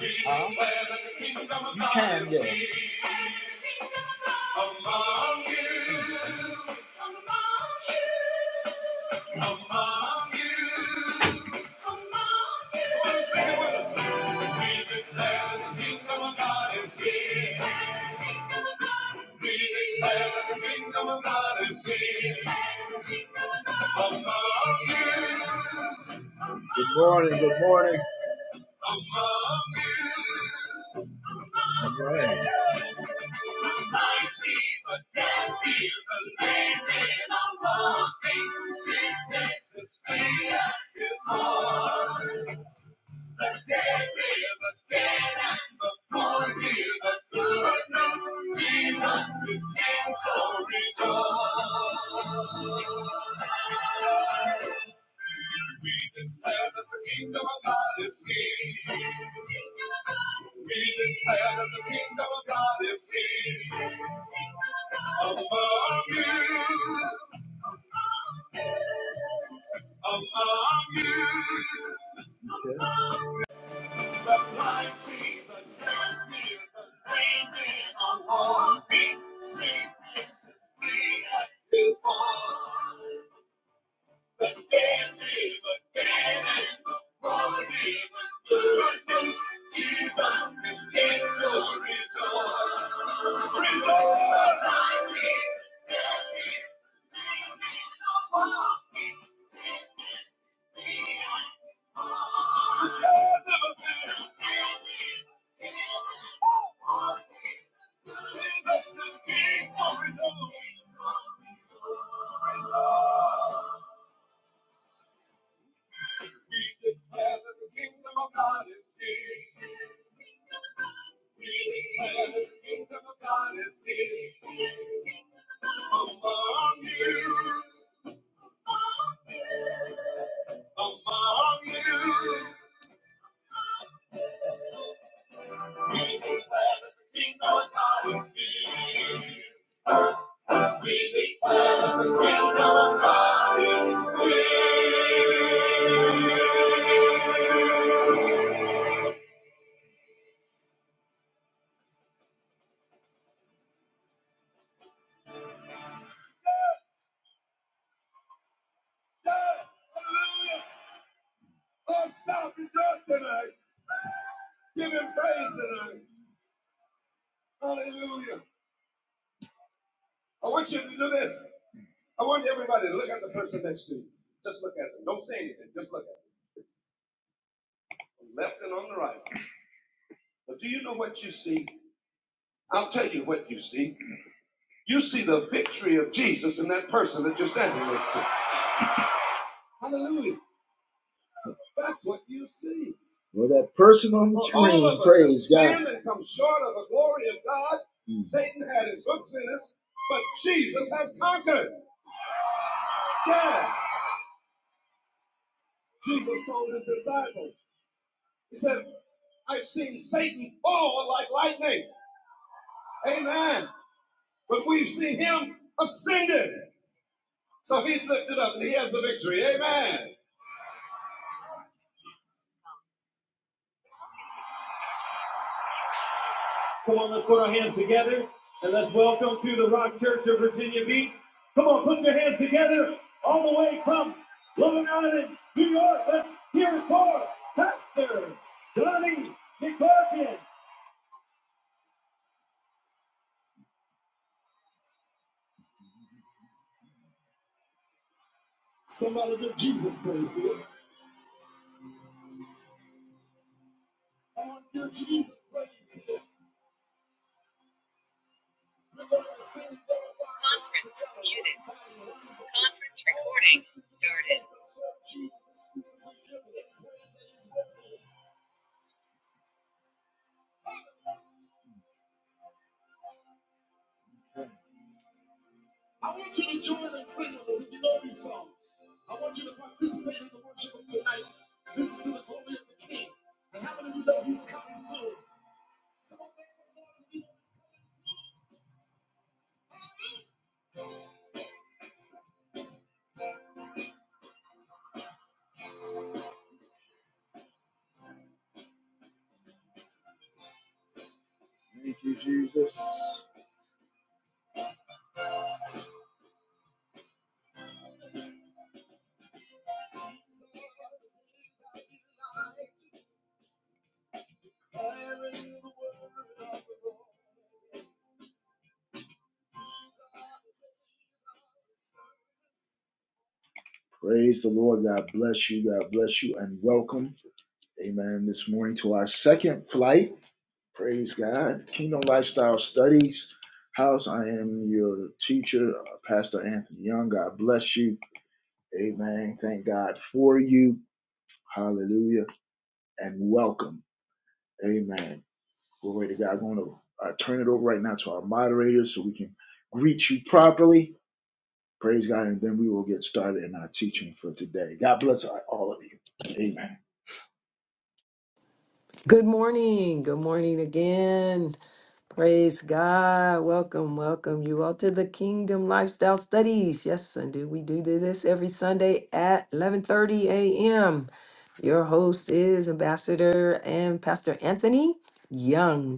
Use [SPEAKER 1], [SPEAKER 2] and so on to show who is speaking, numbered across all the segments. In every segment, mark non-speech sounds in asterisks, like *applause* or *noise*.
[SPEAKER 1] Huh? You can, yeah. Good morning, good morning. All right. Well, that person on the screen, of praise God. and come short of the glory of God. Mm. Satan had his hooks in us, but Jesus has conquered. Thank you, Jesus. Praise the Lord. God bless you. God bless you and welcome. Amen. This morning to our second flight. Praise God. Kingdom Lifestyle Studies House. I am your teacher, uh, Pastor Anthony Young. God bless you. Amen. Thank God for you. Hallelujah. And welcome. Amen. Glory to God. I'm going to uh, turn it over right now to our moderators so we can greet you properly. Praise God. And then we will get started in our teaching for today. God bless all of you. Amen.
[SPEAKER 2] Good morning. Good morning again. Praise God. Welcome, welcome you all to the Kingdom Lifestyle Studies. Yes, and do we do this every Sunday at 11:30 a.m. Your host is Ambassador and Pastor Anthony Young.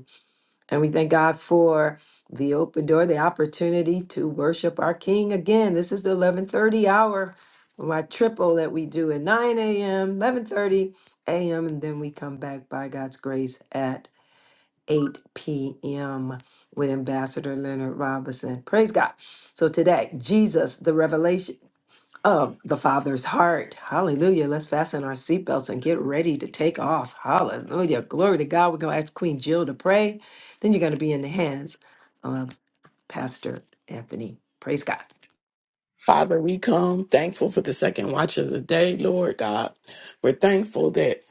[SPEAKER 2] And we thank God for the open door, the opportunity to worship our King again. This is the 11:30 hour, my triple that we do at 9 a.m., 11:30 a.m., and then we come back by God's grace at 8 p.m. with Ambassador Leonard Robinson. Praise God. So today, Jesus, the revelation of the Father's heart. Hallelujah. Let's fasten our seatbelts and get ready to take off. Hallelujah. Glory to God. We're going to ask Queen Jill to pray. Then you're going to be in the hands of Pastor Anthony. Praise God.
[SPEAKER 3] Father, we come thankful for the second watch of the day, Lord God. We're thankful that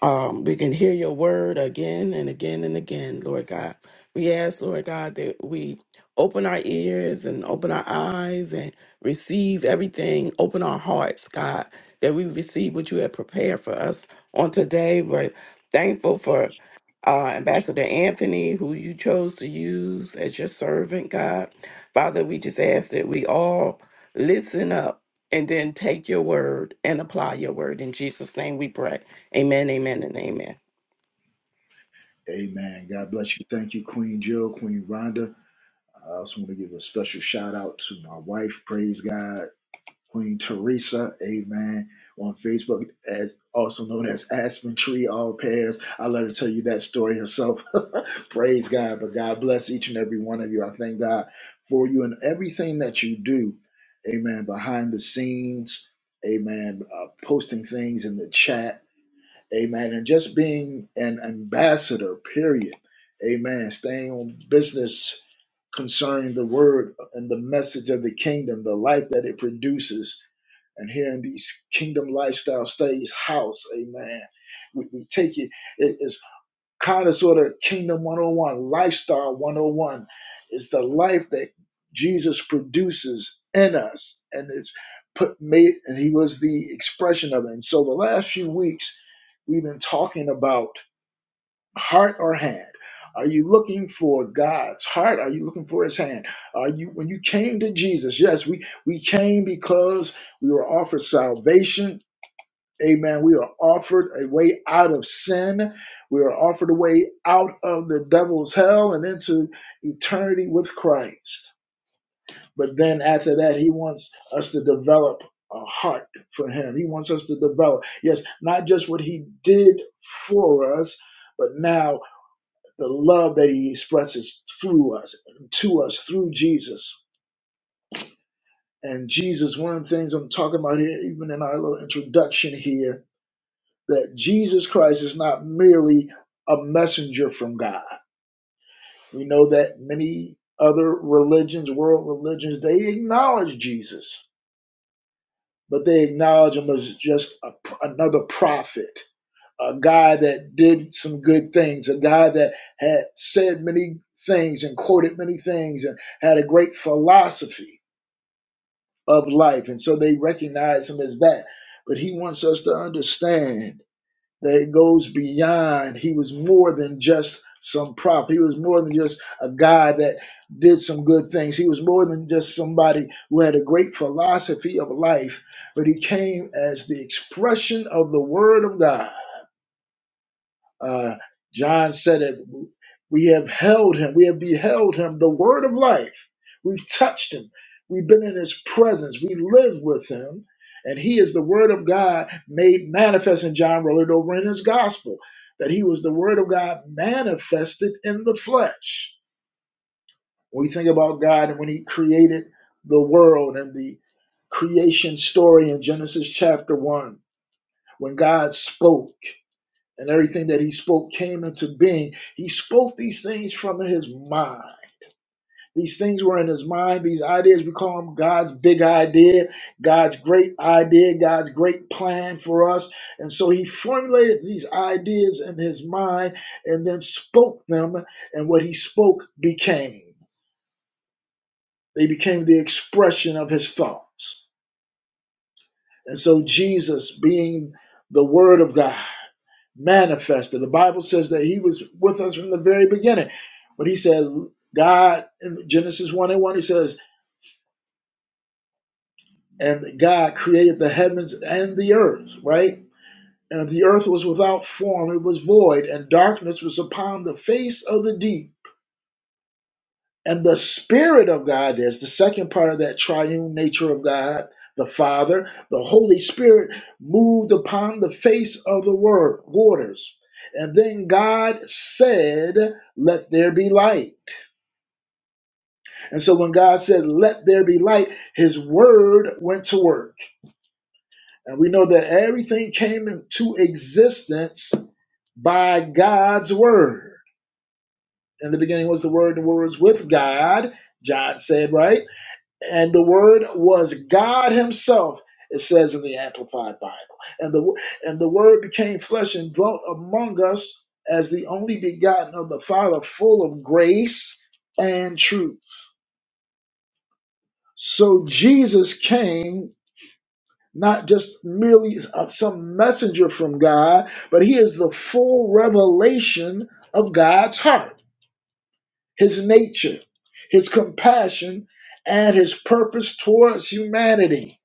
[SPEAKER 3] um, we can hear your word again and again and again, Lord God. We ask, Lord God, that we open our ears and open our eyes and receive everything, open our hearts, God, that we receive what you have prepared for us on today. We're thankful for uh, Ambassador Anthony, who you chose to use as your servant, God. Father, we just ask that we all listen up and then take your word and apply your word. In Jesus' name we pray. Amen, amen, and amen.
[SPEAKER 1] Amen. God bless you. Thank you, Queen Jill, Queen Rhonda. I also want to give a special shout out to my wife. Praise God. Queen Teresa, amen, on Facebook, as also known as Aspen Tree All Pairs. I'll let her tell you that story herself. Praise God, but God bless each and every one of you. I thank God for you and everything that you do, amen, behind the scenes, amen, uh, posting things in the chat, amen, and just being an ambassador, period, amen, staying on business concerning the word and the message of the kingdom, the life that it produces and here in these kingdom lifestyle studies house, amen. We, we take it, it's kind of sort of kingdom 101, lifestyle 101. It's the life that Jesus produces in us, and it's put made, and he was the expression of it. And so the last few weeks, we've been talking about heart or hand? Are you looking for God's heart? Are you looking for his hand? Are you when you came to Jesus? Yes, we we came because we were offered salvation. Amen. We are offered a way out of sin. We are offered a way out of the devil's hell and into eternity with Christ. But then after that, he wants us to develop a heart for him. He wants us to develop, yes, not just what he did for us, but now the love that he expresses through us, to us, through Jesus. And Jesus, one of the things I'm talking about here, even in our little introduction here, that Jesus Christ is not merely a messenger from God. We know that many other religions, world religions, they acknowledge Jesus, but they acknowledge him as just a, another prophet a guy that did some good things, a guy that had said many things and quoted many things and had a great philosophy of life. And so they recognize him as that. But he wants us to understand that it goes beyond, he was more than just some prop. He was more than just a guy that did some good things. He was more than just somebody who had a great philosophy of life, but he came as the expression of the Word of God uh, John said it. We have held him. We have beheld him, the word of life. We've touched him. We've been in his presence. We live with him. And he is the word of God made manifest. And John wrote it over in his gospel that he was the word of God manifested in the flesh. When we think about God and when he created the world and the creation story in Genesis chapter 1, when God spoke and everything that he spoke came into being. He spoke these things from his mind. These things were in his mind. These ideas, we call them God's big idea, God's great idea, God's great plan for us. And so he formulated these ideas in his mind and then spoke them, and what he spoke became. They became the expression of his thoughts. And so Jesus, being the Word of God, manifested. The Bible says that he was with us from the very beginning. But he said, God, in Genesis 1 and 1, he says, and God created the heavens and the earth, right? And the earth was without form, it was void, and darkness was upon the face of the deep And the Spirit of God, there's the second part of that triune nature of God, the Father, the Holy Spirit moved upon the face of the word, waters. And then God said, Let there be light. And so when God said, Let there be light, his word went to work. And we know that everything came into existence by God's word. In the beginning was the word, and the word was with God, John said, right? and the word was God Himself. It says in the Amplified Bible, and the and the Word became flesh and dwelt among us as the only begotten of the Father, full of grace and truth. So Jesus came not just merely some messenger from God, but He is the full revelation of God's heart, His nature, His compassion, and His purpose towards humanity.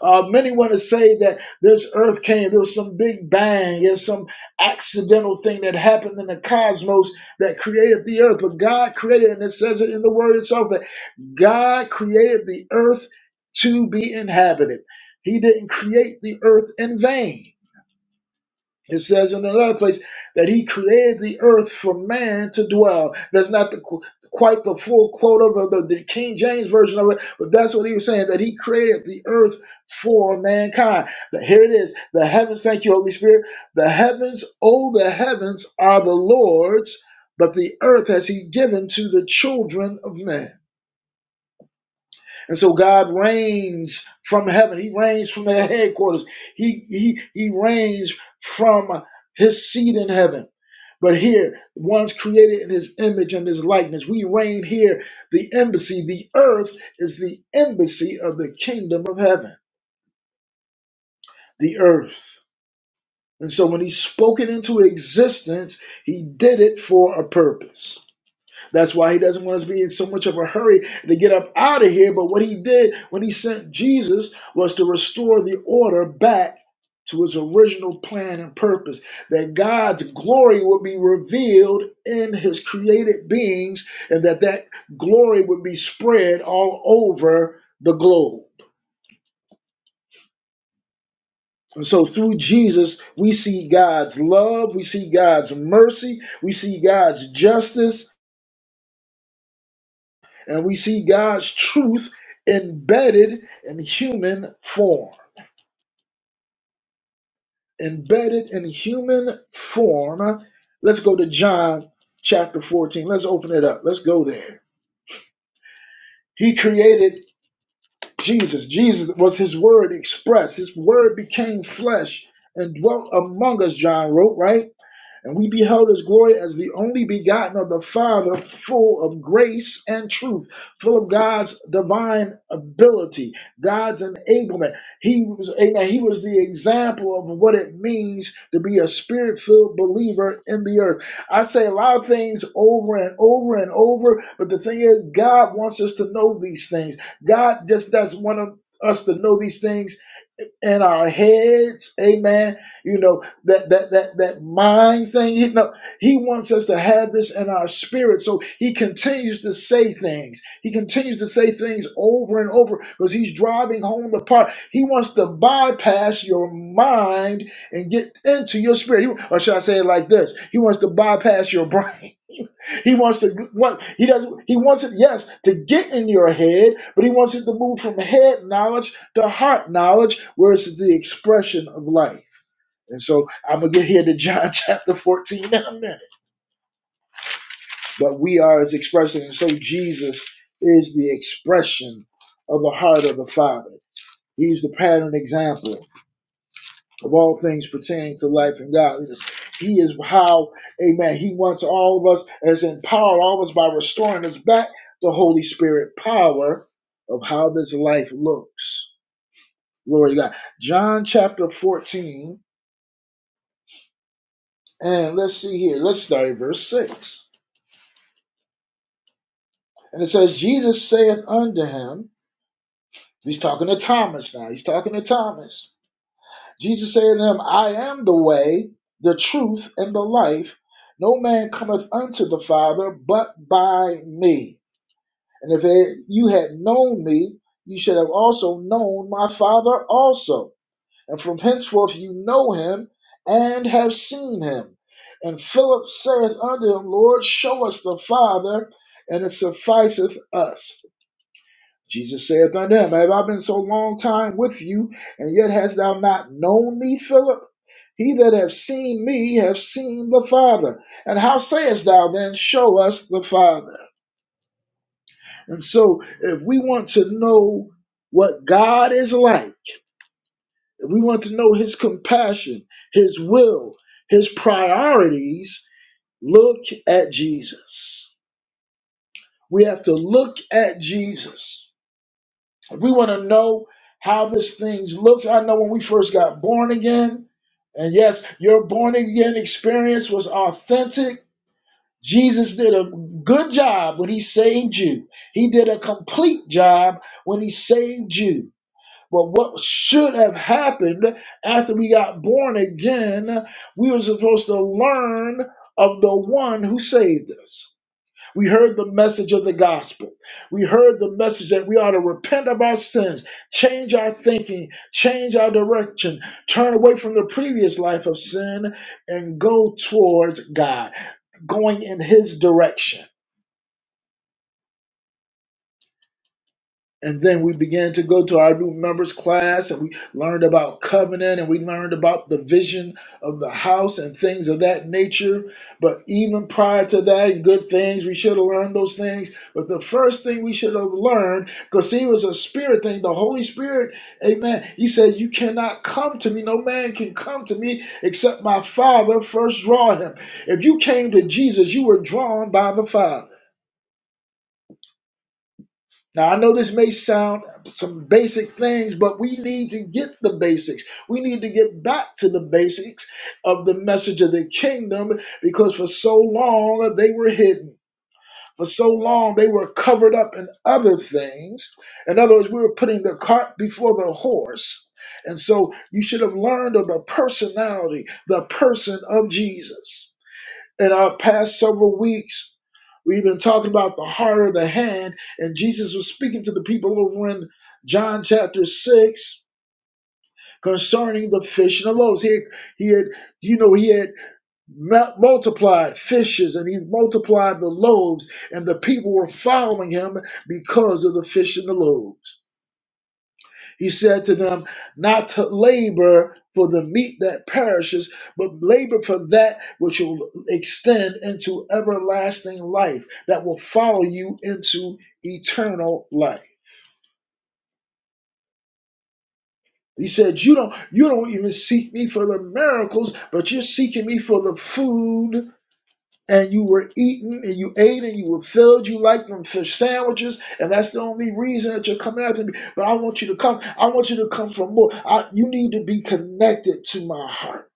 [SPEAKER 1] Uh, many want to say that this earth came, there was some big bang, there's some accidental thing that happened in the cosmos that created the earth. But God created, and it says it in the word itself, that God created the earth to be inhabited. He didn't create the earth in vain. It says in another place that he created the earth for man to dwell. That's not the, quite the full quote of the, the King James version of it, but that's what he was saying that he created the earth for mankind. But here it is the heavens, thank you, Holy Spirit. The heavens, oh, the heavens are the Lord's, but the earth has he given to the children of men. And so God reigns from heaven, he reigns from their headquarters, he, he, he reigns from his seat in heaven. But here, one's created in his image and his likeness. We reign here, the embassy. The earth is the embassy of the kingdom of heaven, the earth. And so when he spoke it into existence, he did it for a purpose. That's why he doesn't want us to be in so much of a hurry to get up out of here. But what he did when he sent Jesus was to restore the order back to his original plan and purpose that God's glory would be revealed in his created beings and that that glory would be spread all over the globe. And so through Jesus, we see God's love, we see God's mercy, we see God's justice, and we see God's truth embedded in human form. Embedded in human form. Let's go to John chapter 14. Let's open it up. Let's go there. He created Jesus. Jesus was his word expressed. His word became flesh and dwelt among us, John wrote, right? And we beheld his glory as the only begotten of the Father, full of grace and truth, full of God's divine ability, God's enablement. He was, amen, he was the example of what it means to be a spirit filled believer in the earth. I say a lot of things over and over and over, but the thing is, God wants us to know these things. God just doesn't want us to know these things in our heads, amen. You know, that that that that mind thing, you know, he wants us to have this in our spirit. So he continues to say things. He continues to say things over and over because he's driving home the part. He wants to bypass your mind and get into your spirit. He- Or should I say it like this? He wants to bypass your brain he wants to want he doesn't he wants it yes to get in your head, but he wants it to move from head knowledge to heart knowledge, where it's the expression of life. And so I'm gonna get here to John *laughs* chapter 14 in a minute. But we are his expression, and so Jesus is the expression of the heart of the Father. He's the pattern example of all things pertaining to life and godliness. He is how, amen, he wants all of us as empowered, all of us by restoring us back the Holy Spirit power of how this life looks. Glory to God. John chapter 14, and let's see here. Let's start at verse 6. And it says, Jesus saith unto him, he's talking to Thomas now, he's talking to Thomas. Jesus said to him, I am the way, the truth, and the life. No man cometh unto the Father but by me. And if it- you had known me, you should have also known my Father also. And from henceforth you know him and have seen him. And Philip saith unto him, Lord, show us the Father, and it sufficeth us. Jesus saith unto him, Have I been so long time with you, and yet hast thou not known me, Philip? He that hath seen me hath seen the Father. And how sayest thou then, Show us the Father? And so, if we want to know what God is like, if we want to know his compassion, his will, his priorities, look at Jesus. We have to look at Jesus. If we want to know how this thing looks, I know when we first got born again, and yes, your born again experience was authentic Jesus did a good job when he saved you. He did a complete job when he saved you. But what should have happened after we got born again, we were supposed to learn of the one who saved us. We heard the message of the gospel. We heard the message that we ought to repent of our sins, change our thinking, change our direction, turn away from the previous life of sin, and go towards God, going in His direction. and then we began to go to our new members class and we learned about covenant and we learned about the vision of the house and things of that nature but even prior to that and good things we should have learned those things but the first thing we should have learned because see it was a spirit thing the holy spirit amen he said you cannot come to me no man can come to me except my father first draw him if you came to jesus you were drawn by the father now, I know this may sound some basic things, but we need to get the basics. We need to get back to the basics of the message of the kingdom because for so long they were hidden. For so long they were covered up in other things. In other words, we were putting the cart before the horse. And so you should have learned of the personality, the person of Jesus. In our past several weeks, We've been talking about the heart of the hand, and Jesus was speaking to the people over in John chapter 6 concerning the fish and the loaves. He had, he had you know, he had multiplied fishes and he multiplied the loaves, and the people were following him because of the fish and the loaves. He said to them, Not to labor for the meat that perishes, but labor for that which will extend into everlasting life, that will follow you into eternal life. He said, You don't you don't even seek me for the miracles, but you're seeking me for the food and you were eating and you ate and you were filled. You like them fish sandwiches, and that's the only reason that you're coming after me. But I want you to come. I want you to come for more. I, you need to be connected to my heart.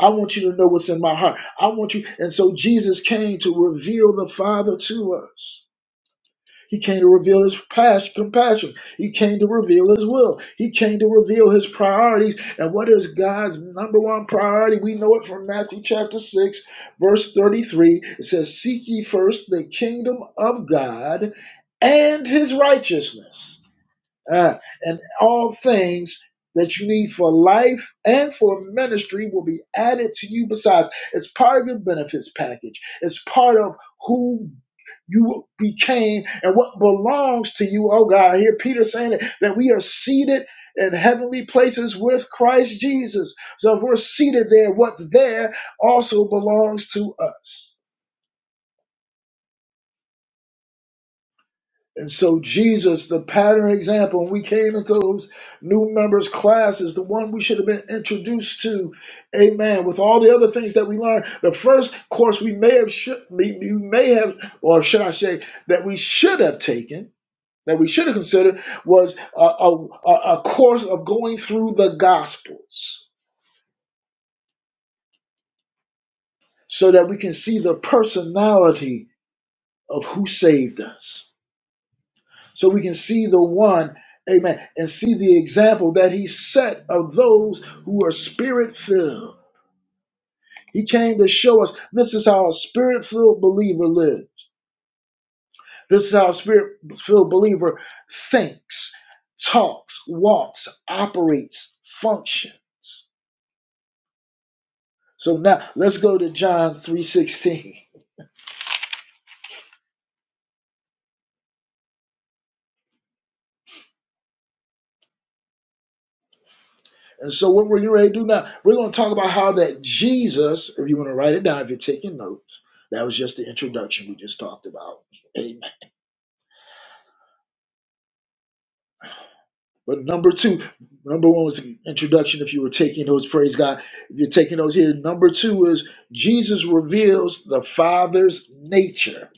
[SPEAKER 1] I want you to know what's in my heart. I want you. And so Jesus came to reveal the Father to us. He came to reveal his passion, compassion. He came to reveal his will. He came to reveal his priorities. And what is God's number one priority? We know it from Matthew chapter 6, verse 33. It says, Seek ye first the kingdom of God and his righteousness uh, and all things that you need for life and for ministry will be added to you. Besides, it's part of your benefits package. It's part of who you became and what belongs to you. Oh God, I hear Peter saying it, that we are seated in heavenly places with Christ Jesus. So if we're seated there, what's there also belongs to us. And so Jesus, the pattern example, when we came into those new members classes, the one we should have been introduced to, amen, with all the other things that we learned. The first course we may have should we, we may have, or should I say, that we should have taken, that we should have considered, was a, a, a a course of going through the gospels so that we can see the personality of who saved us so we can see the one, amen, and see the example that he set of those who are spirit filled. He came to show us this is how a spirit filled believer lives. This is how a spirit filled believer thinks, talks, walks, operates, functions. So now let's go to John 3:16. And so what we're going to do now, we're going to talk about how that Jesus, if you want to write it down, if you're taking notes, that was just the introduction we just talked about. Amen. But number two, number one was the introduction. If you were taking those, praise God. If you're taking those here, number two is Jesus reveals the Father's nature.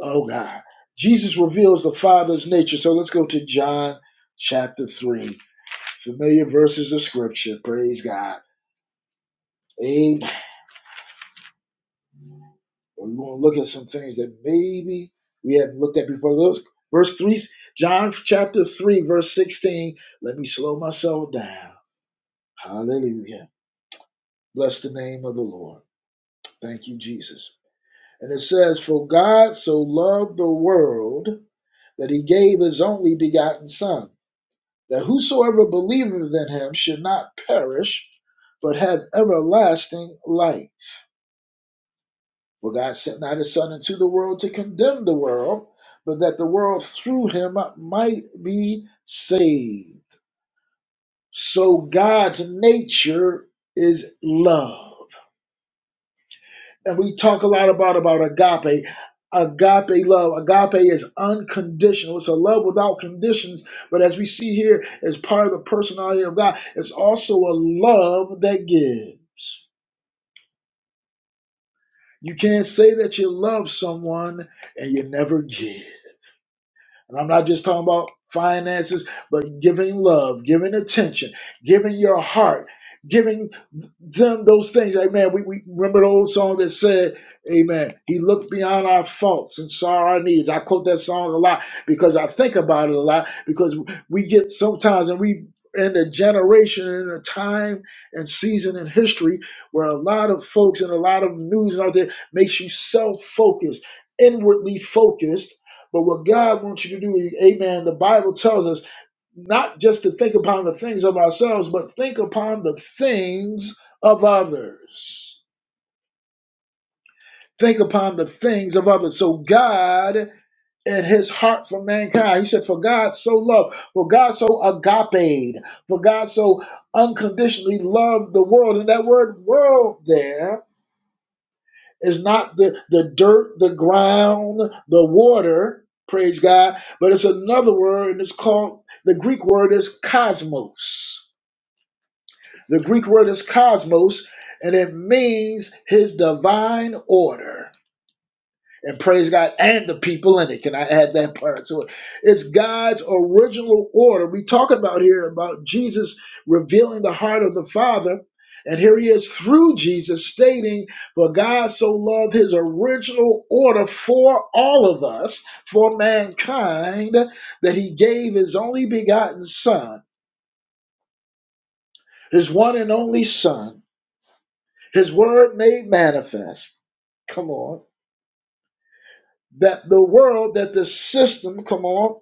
[SPEAKER 1] Oh God. Jesus reveals the Father's nature. So let's go to John chapter 3. Familiar verses of scripture. Praise God. Amen. We're going to look at some things that maybe we haven't looked at before. Those verse 3, John chapter 3, verse 16. Let me slow myself down. Hallelujah. Bless the name of the Lord. Thank you, Jesus. And it says, For God so loved the world that he gave his only begotten Son, that whosoever believeth in him should not perish, but have everlasting life. For God sent not his Son into the world to condemn the world, but that the world through him might be saved. So God's nature is love. and we talk a lot about about agape agape love agape is unconditional it's a love without conditions but as we see here as part of the personality of god it's also a love that gives you can't say that you love someone and you never give And I'm not just talking about finances, but giving love, giving attention, giving your heart, giving them those things. Amen. We, we remember the old song that said, Amen. He looked beyond our faults and saw our needs. I quote that song a lot because I think about it a lot because we get sometimes and we in a generation and a time and season in history where a lot of folks and a lot of news out there makes you self-focused, inwardly focused but what God wants you to do, amen, the Bible tells us not just to think upon the things of ourselves, but think upon the things of others. Think upon the things of others. So God and his heart for mankind, he said, For God so loved, for God so agape, for God so unconditionally loved the world. And that word world there It's not the, the dirt, the ground, the water, praise God, but it's another word, and it's called the Greek word is cosmos. The Greek word is cosmos, and it means his divine order and praise God and the people in it. Can I add that part to it? It's God's original order. We talk about here about Jesus revealing the heart of the Father. And here he is through Jesus stating, For God so loved his original order for all of us, for mankind, that he gave his only begotten Son, his one and only Son, his word made manifest. Come on that the world, that the system, come on,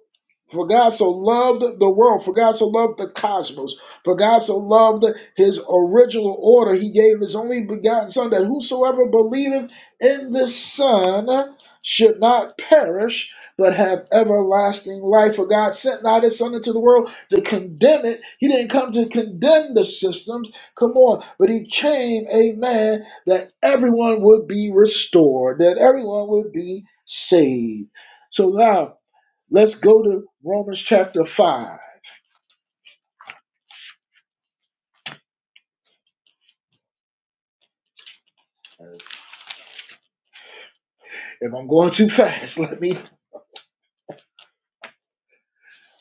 [SPEAKER 1] for God so loved the world, for God so loved the cosmos, for God so loved his original order, he gave his only begotten Son, that whosoever believeth in this Son should not perish, but have everlasting life. For God sent not his Son into the world to condemn it. He didn't come to condemn the systems, come on, but he came, amen, that everyone would be restored, that everyone would be saved. So now let's go to Romans chapter 5. If I'm going too fast, *laughs* let me.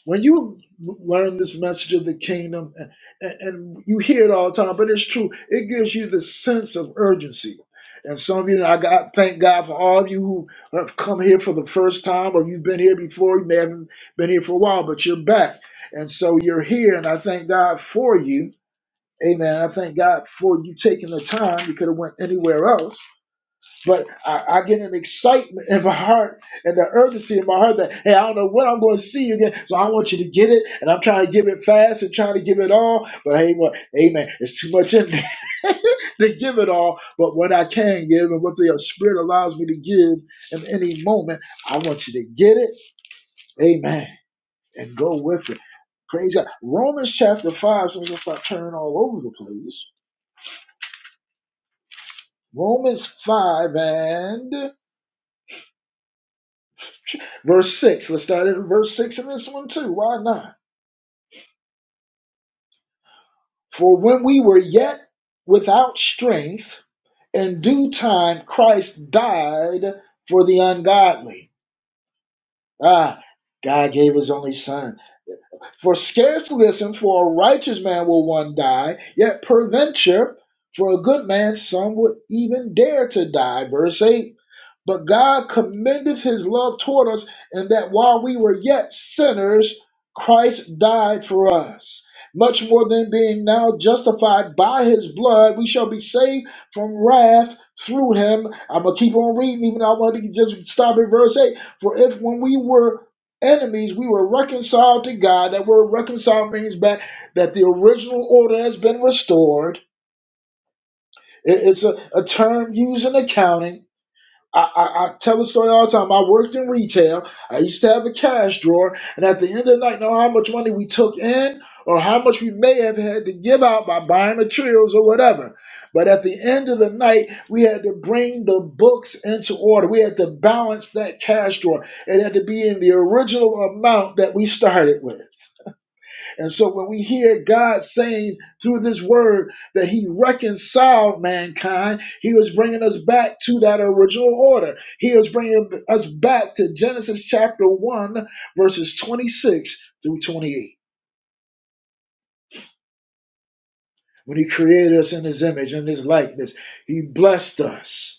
[SPEAKER 1] When you learn this message of the kingdom, and, and you hear it all the time, but it's true, it gives you the sense of urgency. And some of you, I got thank God for all of you who have come here for the first time, or you've been here before. You may haven't been here for a while, but you're back, and so you're here. And I thank God for you. Amen. I thank God for you taking the time. You could have went anywhere else, But I, I get an excitement in my heart and the urgency in my heart that, hey, I don't know when I'm going to see you again. So I want you to get it. And I'm trying to give it fast and trying to give it all. But hey, what, amen. It's too much in me *laughs* to give it all. But what I can give and what the Spirit allows me to give in any moment, I want you to get it. Amen. And go with it. Praise God. Romans chapter 5. So I'm going to start turning all over the place. Romans 5 and Verse 6. Let's start at verse 6 in this one too. Why not? For when we were yet without strength, in due time Christ died for the ungodly. Ah, God gave his only son. For scarcely listen, for a righteous man will one die, yet peradventure for a good man some would even dare to die. Verse 8. But God commendeth his love toward us in that while we were yet sinners, Christ died for us. Much more than being now justified by his blood, we shall be saved from wrath through him. I'm going to keep on reading, even though I wanted to just stop at verse 8. For if when we were enemies, we were reconciled to God, that word reconciled means back that the original order has been restored. It- It's a, a term used in accounting I, I, I tell the story all the time. I worked in retail. I used to have a cash drawer, and at the end of the night, know how much money we took in or how much we may have had to give out by buying materials or whatever. But at the end of the night, we had to bring the books into order. We had to balance that cash drawer. It had to be in the original amount that we started with. And so when we hear God saying through this word that he reconciled mankind, he was bringing us back to that original order. He was bringing us back to Genesis chapter 1, verses 26 through 28. When he created us in his image and his likeness, he blessed us.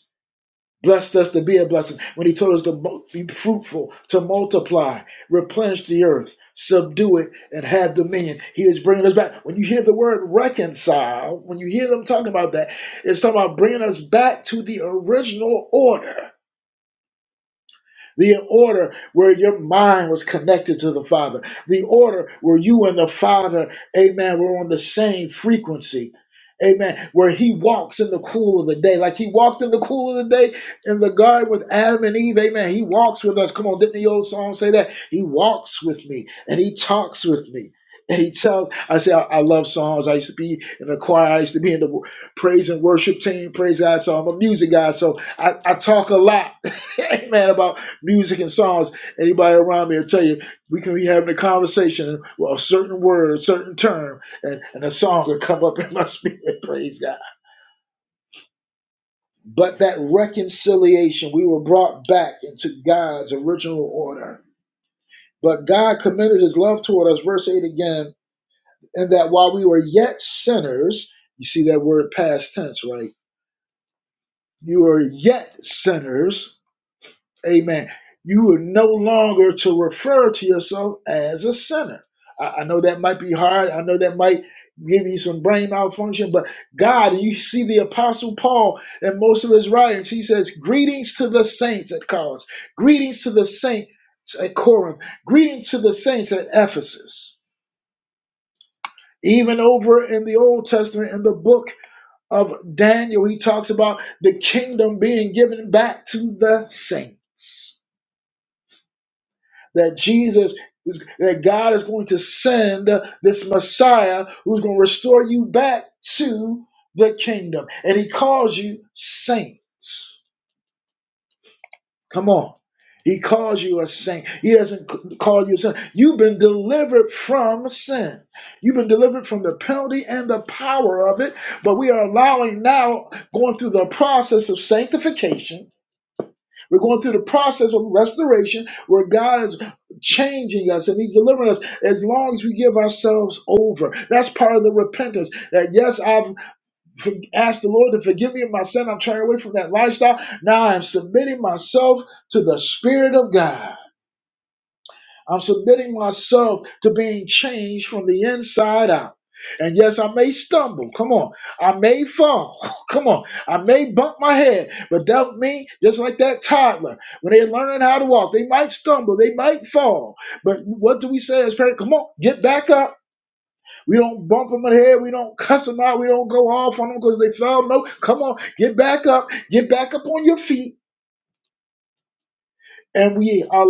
[SPEAKER 1] blessed us to be a blessing when he told us to be fruitful to multiply replenish the earth subdue it and have dominion he is bringing us back when you hear the word reconcile when you hear them talking about that it's talking about bringing us back to the original order the order where your mind was connected to the Father, the order where you and the Father, amen, were on the same frequency. Amen. Where he walks in the cool of the day, like he walked in the cool of the day in the garden with Adam and Eve. Amen. He walks with us. Come on, didn't the old song say that? He walks with me and he talks with me. And he tells, I say, I, I love songs. I used to be in the choir. I used to be in the praise and worship team. Praise God. So I'm a music guy. So I, I talk a lot. *laughs* Amen. About music and songs. Anybody around me will tell you we can be having a conversation with a certain word, a certain term, and, and a song will come up *laughs* in my spirit. *laughs* Praise God. But that reconciliation, we were brought back into God's original order. But God commended his love toward us, verse 8 again, in that while we were yet sinners, you see that word past tense, right? You were yet sinners Amen. You are no longer to refer to yourself as a sinner. I, I know that might be hard. I know that might give you some brain malfunction, but God, you see the Apostle Paul in most of his writings, he says, Greetings to the saints at Colossus, greetings to the saints at Corinth, greetings to the saints at Ephesus. Even over in the Old Testament, in the book of Daniel, he talks about the kingdom being given back to the saints. that Jesus is, that God is going to send this Messiah who's going to restore you back to the kingdom. And he calls you saints. Come on. He calls you a saint. He doesn't c- call you a sin. You've been delivered from sin. You've been delivered from the penalty and the power of it. But we are allowing now, going through the process of sanctification we're going through the process of restoration where God is changing us and He's delivering us as long as we give ourselves over. That's part of the repentance. That yes, I've for- asked the Lord to forgive me of my sin. I'm turning away from that lifestyle. Now I'm submitting myself to the Spirit of God. I'm submitting myself to being changed from the inside out. And yes, I may stumble. Come on. I may fall. *laughs* Come on. I may bump my head. But that mean just like that toddler, when they're learning how to walk, they might stumble. They might fall. But what do we say as parents? Come on, get back up. We don't bump them in the head. We don't cuss them out. We don't go off on them because they fell. No, come on, get back up. Get back up on your feet and we are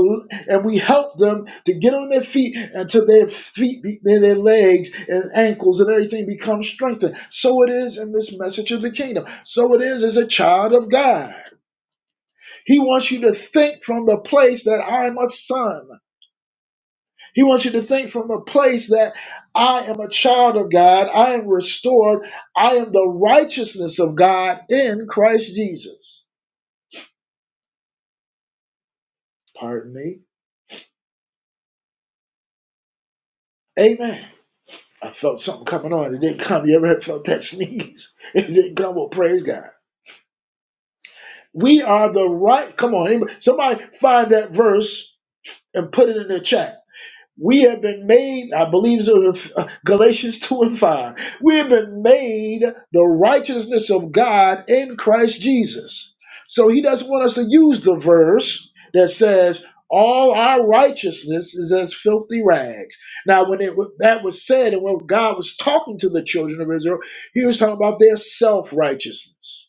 [SPEAKER 1] and we help them to get on their feet until their feet be, their their legs and ankles and everything becomes strengthened so it is in this message of the kingdom so it is as a child of god he wants you to think from the place that i am a son he wants you to think from the place that i am a child of god i am restored i am the righteousness of god in christ jesus pardon me amen I felt something coming on. It didn't come. You ever felt that *laughs* sneeze? It didn't come. Well, praise God. We are the right. Come on, anybody, somebody find that verse and put it in the chat. We have been made, I believe, it's uh, Galatians 2 and 5. We have been made the righteousness of God in Christ Jesus. So he doesn't want us to use the verse that says, all our righteousness is as filthy rags. Now, when it, when that was said, and when God was talking to the children of Israel, he was talking about their self righteousness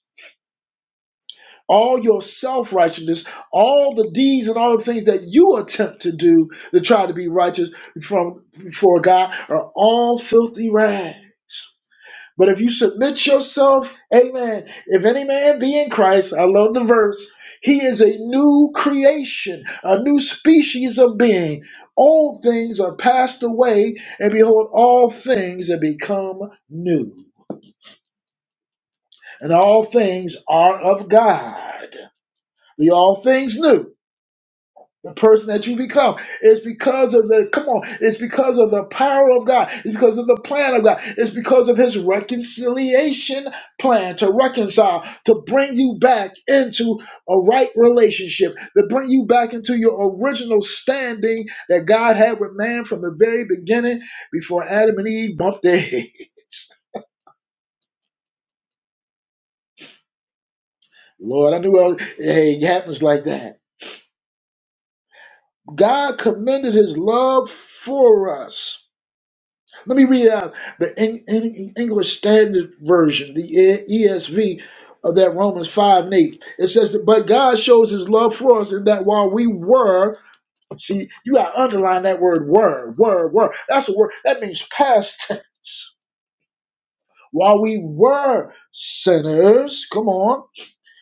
[SPEAKER 1] all your self righteousness, all the deeds and all the things that you attempt to do to try to be righteous from before God are all filthy rags. But if you submit yourself, amen. If any man be in Christ, I love the verse, he is a new creation, a new species of being. Old things are passed away, and behold, all things have become new. And all things are of God. The all things new. the person that you become. It's because of the come on, it's because of the power of God, it's because of the plan of God, it's because of his reconciliation plan to reconcile, to bring you back into a right relationship, to bring you back into your original standing that God had with man from the very beginning before Adam and Eve bumped their heads. *laughs* Lord, I knew I was, hey, it happens like that. God commended his love for us Let me read out the Eng- Eng- English Standard Version, the E- ESV of that Romans 5 and 8. It says, that, But God shows his love for us in that while we were, see, you got to underline that word were, were, were. That's a word, that means past tense. While we were sinners, come on,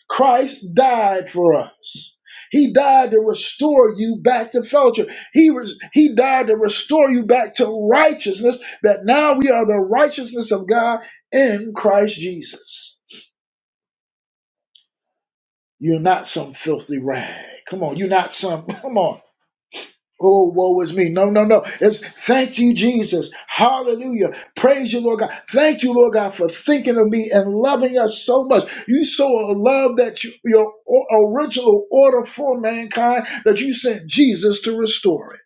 [SPEAKER 1] Christ died for us. He died to restore you back to fellowship. He was he died to restore you back to righteousness that now we are the righteousness of God in Christ Jesus. You're not some filthy rag. Come on, you're not some *laughs* come on. Oh, woe is me. No, no, no. It's thank you, Jesus. Hallelujah. Praise you, Lord God. Thank you, Lord God, for thinking of me and loving us so much. You so love that you, your o- original order for mankind that you sent Jesus to restore it.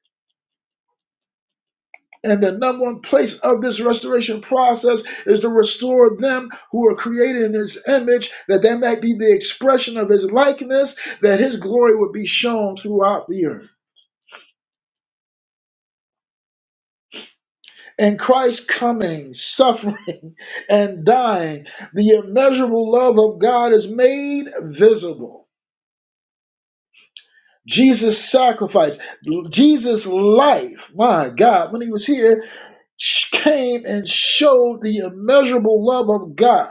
[SPEAKER 1] And the number one place of this restoration process is to restore them who are created in his image, that they might be the expression of his likeness, that his glory would be shown throughout the earth. and Christ's coming, suffering, *laughs* and dying, the immeasurable love of God is made visible. Jesus' sacrifice, Jesus' life, my God, when he was here, sh- came and showed the immeasurable love of God.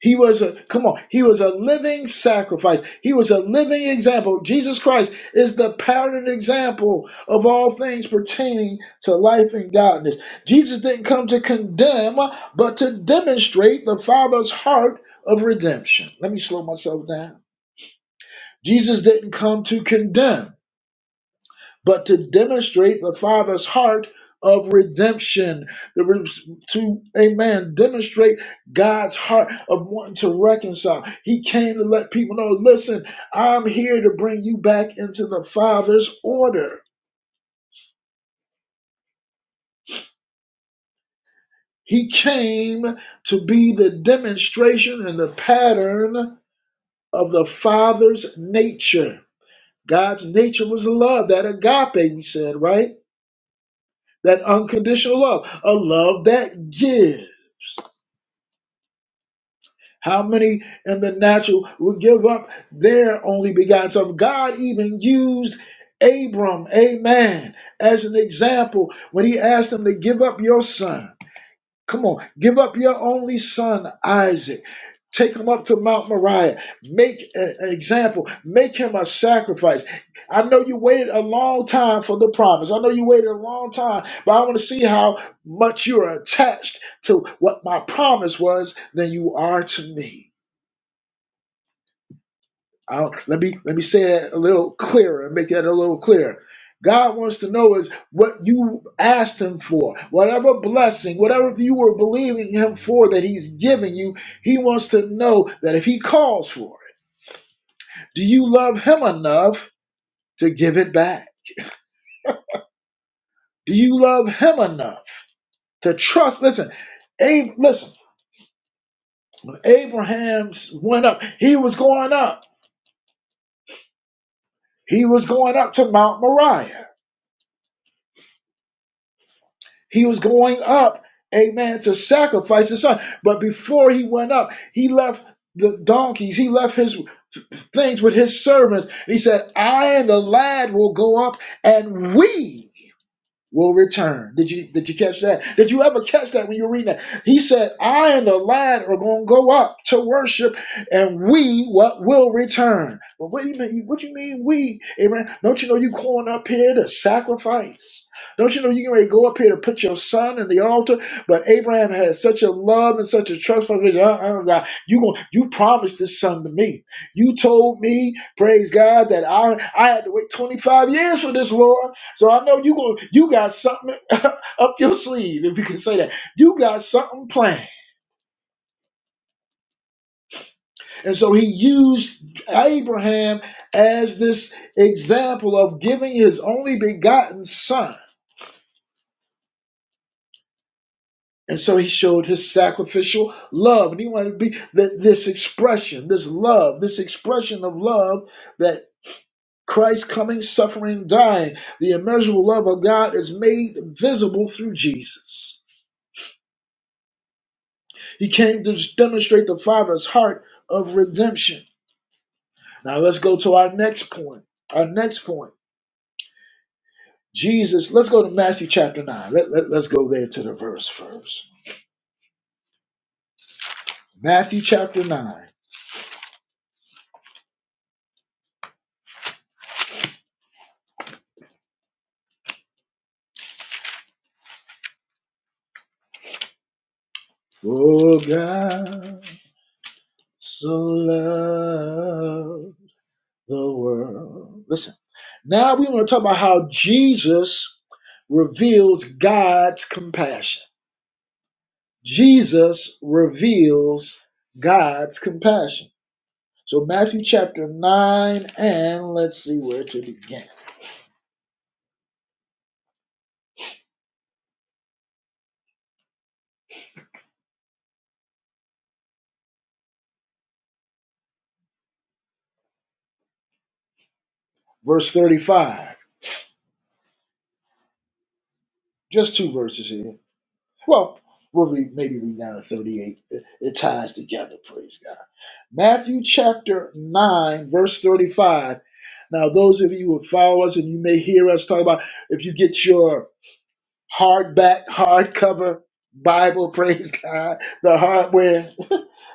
[SPEAKER 1] He was a come on, he was a living sacrifice. He was a living example. Jesus Christ is the pattern example of all things pertaining to life and godliness. Jesus didn't come to condemn, but to demonstrate the Father's heart of redemption. Let me slow myself down. Jesus didn't come to condemn but to demonstrate the Father's heart of redemption. The re- to Amen, demonstrate God's heart of wanting to reconcile. He came to let people know, listen, I'm here to bring you back into the Father's order. He came to be the demonstration and the pattern of the Father's nature. God's nature was love, that agape, we said, right? That unconditional love, a love that gives. How many in the natural would give up their only begotten son? God even used Abram, amen, as an example when he asked him to give up your son. Come on, give up your only son, Isaac. Take him up to Mount Moriah. Make a- an example. Make him a sacrifice. I know you waited a long time for the promise. I know you waited a long time, but I want to see how much you are attached to what my promise was than you are to me. I'll, let me let me say that a little clearer and make that a little clearer. God wants to know is what you asked Him for, whatever blessing, whatever you were believing Him for that He's giving you. He wants to know that if He calls for it, do you love Him enough to give it back? Do you love Him enough to trust? Listen, Abe, listen. Abraham's went up. He was going up. He was going up to Mount Moriah. He was going up, amen, to sacrifice his son. But before he went up, he left the donkeys, he left his things with his servants. And he said, I and the lad will go up and we will return. Did you did you catch that? Did you ever catch that when you were reading that? He said, I and the lad are gonna go up to worship and we what will return. But what do you mean what do you mean we? Amen. Don't you know you going up here to sacrifice? Don't you know you can ready to go up here to put your son in the altar? But Abraham had such a love and such a trust for his uh, uh, God. You going you promised this son to me. You told me, praise God, that I I had to wait 25 years for this Lord. So I know you going you got something *laughs* up your sleeve, if you can say that. You got something planned. And so he used Abraham as this example of giving his only begotten son. And so he showed his sacrificial love. And he wanted to be that this expression, this love, this expression of love that Christ coming, suffering, dying, the immeasurable love of God is made visible through Jesus. He came to demonstrate the Father's heart of redemption. Now let's go to our next point. Our next point. Jesus, let's go to Matthew chapter 9. Let, let, let's go there to the verse first. Matthew chapter 9. Oh God, so loved the world. Listen, now we want to talk about how Jesus reveals God's compassion. Jesus reveals God's compassion. So, Matthew chapter 9, and let's see where to begin. Verse 35, just two verses here. Well, we'll read, maybe read down to 38. It, it ties together, praise God. Matthew chapter 9, verse 35. Now, those of you who follow us and you may hear us talk about if you get your hardback, hardcover Bible, *laughs* praise God, the hardware,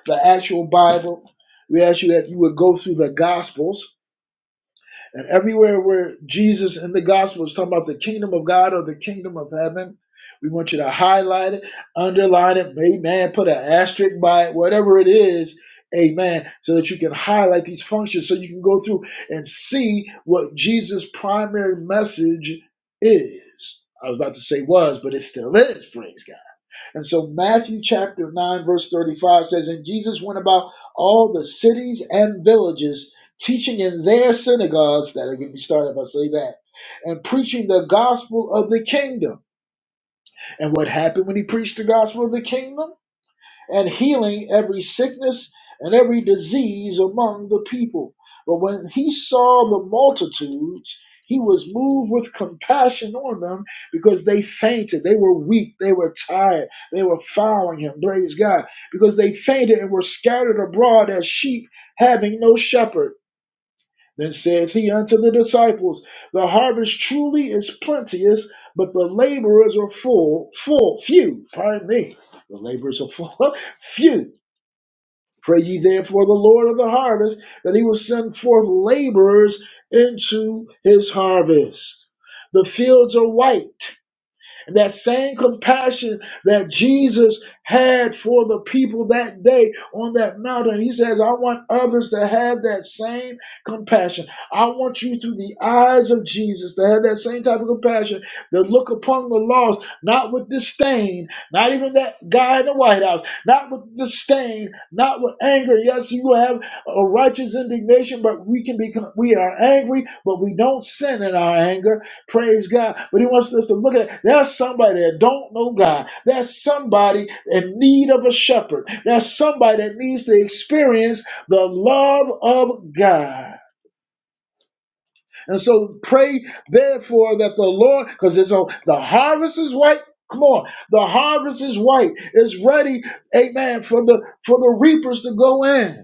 [SPEAKER 1] the actual Bible, we ask you that you would go through the Gospels And everywhere where Jesus in the gospel is talking about the kingdom of God or the kingdom of heaven, we want you to highlight it, underline it, amen, put an asterisk by it, whatever it is, amen, so that you can highlight these functions so you can go through and see what Jesus' primary message is. I was about to say was, but it still is, praise God. And so Matthew chapter 9, verse 35 says, And Jesus went about all the cities and villages, teaching in their synagogues, that'll get me started if I say that, and preaching the gospel of the kingdom. And what happened when he preached the gospel of the kingdom? and healing every sickness and every disease among the people. But when he saw the multitudes, he was moved with compassion on them because they fainted. They were weak. They were tired. They were following him. Praise God. Because they fainted and were scattered abroad as sheep having no shepherd. Then saith he unto the disciples, The harvest truly is plenteous, but the laborers are full, full, few. Pardon me. The laborers are full, *laughs* few. Pray ye therefore the Lord of the harvest that he will send forth laborers into his harvest. The fields are white, that same compassion that Jesus had for the people that day on that mountain, he says, I want others to have that same compassion. I want you through the eyes of Jesus to have that same type of compassion to look upon the lost, not with disdain, not even that guy in the White House, not with disdain, not with anger. Yes, you have a righteous indignation, but we can become we are angry, but we don't sin in our anger Praise God. But he wants us to look at it. There's somebody that don't know God. There's somebody in need of a shepherd. There's somebody that needs to experience the love of God. And so pray therefore that the Lord, because it's on the harvest is white. Come on, the harvest is white. It's ready, amen, for the for the reapers to go in.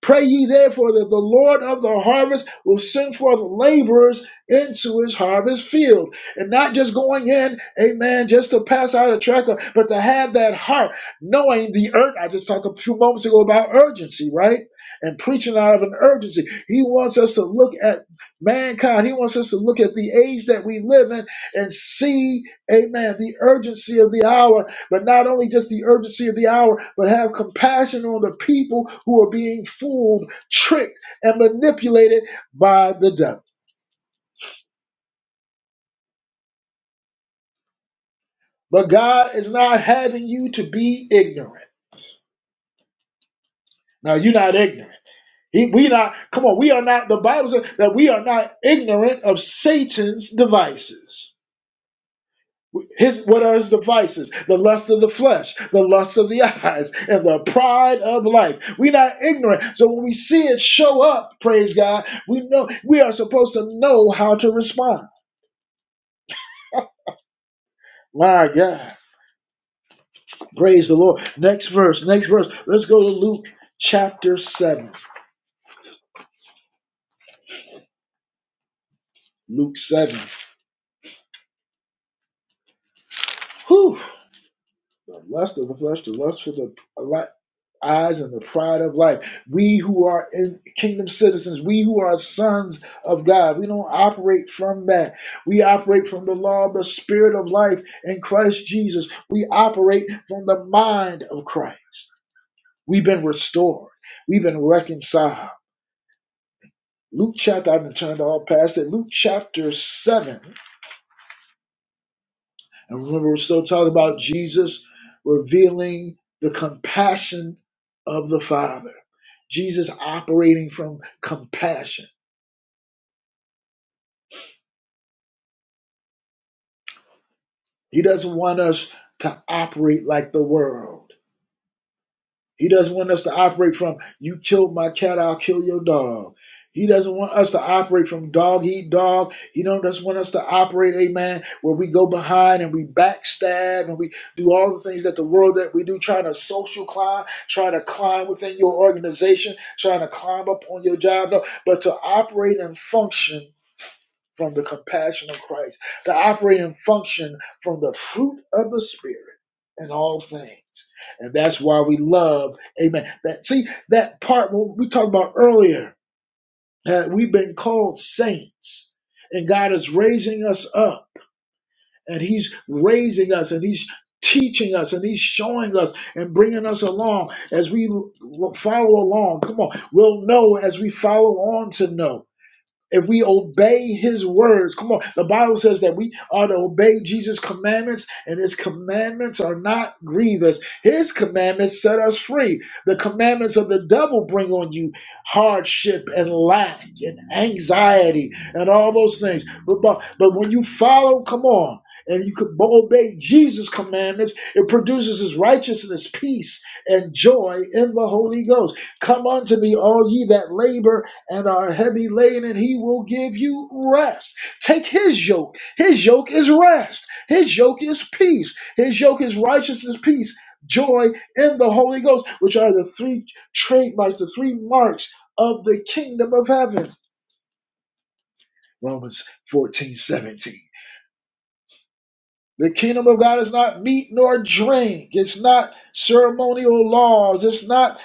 [SPEAKER 1] Pray ye therefore that the Lord of the harvest will send forth laborers into his harvest field. And not just going in, amen, just to pass out a tracker, but to have that heart, knowing the urge. I just talked a few moments ago about urgency, right? And preaching out of an urgency. He wants us to look at mankind. He wants us to look at the age that we live in and see, amen, the urgency of the hour but not only just the urgency of the hour, but have compassion on the people who are being fooled, tricked, and manipulated by the devil. But God is not having you to be ignorant. Now, you're not ignorant. He, we not come on. We are not. The Bible says that we are not ignorant of Satan's devices. His what are his devices? The lust of the flesh, the lust of the eyes, and the pride of life. We're not ignorant. So when we see it show up, praise God, we know we are supposed to know how to respond. My God. Praise the Lord. Next verse, next verse. Let's go to Luke chapter 7. Luke 7. Whew. The lust of the flesh, the lust for the life. eyes and the pride of life. We who are in kingdom citizens, we who are sons of God, we don't operate from that. We operate from the law of the spirit of life in Christ Jesus. We operate from the mind of Christ. We've been restored. We've been reconciled. Luke chapter, I've been turned all past it. Luke chapter 7 And remember, we're still talking about Jesus revealing the compassion of the Father. Jesus operating from compassion. He doesn't want us to operate like the world. He doesn't want us to operate from you killed my cat, I'll kill your dog. He doesn't want us to operate from dog eat dog. He don't just want us to operate, amen, where we go behind and we backstab and we do all the things that the world that we do, trying to social climb, trying to climb within your organization, trying to climb up on your job. No, but to operate and function from the compassion of Christ, to operate and function from the fruit of the Spirit in all things. And that's why we love, amen. That see that part we talked about earlier, that we've been called saints, and God is raising us up, and He's raising us, and He's teaching us and he's showing us and bringing us along as we l- l- follow along come on we'll know as we follow on to know if we obey his words come on the bible says that we are to obey jesus commandments and his commandments are not grievous his commandments set us free the commandments of the devil bring on you hardship and lack and anxiety and all those things but but, but when you follow come on and you could obey Jesus' commandments, it produces his righteousness, peace, and joy in the Holy Ghost. Come unto me, all ye that labor and are heavy laden, and he will give you rest. Take his yoke. His yoke is rest. His yoke is peace. His yoke is righteousness, peace, joy in the Holy Ghost, which are the three trademarks, the three marks of the kingdom of heaven. Romans 14 17. The kingdom of God is not meat nor drink. It's not ceremonial laws. It's not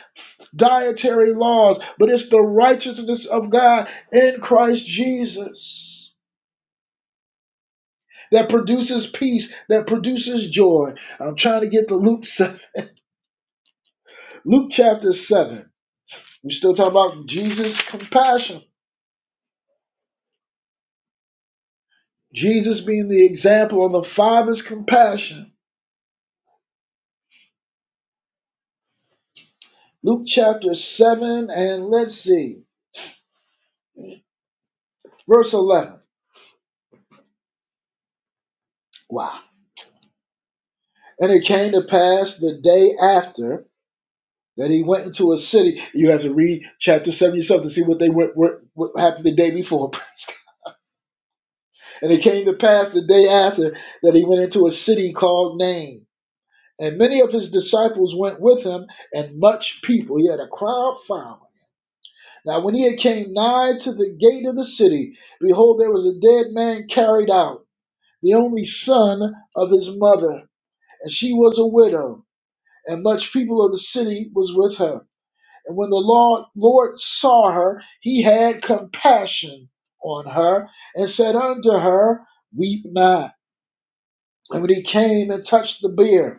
[SPEAKER 1] dietary laws, but it's the righteousness of God in Christ Jesus. that produces peace, that produces joy. I'm trying to get to Luke Luke chapter seven. We We're still talking about Jesus' compassion, Jesus being the example of the Father's compassion. Luke chapter seven, and let's see, verse eleven. Wow. And it came to pass the day after that he went into a city. You have to read chapter seven yourself to see what they went, what, what happened the day before. *laughs* and it came to pass the day after that he went into a city called Nain And many of his disciples went with him, and much people. He had a crowd following. Now, when he had came nigh to the gate of the city, behold, there was a dead man carried out, the only son of his mother, and she was a widow, and much people of the city was with her. And when the Lord, Lord saw her, he had compassion on her, and said unto her, Weep not. And when he came and touched the bier,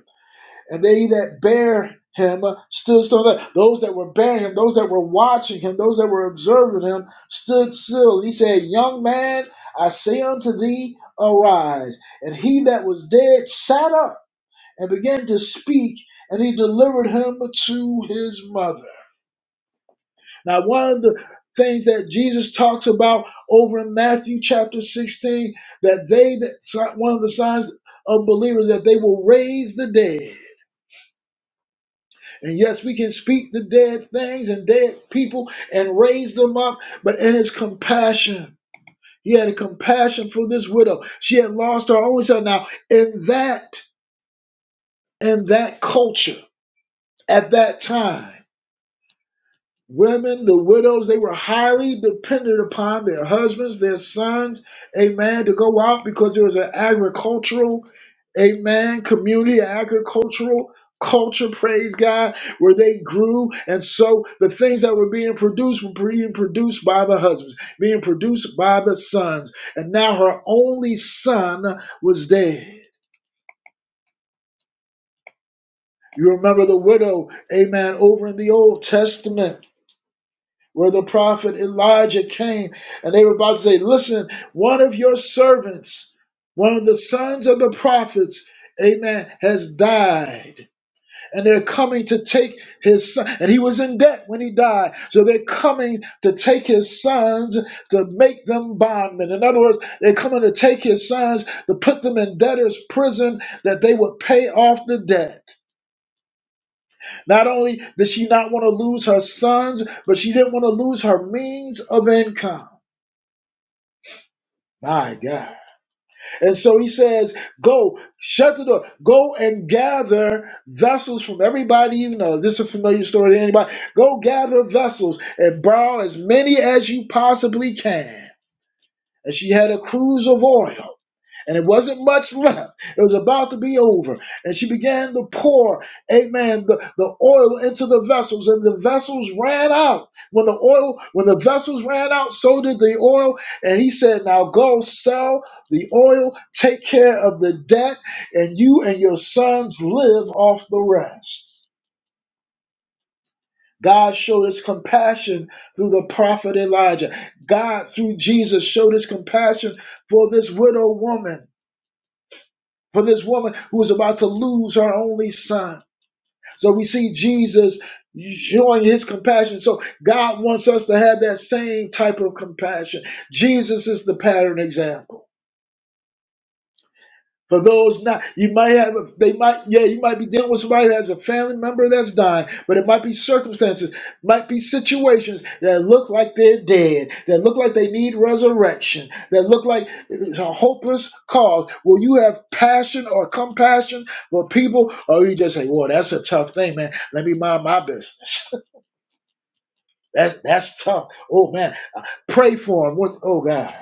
[SPEAKER 1] and they that bare him stood still. Those that were bearing him, those that were watching him, those that were observing him stood still. He said, Young man, I say unto thee, arise. And he that was dead sat up and began to speak, and he delivered him to his mother. Now, one of the things that Jesus talks about over in Matthew chapter 16 that they that one of the signs of believers that they will raise the dead And yes, we can speak to dead things and dead people and raise them up, but in his compassion, he had a compassion for this widow. She had lost her only son. Now, in that, in that culture, at that time, women, the widows, they were highly dependent upon their husbands, their sons, amen, to go out because there was an agricultural, amen, community, agricultural culture, praise God, where they grew. And so the things that were being produced were being produced by the husbands, being produced by the sons. And now her only son was dead. You remember the widow, amen, over in the Old Testament. where the prophet Elijah came, and they were about to say, Listen, one of your servants, one of the sons of the prophets, amen, has died. And they're coming to take his son. And he was in debt when he died. So they're coming to take his sons to make them bondmen. In other words, they're coming to take his sons to put them in debtor's prison that they would pay off the debt. Not only did she not want to lose her sons, but she didn't want to lose her means of income. My God. And so he says, Go, shut the door, go and gather vessels from everybody you know. This is a familiar story to anybody. Go gather vessels and borrow as many as you possibly can and she had a cruise of oil. And it wasn't much left. It was about to be over. And she began to pour, amen, the, the oil into the vessels. And the vessels ran out. When the oil, when the vessels ran out, so did the oil. And he said, Now go sell the oil, take care of the debt, and you and your sons live off the rest. God showed his compassion through the prophet Elijah. God, through Jesus, showed his compassion for this widow woman, for this woman who was about to lose her only son. So we see Jesus showing his compassion. So God wants us to have that same type of compassion. Jesus is the pattern example. For those not, you might have, they might, yeah, you might be dealing with somebody that has a family member that's dying, but it might be circumstances, might be situations that look like they're dead, that look like they need resurrection, that look like it's a hopeless cause. Will you have passion or compassion for people, or you just say, well, that's a tough thing, man. Let me mind my business. *laughs* that, that's tough. Oh, man. Pray for them. What, oh, God.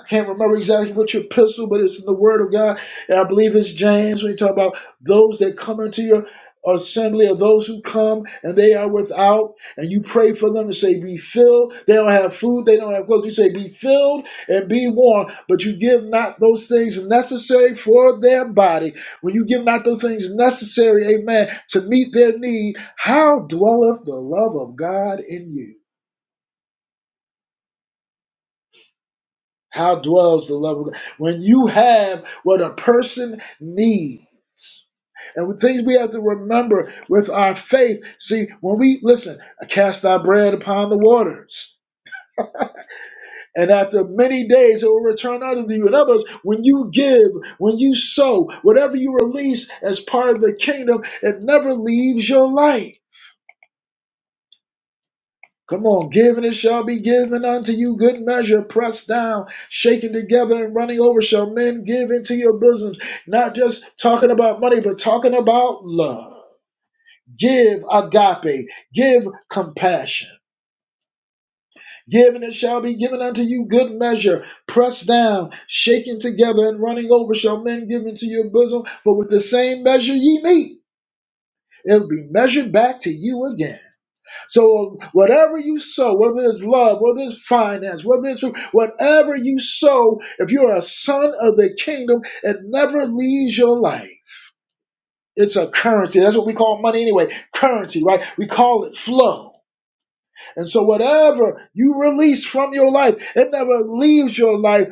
[SPEAKER 1] I can't remember exactly which epistle, but it's in the Word of God. And I believe it's James when you talk about those that come into your assembly or those who come and they are without, and you pray for them to say, Be filled. They don't have food, they don't have clothes. You say, Be filled and be warm, but you give not those things necessary for their body. When you give not those things necessary, amen, to meet their need, how dwelleth the love of God in you? How dwells the love of God? When you have what a person needs. And with things we have to remember with our faith. See, when we listen, cast our bread upon the waters. And after many days, it will return unto you. In other words, when you give, when you sow, whatever you release as part of the kingdom, it never leaves your life. Come on, give and it shall be given unto you good measure, pressed down, shaken together, and running over. Shall men give into your bosoms? Not just talking about money, but talking about love. Give agape, give compassion. Give and it shall be given unto you good measure, pressed down, shaken together, and running over. Shall men give into your bosom? For with the same measure ye meet, it'll be measured back to you again. So whatever you sow, whether it's love, whether it's finance, whether it's whatever you sow, if you're a son of the kingdom, it never leaves your life. It's a currency. That's what we call money anyway. Currency, right? We call it flow. And so whatever you release from your life, it never leaves your life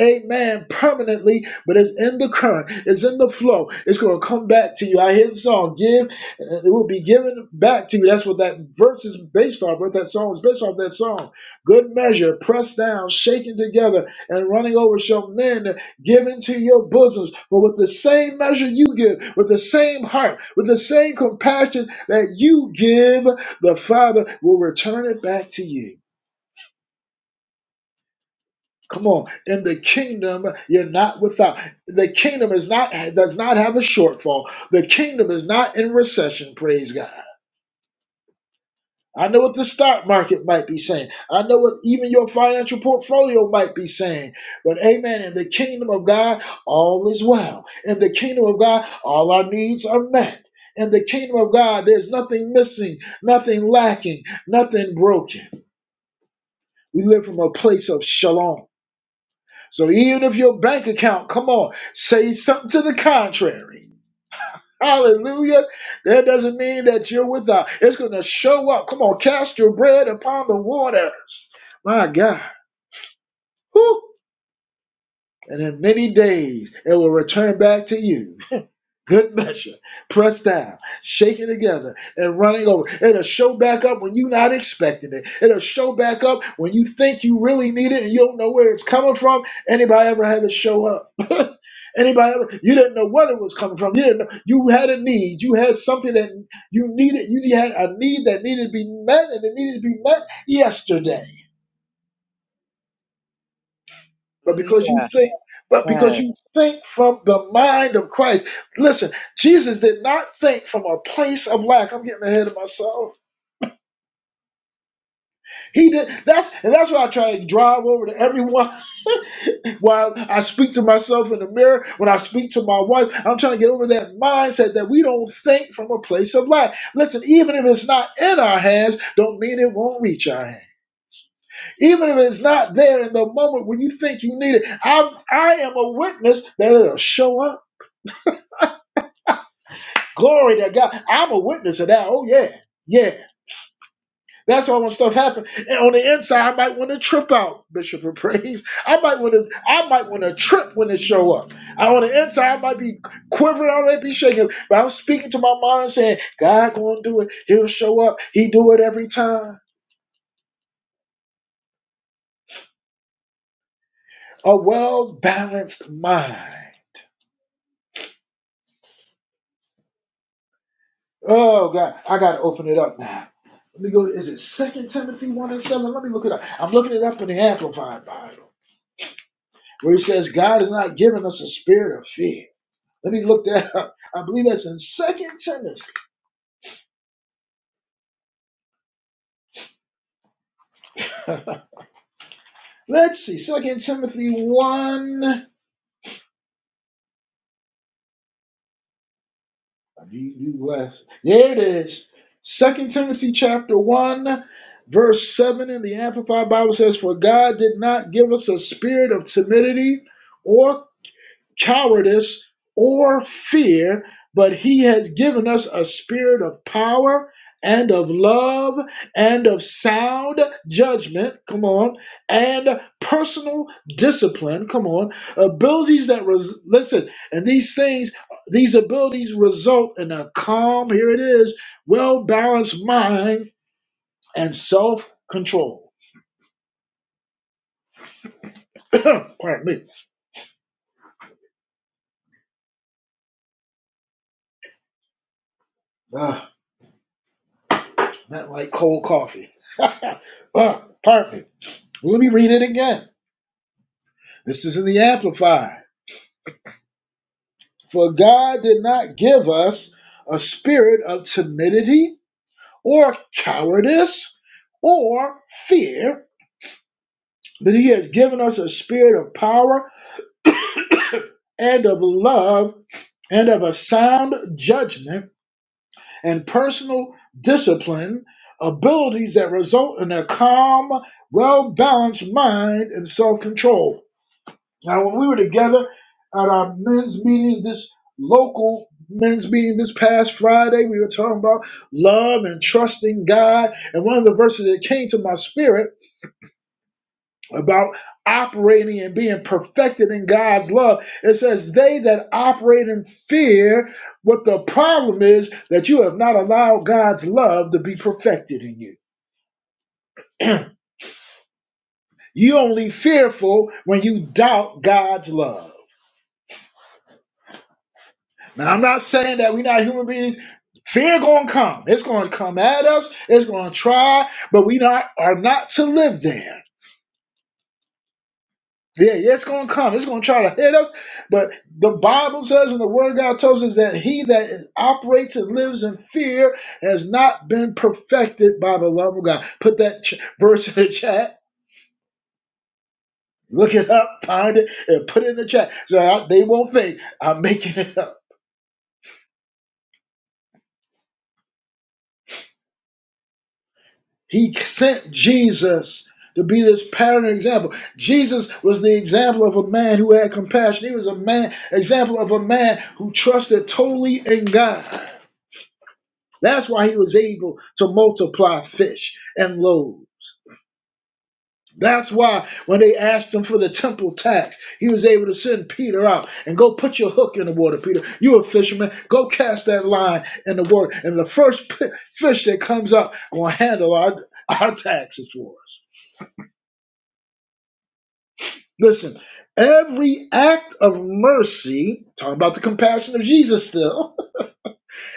[SPEAKER 1] amen, permanently, but it's in the current, it's in the flow, it's going to come back to you. I hear the song, give, and it will be given back to you. That's what that verse is based off. what that song is based off that song. Good measure, pressed down, shaken together, and running over shall men give into your bosoms. But with the same measure you give, with the same heart, with the same compassion that you give, the Father will return it back to you. Come on. In the kingdom, you're not without. The kingdom is not does not have a shortfall. The kingdom is not in recession, praise God. I know what the stock market might be saying. I know what even your financial portfolio might be saying. But amen. In the kingdom of God, all is well. In the kingdom of God, all our needs are met. In the kingdom of God, there's nothing missing, nothing lacking, nothing broken. We live from a place of shalom. So even if your bank account, come on, say something to the contrary. Hallelujah. That doesn't mean that you're without. It's going to show up. Come on, cast your bread upon the waters. My God. Whew. And in many days, it will return back to you. Good measure, pressed down, shaken together, and running over. It'll show back up when you're not expecting it. It'll show back up when you think you really need it and you don't know where it's coming from. Anybody ever had it show up? *laughs* Anybody ever? You didn't know what it was coming from. You didn't know. You had a need. You had something that you needed. You had a need that needed to be met, and it needed to be met yesterday. But
[SPEAKER 4] Hallelujah.
[SPEAKER 1] because you think, but because
[SPEAKER 4] Yes.
[SPEAKER 1] you think from the mind of Christ. Listen, Jesus did not think from a place of lack. I'm getting ahead of myself. He did that's and that's why I try to drive over to everyone *laughs* while I speak to myself in the mirror, when I speak to my wife, I'm trying to get over that mindset that we don't think from a place of lack. Listen, even if it's not in our hands, don't mean it won't reach our hands. Even if it's not there in the moment when you think you need it, I'm, I am a witness that it'll show up. Glory to God. I'm a witness of that. Oh, yeah. Yeah. That's why when stuff happens. And on the inside, I might want to trip out, Bishop of *laughs* Praise. I might want to I might want to trip when it show up. I, on the inside, I might be quivering, I might be shaking. But I'm speaking to my mind saying, God gonna do it. He'll show up. He do it every time. A well-balanced mind. Oh God, I gotta open it up now. Let me go. Is it Second Timothy 1 and 7? Let me look it up. I'm looking it up in the Amplified Bible. where he says God has not given us a spirit of fear. Let me look that up. I believe that's in Second Timothy. *laughs* Let's see, Second Timothy one. I need new glasses. There it is. Second Timothy chapter one, verse seven in the Amplified Bible says, "For God did not give us a spirit of timidity." Or cowardice or fear, but he has given us a spirit of power and of love and of sound judgment, come on, and personal discipline, come on, abilities that res- listen, and these things these abilities result in a calm, here it is, well-balanced mind and self-control. *coughs* *clears throat* Pardon me. Ah, not like cold coffee. *laughs* Ah, pardon me. Well, Let me read it again. This is in the Amplified. For God did not give us a spirit of timidity or cowardice or fear, but He has given us a spirit of power and of love and of a sound judgment and personal discipline, abilities that result in a calm, well balanced mind and self control. Now, when we were together at our men's meeting, this local men's meeting this past Friday, we were talking about love and trusting God. And one of the verses that came to my spirit about operating and being perfected in God's love, it says, They that operate in fear, what the problem is that you have not allowed God's love to be perfected in you. *clears throat* You only fearful when you doubt God's love. Now I'm not saying that we're not human beings. Fear gonna come. It's gonna come at us. It's gonna try, but we not are not to live there. Yeah, yeah, it's gonna come. It's gonna try to hit us. But the Bible says, and the Word of God tells us that he that is- operates and lives in fear has not been perfected by the love of God. Put that ch- verse in the chat. Look it up, find it, and put it in the chat. So I- they won't think I'm making it up. He sent Jesus to be this pattern example. Jesus was the example of a man who had compassion. He was a man example of a man who trusted totally in God. That's why he was able to multiply fish and loaves. That's why when they asked him for the temple tax, he was able to send Peter out and go put your hook in the water, Peter. You're a fisherman. Go cast that line in the water. And the first fish that comes up, going to handle our, our taxes for us. Listen, every act of mercy, talking about the compassion of Jesus still,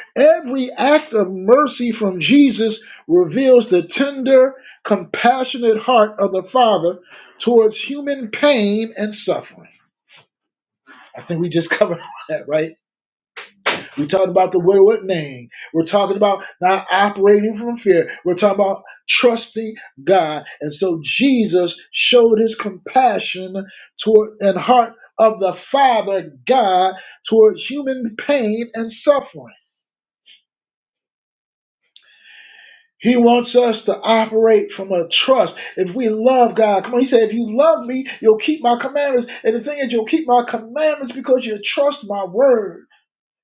[SPEAKER 1] *laughs* every act of mercy from Jesus reveals the tender, compassionate heart of the Father towards human pain and suffering. I think we just covered *laughs* all that, right? We're talking about the wayward man. We're talking about not operating from fear. We're talking about trusting God. And so Jesus showed his compassion toward and heart of the Father God towards human pain and suffering. He wants us to operate from a trust. If we love God, come on, he said, if you love me, you'll keep my commandments. And the thing is, you'll keep my commandments because you trust my word.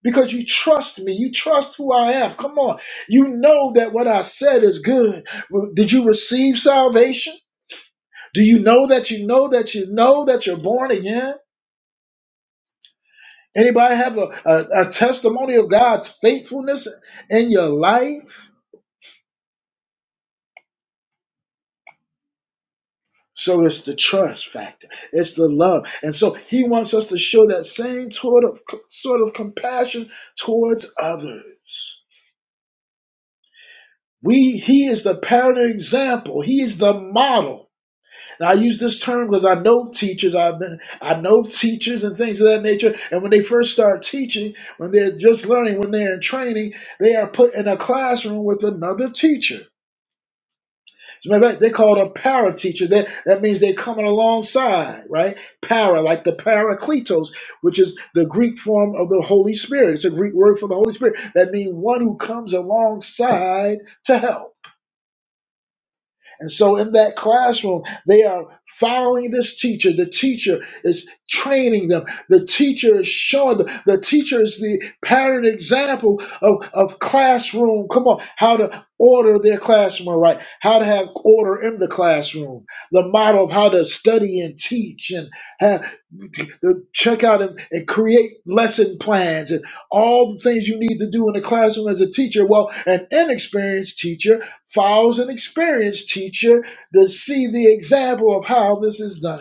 [SPEAKER 1] because you trust me. You trust who I am. Come on. You know that what I said is good. Re- Did you receive salvation? Do you know that you know that you know that you're born again? Anybody have a, a, a testimony of God's faithfulness in your life? So it's the trust factor. It's the love. And so he wants us to show that same sort of sort of compassion towards others. We he is the pattern example. He is the model And I use this term because I know teachers. I've been, I know teachers and things of that nature. And when they first start teaching, when they're just learning, when they're in training, they are put in a classroom with another teacher. As a matter of fact, they call it a para teacher. That that means they're coming alongside, right? Para, like the parakletos, which is the Greek form of the Holy Spirit. It's a Greek word for the Holy Spirit. That means one who comes alongside to help. And so in that classroom, they are following this teacher. The teacher is training them. The teacher is showing them. The teacher is the pattern example of, of classroom. Come on, how to order their classroom all right, how to have order in the classroom, the model of how to study and teach and have, check out and, and create lesson plans and all the things you need to do in the classroom as a teacher. Well, an inexperienced teacher follows an experienced teacher to see the example of how this is done.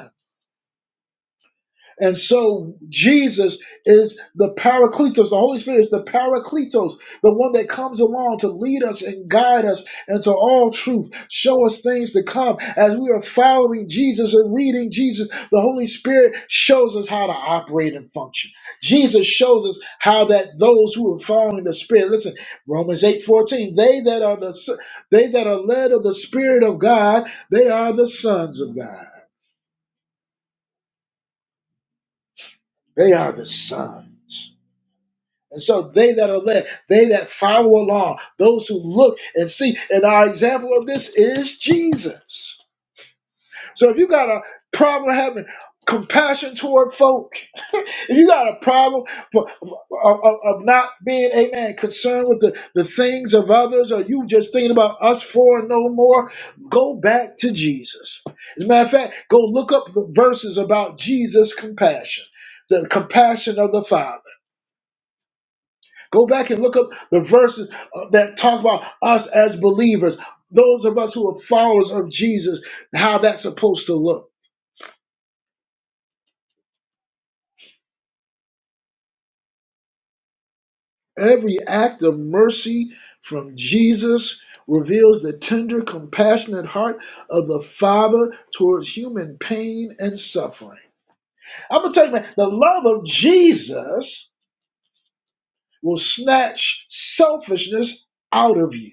[SPEAKER 1] And so Jesus is the Paracletos. The Holy Spirit is the Paracletos, the one that comes along to lead us and guide us into all truth, show us things to come. As we are following Jesus and reading Jesus, the Holy Spirit shows us how to operate and function. Jesus shows us how that those who are following the Spirit, listen, Romans eight fourteen, they that are the s- they that are led of the Spirit of God, they are the sons of God. They are the sons. And so they that are led, they that follow along, those who look and see, and our example of this is Jesus. So if you got a problem having compassion toward folk, *laughs* if you got a problem for, of, of- of not being, amen, concerned with the, the things of others, or you just thinking about us for and no more, go back to Jesus. As a matter of fact, go look up the verses about Jesus' compassion, the compassion of the Father. Go back and look up the verses uh, that talk about us as believers, those of us who are followers of Jesus, how that's supposed to look. Every act of mercy from Jesus reveals the tender, compassionate heart of the Father towards human pain and suffering. I'm going to tell you, man, the love of Jesus will snatch selfishness out of you.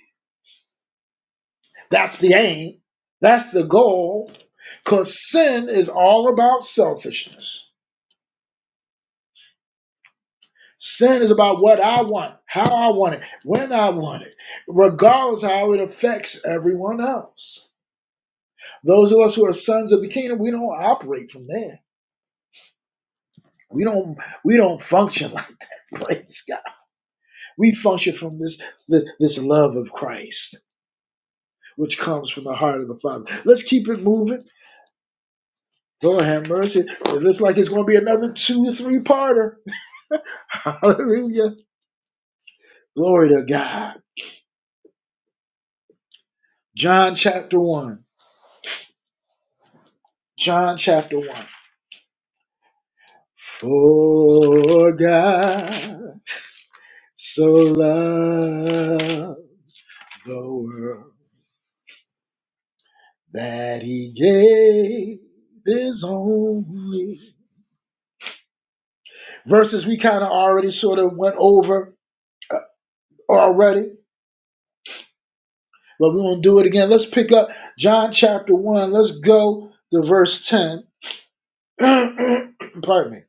[SPEAKER 1] That's the aim. That's the goal. Because sin is all about selfishness. Sin is about what I want, how I want it, when I want it, regardless how it affects everyone else. Those of us who are sons of the kingdom, we don't operate from there. We don't we don't function like that. *laughs* Praise God. We function from this this, this love of Christ, which comes from the heart of the Father. Let's keep it moving. Lord have mercy. It looks like it's gonna be another two, three parter. *laughs* Hallelujah. Glory to God. John chapter 1. John chapter 1. For God so loved the world that he gave his only. Verses we kind of already sort of went over already, but we're going to do it again. Let's pick up John chapter 1. Let's go to verse 10. *clears throat* Pardon me.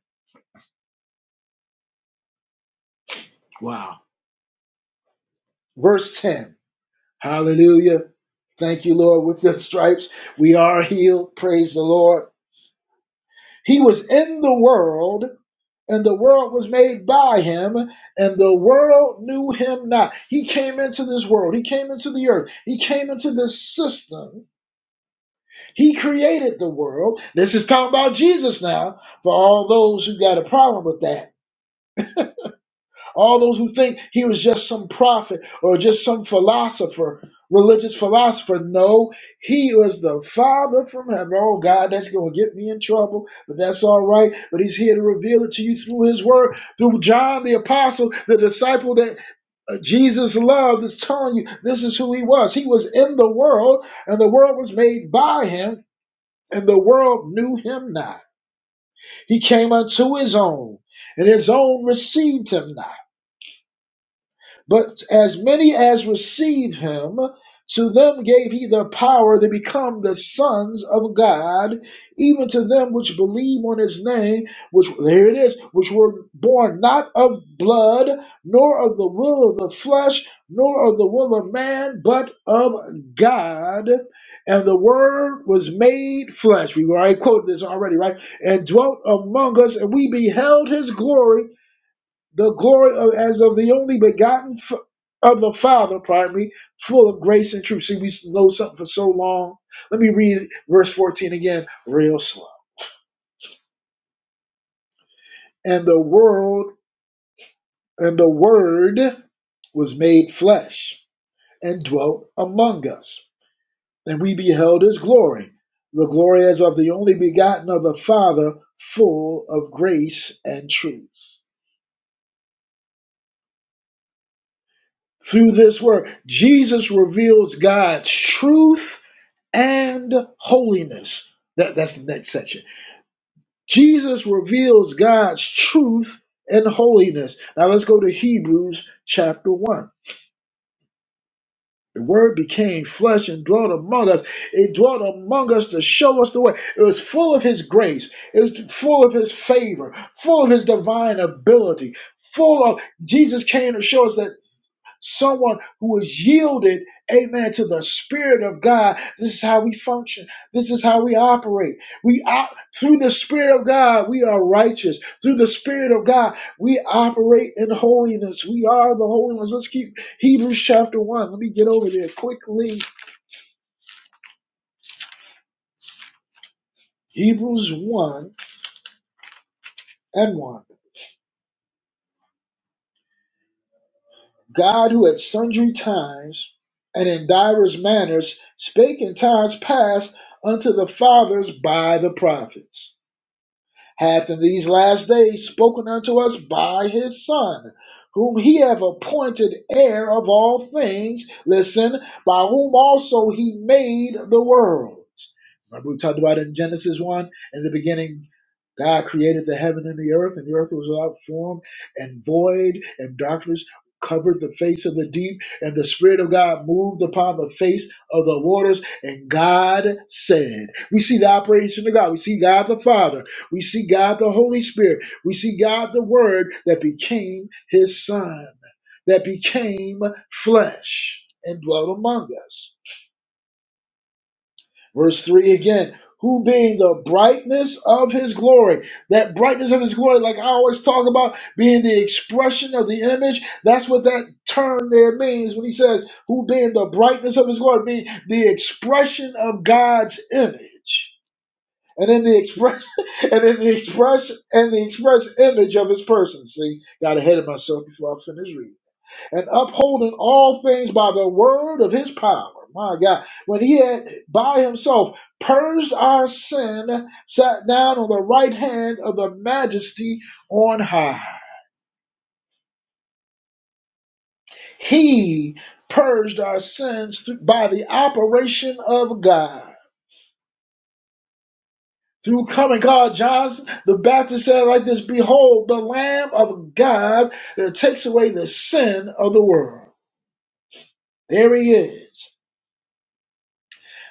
[SPEAKER 1] Wow. Verse 10. Hallelujah. Thank you, Lord. With the stripes, we are healed. Praise the Lord. He was in the world, and the world was made by him, and the world knew him not. He came into this world. He came into the earth. He came into this system. He created the world. This is talking about Jesus now for all those who got a problem with that. All those who think he was just some prophet or just some philosopher, religious philosopher. No, he was the Father from heaven. Oh, God, that's going to get me in trouble, but that's all right. But he's here to reveal it to you through his word, through John the Apostle, the disciple that uh, Jesus loved, is telling you this is who he was. He was in the world, and the world was made by him, and the world knew him not. He came unto his own, and his own received him not. But as many as receive him, to them gave he the power to become the sons of God, even to them which believe on his name, which there it is, which were born not of blood, nor of the will of the flesh, nor of the will of man, but of God. And the word was made flesh. We already quoted this already, right? And dwelt among us, and we beheld his glory the glory of, as of the only begotten f- of the Father, pardon me, full of grace and truth. See, we know something for so long. Let me read verse 14 again, real slow. And the world and the word was made flesh and dwelt among us, and we beheld his glory, the glory as of the only begotten of the Father, full of grace and truth. Through this word, Jesus reveals God's truth and holiness. That, that's the next section. Jesus reveals God's truth and holiness. Now let's go to Hebrews chapter 1. The word became flesh and dwelt among us. It dwelt among us to show us the way. It was full of his grace. It was full of his favor, full of his divine ability, full of Jesus came to show us that someone who is yielded, amen, to the Spirit of God. This is how we function. This is how we operate. We op- through the Spirit of God, we are righteous. Through the Spirit of God, we operate in holiness. We are the holiness. Let's keep Hebrews chapter one. Let me get over there quickly. Hebrews one and one. God who at sundry times and in divers manners spake in times past unto the fathers by the prophets hath in these last days spoken unto us by his Son, whom he hath appointed heir of all things, listen, by whom also he made the worlds. Remember we talked about in Genesis 1, in the beginning God created the heaven and the earth, and the earth was without form and void, and darkness covered the face of the deep, and the Spirit of God moved upon the face of the waters, and God said. We see the operation of God. We see God the Father. We see God the Holy Spirit. We see God the Word that became his Son, that became flesh and dwelt among us. Verse 3 again, who being the brightness of his glory, that brightness of his glory, like I always talk about, being the expression of the image, that's what that term there means when he says, who being the brightness of his glory, being the expression of God's image. And in the express *laughs* and in the express and the express image of his person. See, got ahead of myself before I finish reading and upholding all things by the word of his power. My God, when he had by himself purged our sin, sat down on the right hand of the majesty on high. He purged our sins through, by the operation of God. Through coming God, John the Baptist said like this Behold, the Lamb of God that takes away the sin of the world. There he is.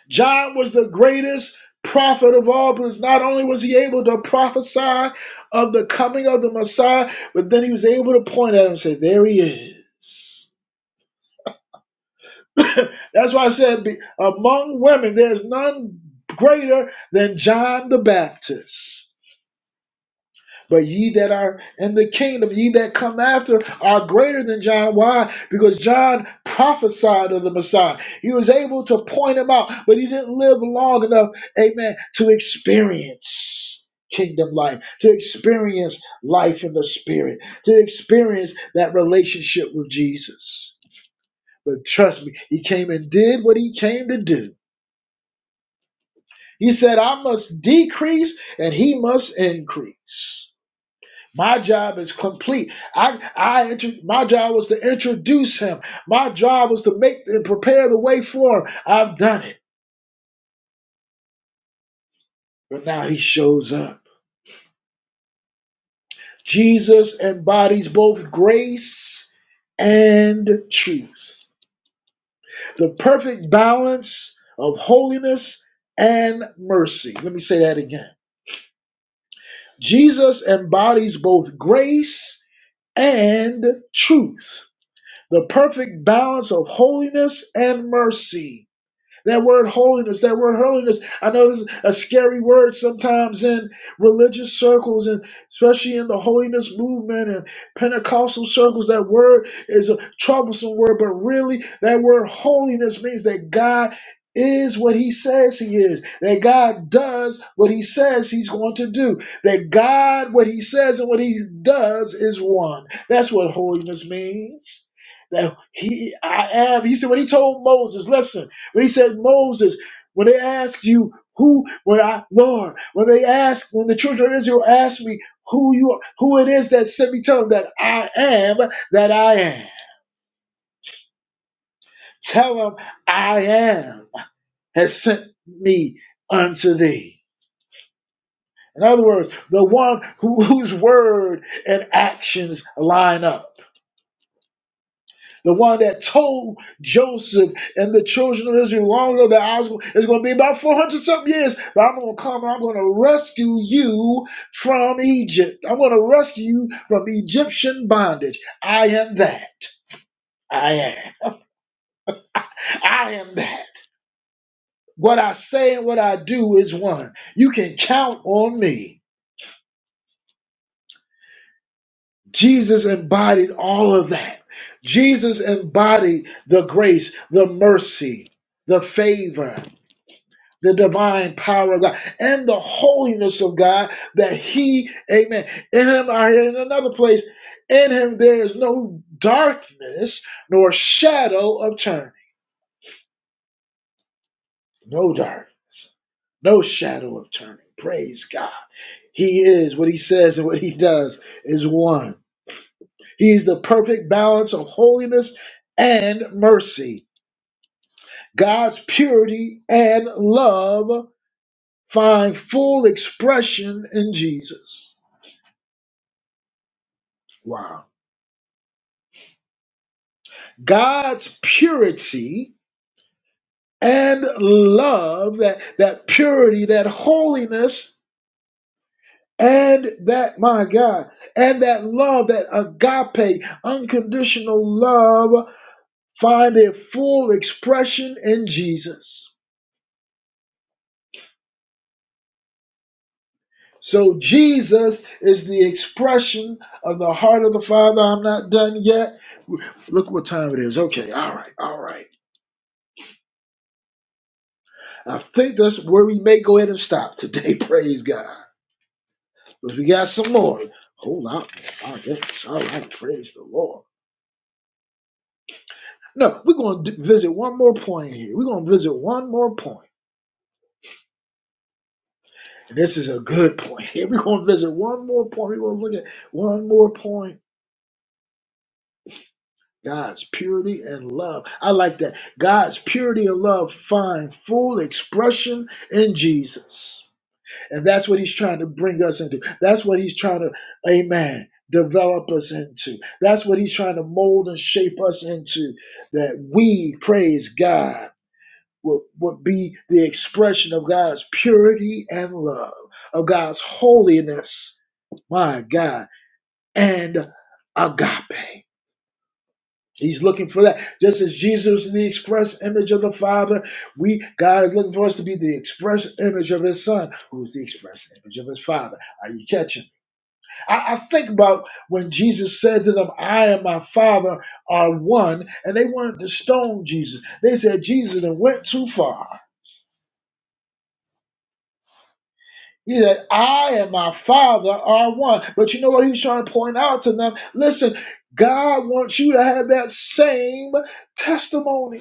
[SPEAKER 1] John was the greatest prophet of all because not only was he able to prophesy of the coming of the Messiah, but then he was able to point at him and say, There he is. *laughs* That's why I said, among women, there's none greater than John the Baptist. But ye that are in the kingdom, ye that come after, are greater than John. Why? Because John prophesied of the Messiah. He was able to point him out, but he didn't live long enough, amen, to experience kingdom life, to experience life in the spirit, to experience that relationship with Jesus. But trust me, he came and did what he came to do. He said, I must decrease and he must increase. My job is complete. I, I, intro- my job was to introduce him. My job was to make and prepare the way for him. I've done it, but now he shows up. Jesus embodies both grace and truth, the perfect balance of holiness and mercy. Let me say that again. Jesus embodies both grace and truth, the perfect balance of holiness and mercy That word holiness, that word holiness. I know this is a scary word sometimes in religious circles and especially in the holiness movement and Pentecostal circles. That word is a troublesome word, but really, that word holiness means that God is what he says he is, that God does what he says he's going to do, that God, what he says and what he does is one. That's what holiness means. That he, I am. He said, when he told Moses, listen. When he said, Moses, when they ask you who, when I, Lord, when they ask, when the children of Israel ask me who you are, who it is that sent me, tell them that I am, that I am. Tell them I am has sent me unto thee. In other words, the one who, *laughs* whose word and actions line up. The one that told Joseph and the children of Israel long ago that I was it's going to be about 400 something years, but I'm going to come and I'm going to rescue you from Egypt. I'm going to rescue you from Egyptian bondage. I am that. I am. I am that. What I say and what I do is one. You can count on me. Jesus embodied all of that. Jesus embodied the grace, the mercy, the favor. the divine power of God and the holiness of God that He, amen, in Him are in another place. In Him there is no darkness nor shadow of turning. No darkness, no shadow of turning. Praise God. He is what He says and what He does is one. He is the perfect balance of holiness and mercy. God's purity and love find full expression in Jesus. Wow God's purity and love, that, that purity, that holiness, and that, my God, and that love, that agape, unconditional love, find a full expression in Jesus. So Jesus is the expression of the heart of the Father. I'm not done yet. Look what time it is. Okay, all right, all right. I think that's where we may go ahead and stop today. *laughs* Praise God. But we got some more. Hold on. My goodness. All right. Praise the Lord. No, we're going to visit one more point here. We're going to visit one more point. And this is a good point *laughs* here. We're going to visit one more point. We're going to look at one more point. God's purity and love. I like that. God's purity and love find full expression in Jesus. And that's what he's trying to bring us into. That's what he's trying to, amen, develop us into. That's what he's trying to mold and shape us into. That we, praise God, would, would be the expression of God's purity and love, of God's holiness, my God, and agape. He's looking for that. Just as Jesus is the express image of the Father, we God is looking for us to be the express image of his Son, who is the express image of his Father. Are you catching? I, I think about when Jesus said to them, I and my Father are one, and they wanted to stone Jesus. They said, Jesus done went too far. He said, I and my Father are one. But you know what he was trying to point out to them? Listen, God wants you to have that same testimony.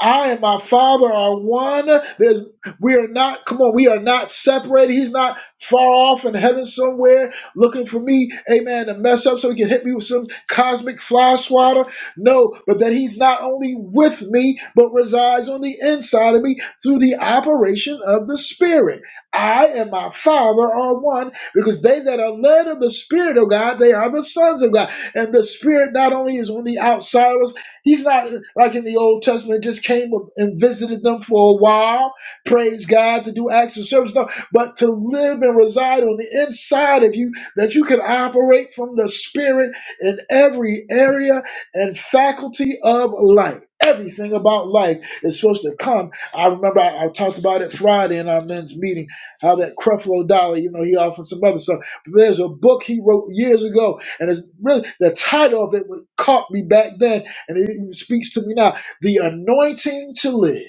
[SPEAKER 1] I and my Father are one. There's, we are not, come on, we are not separated. He's not far off in heaven somewhere looking for me, amen, to mess up so he can hit me with some cosmic fly swatter. No, but that he's not only with me, but resides on the inside of me through the operation of the Spirit. I and my Father are one because they that are led of the Spirit of God, they are the sons of God. And the Spirit not only is on the outside of us, He's not like in the Old Testament, just came and visited them for a while, praise God, to do acts of service. No, but to live and reside on the inside of you, that you can operate from the Spirit in every area and faculty of life. Everything about life is supposed to come. I remember I, I talked about it Friday in our men's meeting, how that Creflo Dollar, you know, he offered some other stuff. there's a book he wrote years ago, and it's really the title of it caught me back then and it even speaks to me now. The anointing to live.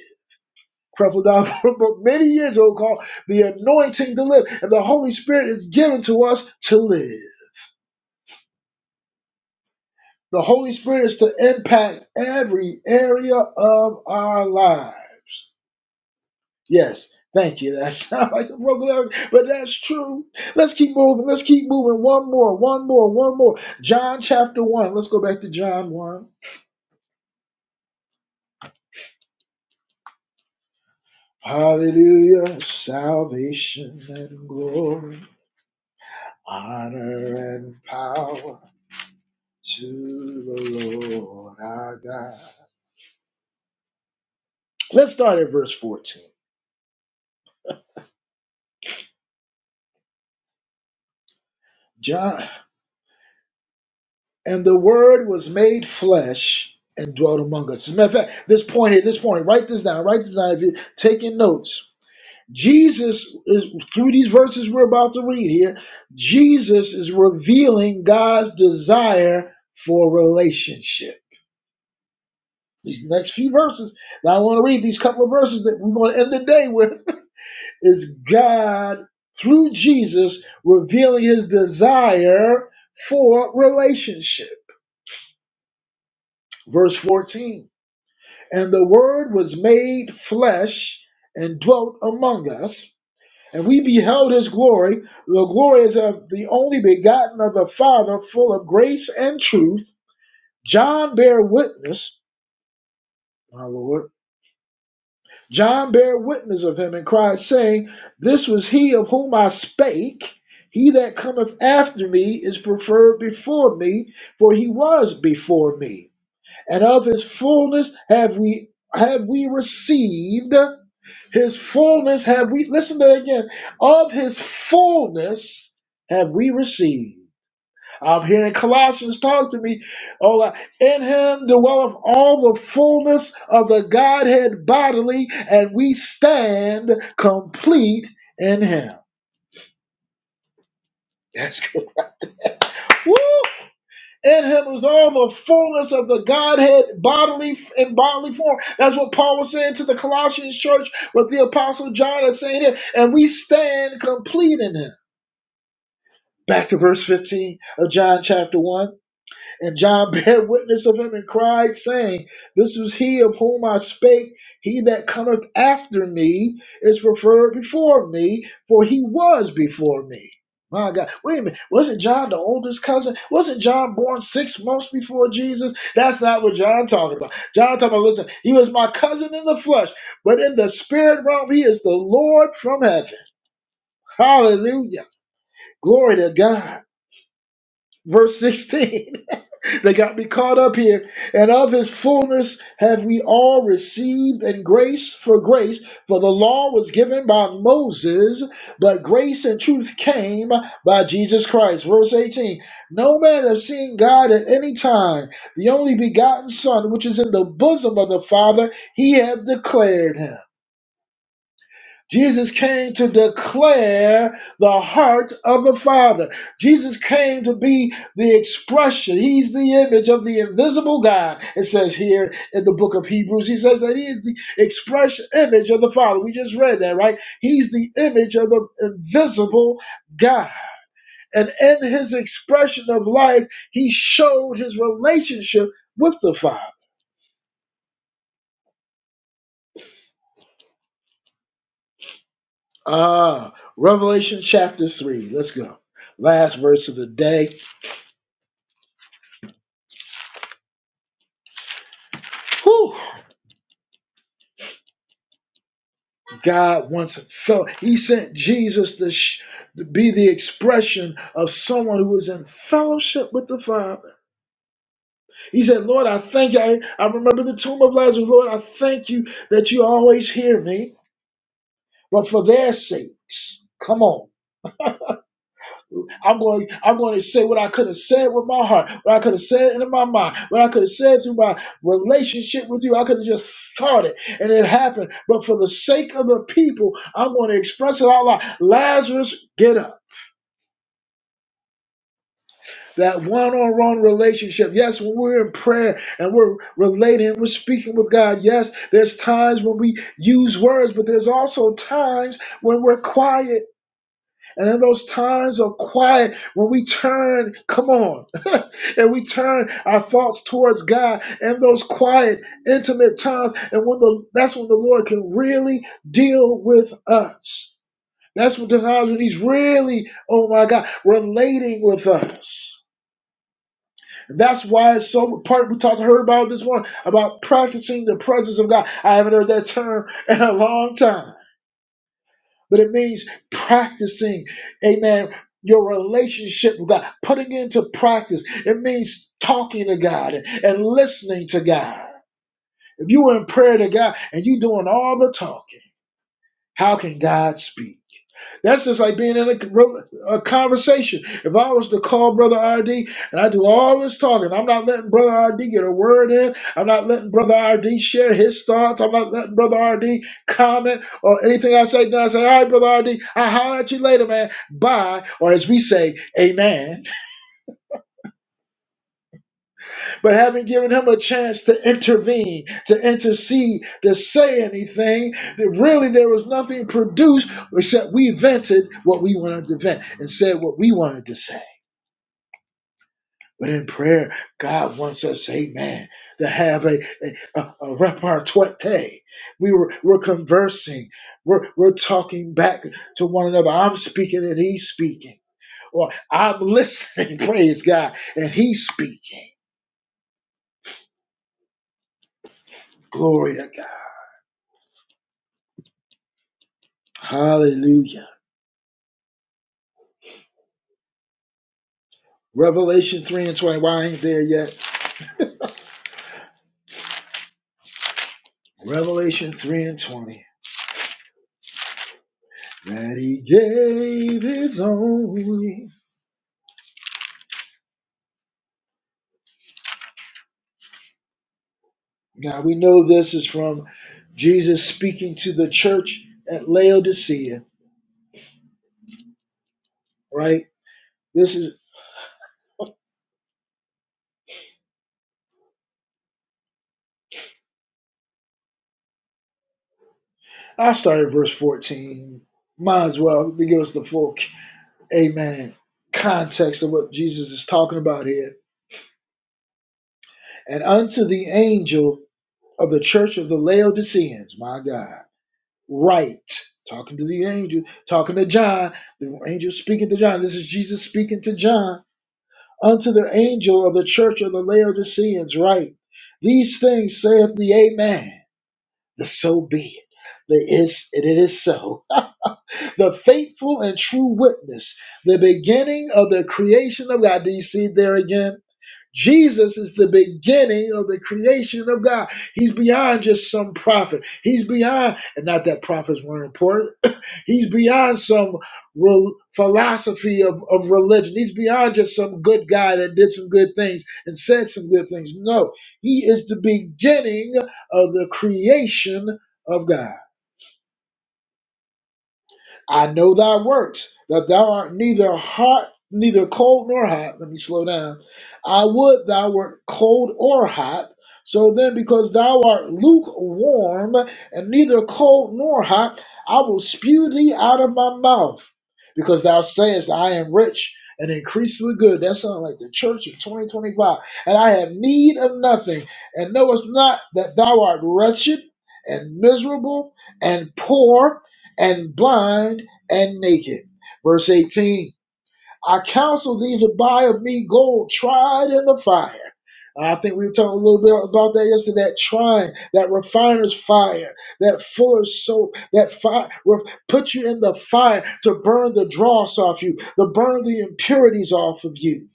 [SPEAKER 1] Creflo Dollar *laughs* wrote many years ago called the anointing to live, and the Holy Spirit is given to us to live. The Holy Spirit is to impact every area of our lives. Yes, thank you. That *laughs* sounds like a broken record, but that's true. Let's keep moving. Let's keep moving. One more, one more, one more. John chapter 1. Let's go back to John 1. Hallelujah. Salvation and glory. Honor and power to the Lord our God. Let's start at verse 14. John, and the word was made flesh and dwelt among us. As a matter of fact, this point here, this point, write this down, write this down if you're taking notes. Jesus is through these verses we're about to read here, Jesus is revealing God's desire for relationship. These next few verses. Now I want to read these couple of verses that we're going to end the day with is God through Jesus revealing his desire for relationship. Verse 14 And the Word was made flesh and dwelt among us, and we beheld his glory. The glory is of the only begotten of the Father, full of grace and truth. John bare witness, my Lord John bare witness of him and cried, saying, This was he of whom I spake. He that cometh after me is preferred before me, for he was before me. And of his fullness have we have we received. His fullness have we listen to that again. Of his fullness have we received. I'm hearing Colossians talk to me. Oh, uh, in him dwelleth all the fullness of the Godhead bodily, and we stand complete in him. That's good. Woo! In him is all the fullness of the Godhead bodily in bodily form. That's what Paul was saying to the Colossians church, what the Apostle John is saying here, and we stand complete in him. Back to verse 15 of John chapter 1. And John *laughs* bare witness of him and cried, saying, This was he of whom I spake. He that cometh after me is preferred before me, for he was before me. My God. Wait a minute. Wasn't John the oldest cousin? Wasn't John born six months before Jesus? That's not what John talking about. John talking about, listen, he was my cousin in the flesh, but in the spirit realm, he is the Lord from heaven. Hallelujah. Glory to God. Verse 16. *laughs* They got me caught up here. And of his fullness have we all received, and grace for grace. For the law was given by Moses, but grace and truth came by Jesus Christ. Verse 18 No man has seen God at any time. The only begotten Son, which is in the bosom of the Father, he hath declared him. Jesus came to declare the heart of the Father. Jesus came to be the expression. He's the image of the invisible God. It says here in the book of Hebrews, he says that he is the express image of the Father. We just read that, right? He's the image of the invisible God. And in his expression of life, he showed his relationship with the Father. Ah, Revelation chapter 3. Let's go. Last verse of the day. Whew. God once felt he sent Jesus to, sh- to be the expression of someone who was in fellowship with the Father. He said, Lord, I thank you. I, I remember the tomb of Lazarus. Lord, I thank you that you always hear me. But for their sakes, come on. I'm going, I'm going to say what I could have said with my heart, what I could have said in my mind, what I could have said through my relationship with you. I could have just thought it and it happened. But for the sake of the people, I'm going to express it out loud. Lazarus, get up. That one on one relationship. Yes, when we're in prayer and we're relating, we're speaking with God. Yes, there's times when we use words, but there's also times when we're quiet. And in those times of quiet, when we turn, come on, *laughs* and we turn our thoughts towards God and those quiet, intimate times, and when the that's when the Lord can really deal with us. That's what the times when He's really, oh my God, relating with us. That's why it's so part we talked heard about this one about practicing the presence of God. I haven't heard that term *laughs* in a long time, but it means practicing, amen, your relationship with God, putting into practice. It means talking to God and, and listening to God. If you were in prayer to God and you doing all the talking, how can God speak? That's just like being in a, a conversation. If I was to call Brother RD and I do all this talking, I'm not letting Brother RD get a word in. I'm not letting Brother RD share his thoughts. I'm not letting Brother RD comment or anything I say. Then I say, all right, Brother R will holler at you later, man. Bye. Or as we say, amen. but haven't given him a chance to intervene, to intercede, to say anything. That really there was nothing produced except we vented what we wanted to vent and said what we wanted to say. But in prayer, God wants us, amen, to have a, a, a, a repartee. We were, we're conversing, we're, we're talking back to one another. I'm speaking and he's speaking. Or I'm listening, *laughs* praise God, and he's speaking. Glory to God. Hallelujah. Revelation 3 and 20. Why I ain't there yet? Revelation 3 and 20. That he gave his only. Now we know this is from Jesus speaking to the church at Laodicea, right? This is, I'll start at verse 14. Might as well to give us the full, amen, context of what Jesus is talking about here. And unto the angel of the church of the Laodiceans, my God. right. Talking to the angel, talking to John. The angel speaking to John. This is Jesus speaking to John. Unto the angel of the church of the Laodiceans, right. These things saith the Amen, the so be it. The is it is so. The faithful and true witness, the beginning of the creation of God. Do you see it there again? Jesus is the beginning of the creation of God. He's beyond just some prophet. He's beyond, and not that prophets weren't important He's beyond some rel- philosophy of, of religion. He's beyond just some good guy that did some good things and said some good things. No, he is the beginning of the creation of God. I know thy works, that thou art neither hot, neither cold nor hot. Let me slow down. I would thou wert cold or hot. So then, because thou art lukewarm and neither cold nor hot, I will spew thee out of my mouth. Because thou sayest, I am rich and increased with good. That sounds like the church of 2025. And I have need of nothing. And knowest not that thou art wretched and miserable and poor and blind and naked. Verse 18 I counsel thee to buy of me gold tried in the fire. I think we were talking a little bit about that yesterday. That trying, that refiner's fire, that fuller's soap, that fire put you in the fire to burn the dross off you, to burn the impurities off of you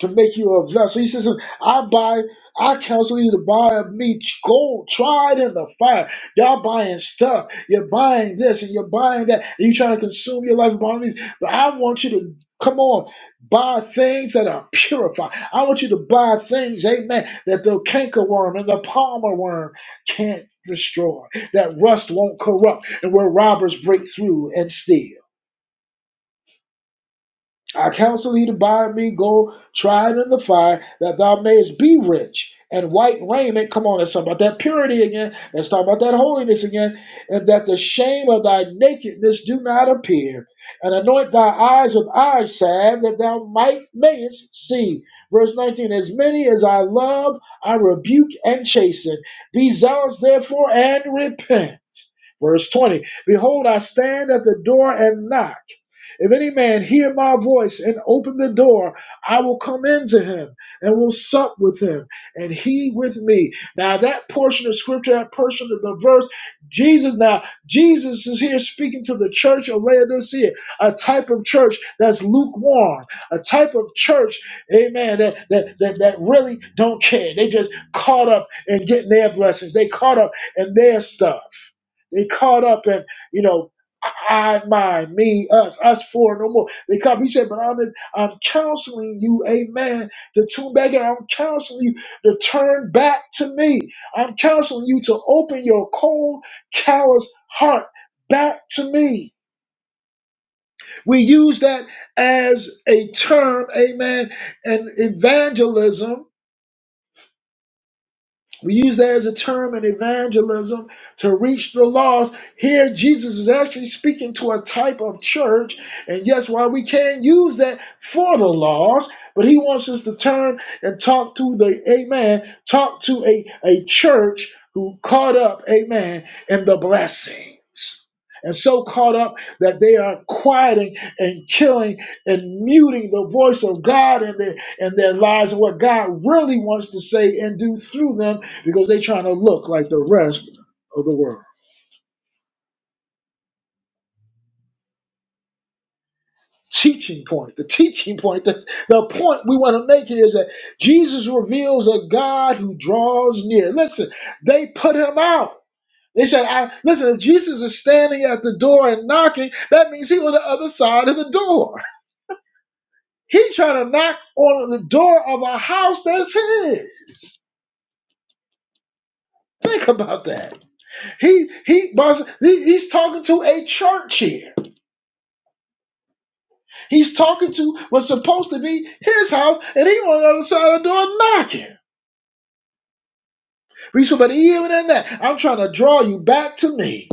[SPEAKER 1] to make you a vessel. He says, I buy, I counsel you to buy of me gold tried in the fire. Y'all buying stuff. You're buying this and you're buying that. And you trying to consume your life buying these. But I want you to come on, buy things that are purified. I want you to buy things, amen, that the cankerworm and the palmer worm can't destroy, that rust won't corrupt, and where robbers break through and steal. I counsel thee to buy me gold tried in the fire, that thou mayest be rich, and white raiment. Come on, let's talk about that purity again. Let's talk about that holiness again. And that the shame of thy nakedness do not appear. And anoint thy eyes with eye salve, that thou might mayest see. Verse 19 As many as I love, I rebuke and chasten. Be zealous, therefore, and repent. Verse 20 Behold, I stand at the door and knock. If any man hear my voice and open the door, I will come into him and will sup with him, and he with me. Now that portion of scripture, that portion of the verse, Jesus now, Jesus is here speaking to the church of Laodicea, a type of church that's lukewarm, a type of church, amen, that that that, that really don't care. They just caught up in getting their blessings. They caught up in their stuff. They caught up in, you know, I, I, my, me, us, us four, no more. They come. He said, but I'm, in, I'm counseling you, amen, to tune back in. I'm counseling you to turn back to me. I'm counseling you to open your cold, callous heart back to me. We use that as a term, amen, and evangelism We use that as a term in evangelism to reach the lost. Here, Jesus is actually speaking to a type of church. And yes, while we can use that for the lost, but he wants us to turn and talk to the, amen, talk to a, a church who caught up, amen, in the blessings. And so caught up that they are quieting and killing and muting the voice of God in their, in their lives and what God really wants to say and do through them because they're trying to look like the rest of the world. Teaching point. The teaching point. The, the point we want to make here is that Jesus reveals a God who draws near. Listen, they put him out. They said, I, listen, if Jesus is standing at the door and knocking, that means he on the other side of the door. He's trying to knock on the door of a house that's his. Think about that. He he, boss, he he's talking to a church here He's talking to was supposed to be his house, and he on the other side of the door knocking. We said, but even in that, I'm trying to draw you back to me.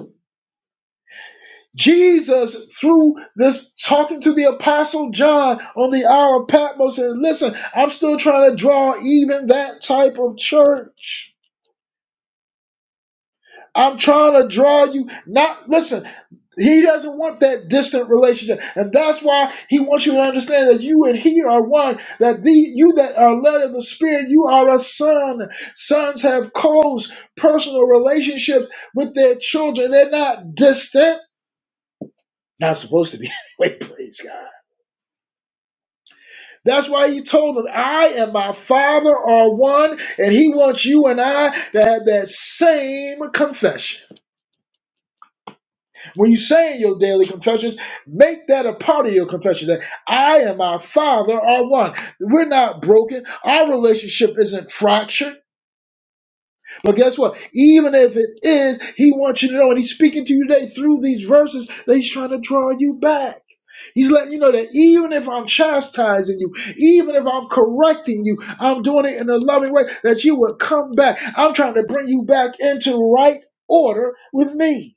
[SPEAKER 1] Jesus, through this talking to the apostle John on the Isle of Patmos, said, listen, I'm still trying to draw even that type of church. I'm trying to draw you not listen He doesn't want that distant relationship. And that's why he wants you to understand that you and he are one, that the you that are led of the Spirit, you are a son. Sons have close personal relationships with their children. They're not distant. Not supposed to be. *laughs* Wait, praise God. That's why he told them, I and my father are one, and he wants you and I to have that same confession. When you say in your daily confessions, make that a part of your confession that I and my Father are one. We're not broken. Our relationship isn't fractured. But guess what? Even if it is, He wants you to know, and He's speaking to you today through these verses, that He's trying to draw you back. He's letting you know that even if I'm chastising you, even if I'm correcting you, I'm doing it in a loving way, that you would come back. I'm trying to bring you back into right order with me.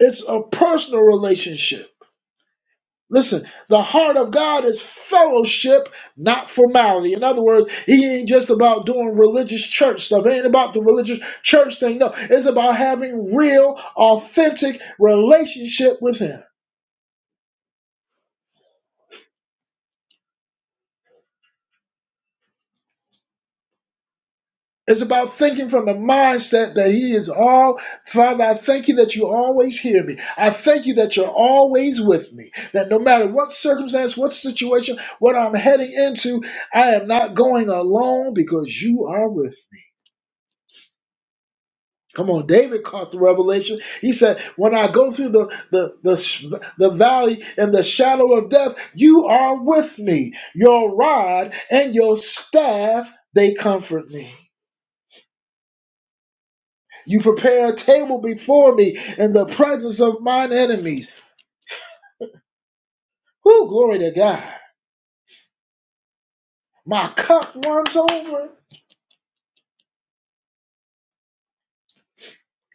[SPEAKER 1] It's a personal relationship. Listen, the heart of God is fellowship, not formality. In other words, he ain't just about doing religious church stuff. It ain't about the religious church thing. No, it's about having real, authentic relationship with him. It's about thinking from the mindset that he is all, Father, I thank you that you always hear me. I thank you that you're always with me. That no matter what circumstance, what situation, what I'm heading into, I am not going alone because you are with me. Come on, David caught the revelation. He said, When I go through the, the, the, the valley and the shadow of death, you are with me. Your rod and your staff, they comfort me. You prepare a table before me in the presence of mine enemies. Whoo, glory to God. My cup runs over.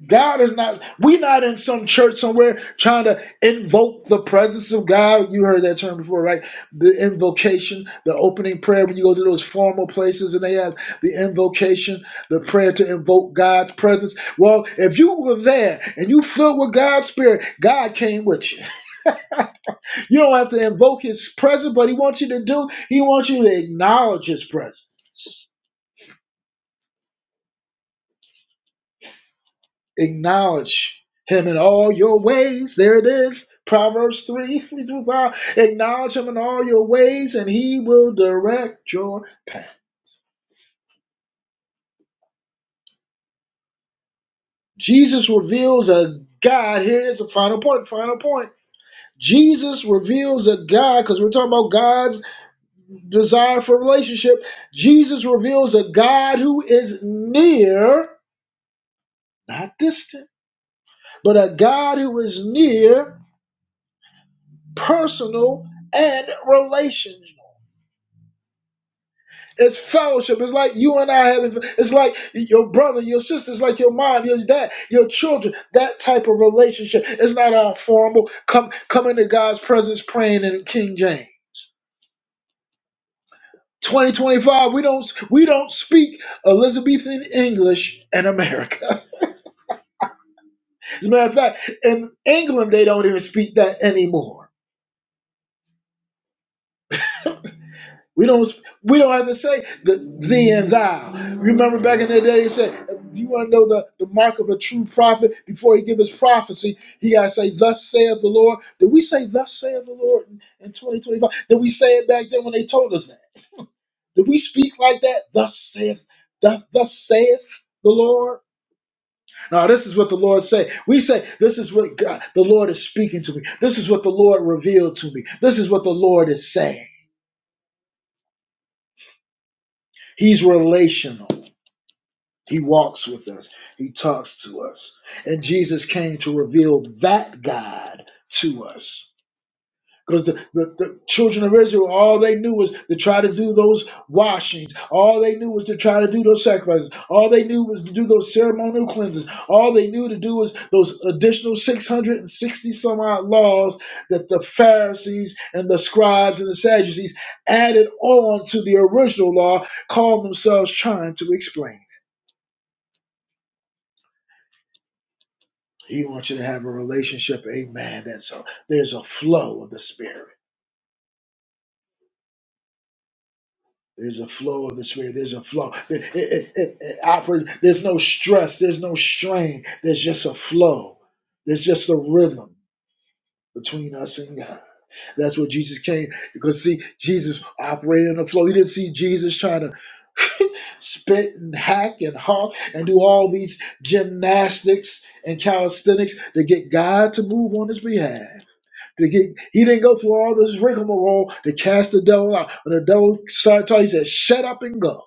[SPEAKER 1] God is not, we are not in some church somewhere trying to invoke the presence of God. You heard that term before, right? The invocation, the opening prayer when you go to those formal places and they have the invocation, the prayer to invoke God's presence. Well, if you were there and you filled with God's spirit, God came with you. You don't have to invoke his presence, but he wants you to do, he wants you to acknowledge his presence. acknowledge him in all your ways. There it is. Proverbs 3, *laughs* 3 through 5. Acknowledge him in all your ways, and he will direct your. Jesus reveals a God. Here is a final point, final point. Jesus reveals a God, because we're talking about God's desire for relationship. Jesus reveals a God who is near, not distant, but a God who is near, personal, and relational It's fellowship. It's like you and I having. It's like your brother, your sister. It's like your mom, your dad, your children. That type of relationship. It's not all formal. Come, come into God's presence, praying in King James. 2025. We don't we don't speak Elizabethan English in America. *laughs* As a matter of fact, in England they don't even speak that anymore. We don't we don't have to say the thee and thou. Remember back in the day, he said, if you want to know the, the mark of a true prophet before he give his prophecy, he gotta say, Thus saith the Lord. Did we say thus saith the Lord in, in 2025? Did we say it back then when they told us that? Did we speak like that? Thus saith, thus, thus saith the Lord. Now this is what the Lord said. We say, This is what God the Lord is speaking to me. This is what the Lord revealed to me. This is what the Lord is saying. He's relational. He walks with us. He talks to us. And Jesus came to reveal that God to us. Because the, the, the children of Israel, all they knew was to try to do those washings. All they knew was to try to do those sacrifices. All they knew was to do those ceremonial cleanses. All they knew to do was those additional 660 some odd laws that the Pharisees and the scribes and the Sadducees added on to the original law, called themselves trying to explain. He wants you to have a relationship, amen. That's a, there's a flow of the Spirit. There's a flow of the Spirit. There's a flow. It, it, it, it operates. There's no stress. There's no strain. There's just a flow. There's just a rhythm between us and God. That's what Jesus came. Because, see, Jesus operated in the flow. You didn't see Jesus trying to *laughs* spit and hack and honk and do all these gymnastics and calisthenics to get God to move on his behalf. To get, he didn't go through all this rigmarole to cast the devil out. When the devil started talking, he said, "Shut up and go."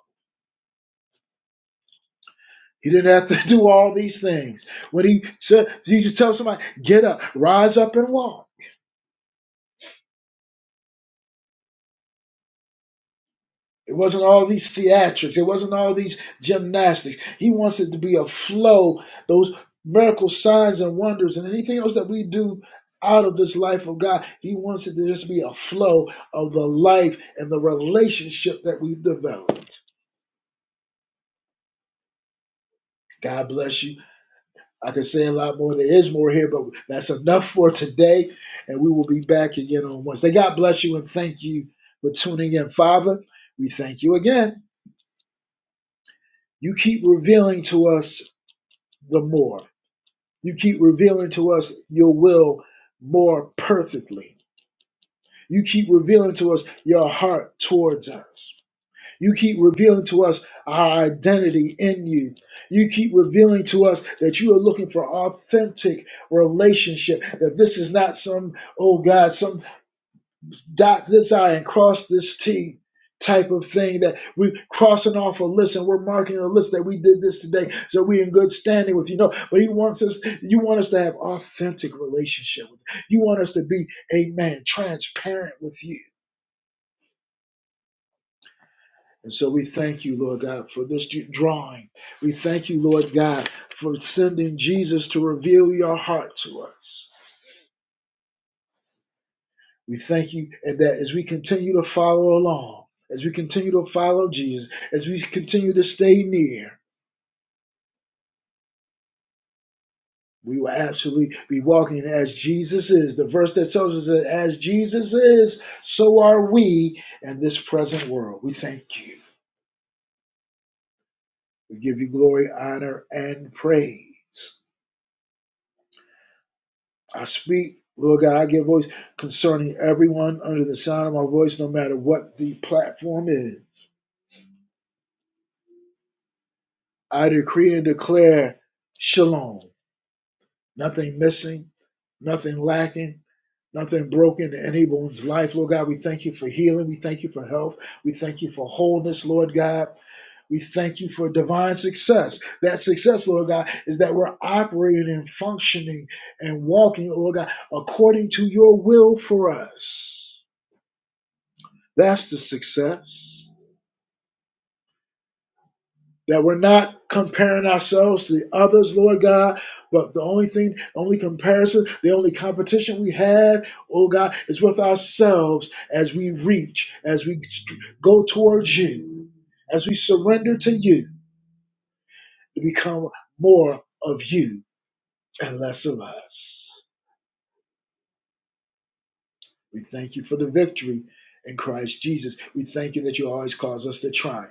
[SPEAKER 1] He didn't have to *laughs* do all these things. When he said, he should tell somebody, "Get up, rise up and walk." It wasn't all these theatrics. It wasn't all these gymnastics. He wants it to be a flow. Those miracle signs and wonders and anything else that we do out of this life of God, He wants it to just be a flow of the life and the relationship that we've developed. God bless you. I could say a lot more. There is more here, but that's enough for today. And we will be back again on Wednesday. God bless you and thank you for tuning in. Father, we thank you again. You keep revealing to us the more. You keep revealing to us your will more perfectly. You keep revealing to us your heart towards us. You keep revealing to us our identity in you. You keep revealing to us that you are looking for authentic relationship, that this is not some, oh God, some dot this I and cross this T type of thing that we are crossing off a list and we're marking a list that we did this today so we are in good standing with you no but he wants us you want us to have authentic relationship with you. you want us to be amen transparent with you And so we thank you, Lord God, for this drawing. We thank you, Lord God, for sending Jesus to reveal your heart to us. We thank you and that as we continue to follow along, as we continue to follow Jesus, as we continue to stay near, we will absolutely be walking as Jesus is. The verse that tells us that as Jesus is, so are we in this present world. We thank you. We give you glory, honor, and praise. I speak, Lord God, I give voice concerning everyone under the sound of my voice, no matter what the platform is. I decree and declare shalom. Nothing missing, nothing lacking, nothing broken in anyone's life. Lord God, we thank you for healing. We thank you for health. We thank you for wholeness, Lord God. We thank you for divine success. That success, Lord God, is that we're operating and functioning and walking, Lord God, according to your will for us. That's the success. That we're not comparing ourselves to the others, Lord God, but the only thing, the only comparison, the only competition we have, oh God, is with ourselves as we reach, as we st- go towards you, as we surrender to you to become more of you and less of us. We thank you for the victory in Christ Jesus. We thank you that you always cause us to triumph.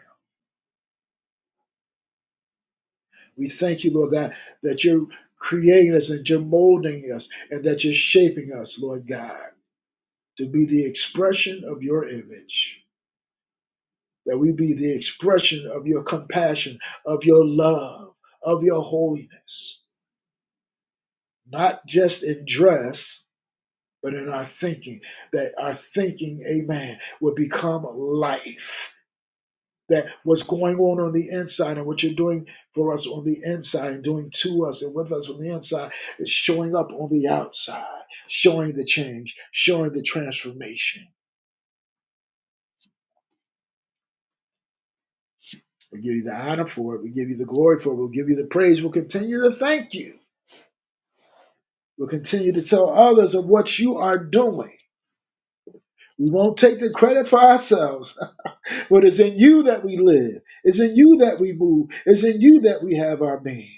[SPEAKER 1] We thank you, Lord God, that you're creating us and you're molding us and that you're shaping us, Lord God, to be the expression of your image, that we be the expression of your compassion, of your love, of your holiness, not just in dress, but in our thinking, that our thinking, amen, will become life. that what's going on on the inside and what you're doing for us on the inside and doing to us and with us on the inside is showing up on the outside, showing the change, showing the transformation. We give you the honor for it. We give you the glory for it. We'll give you the praise. We'll continue to thank you. We'll continue to tell others of what you are doing. We won't take the credit for ourselves, but it's in you that we live. It's in you that we move. It's in you that we have our being.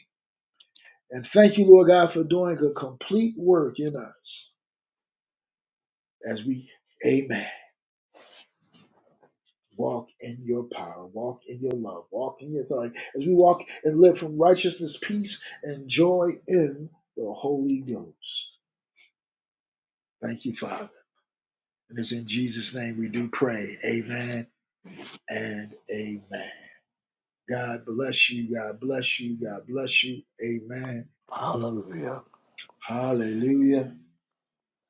[SPEAKER 1] And thank you, Lord God, for doing a complete work in us as we, amen, walk in your power, walk in your love, walk in your authority, as we walk and live from righteousness, peace, and joy in the Holy Ghost. Thank you, Father. And it's in Jesus' name we do pray. Amen and amen. God bless you. God bless you. God bless you. Amen.
[SPEAKER 5] Hallelujah.
[SPEAKER 1] Hallelujah.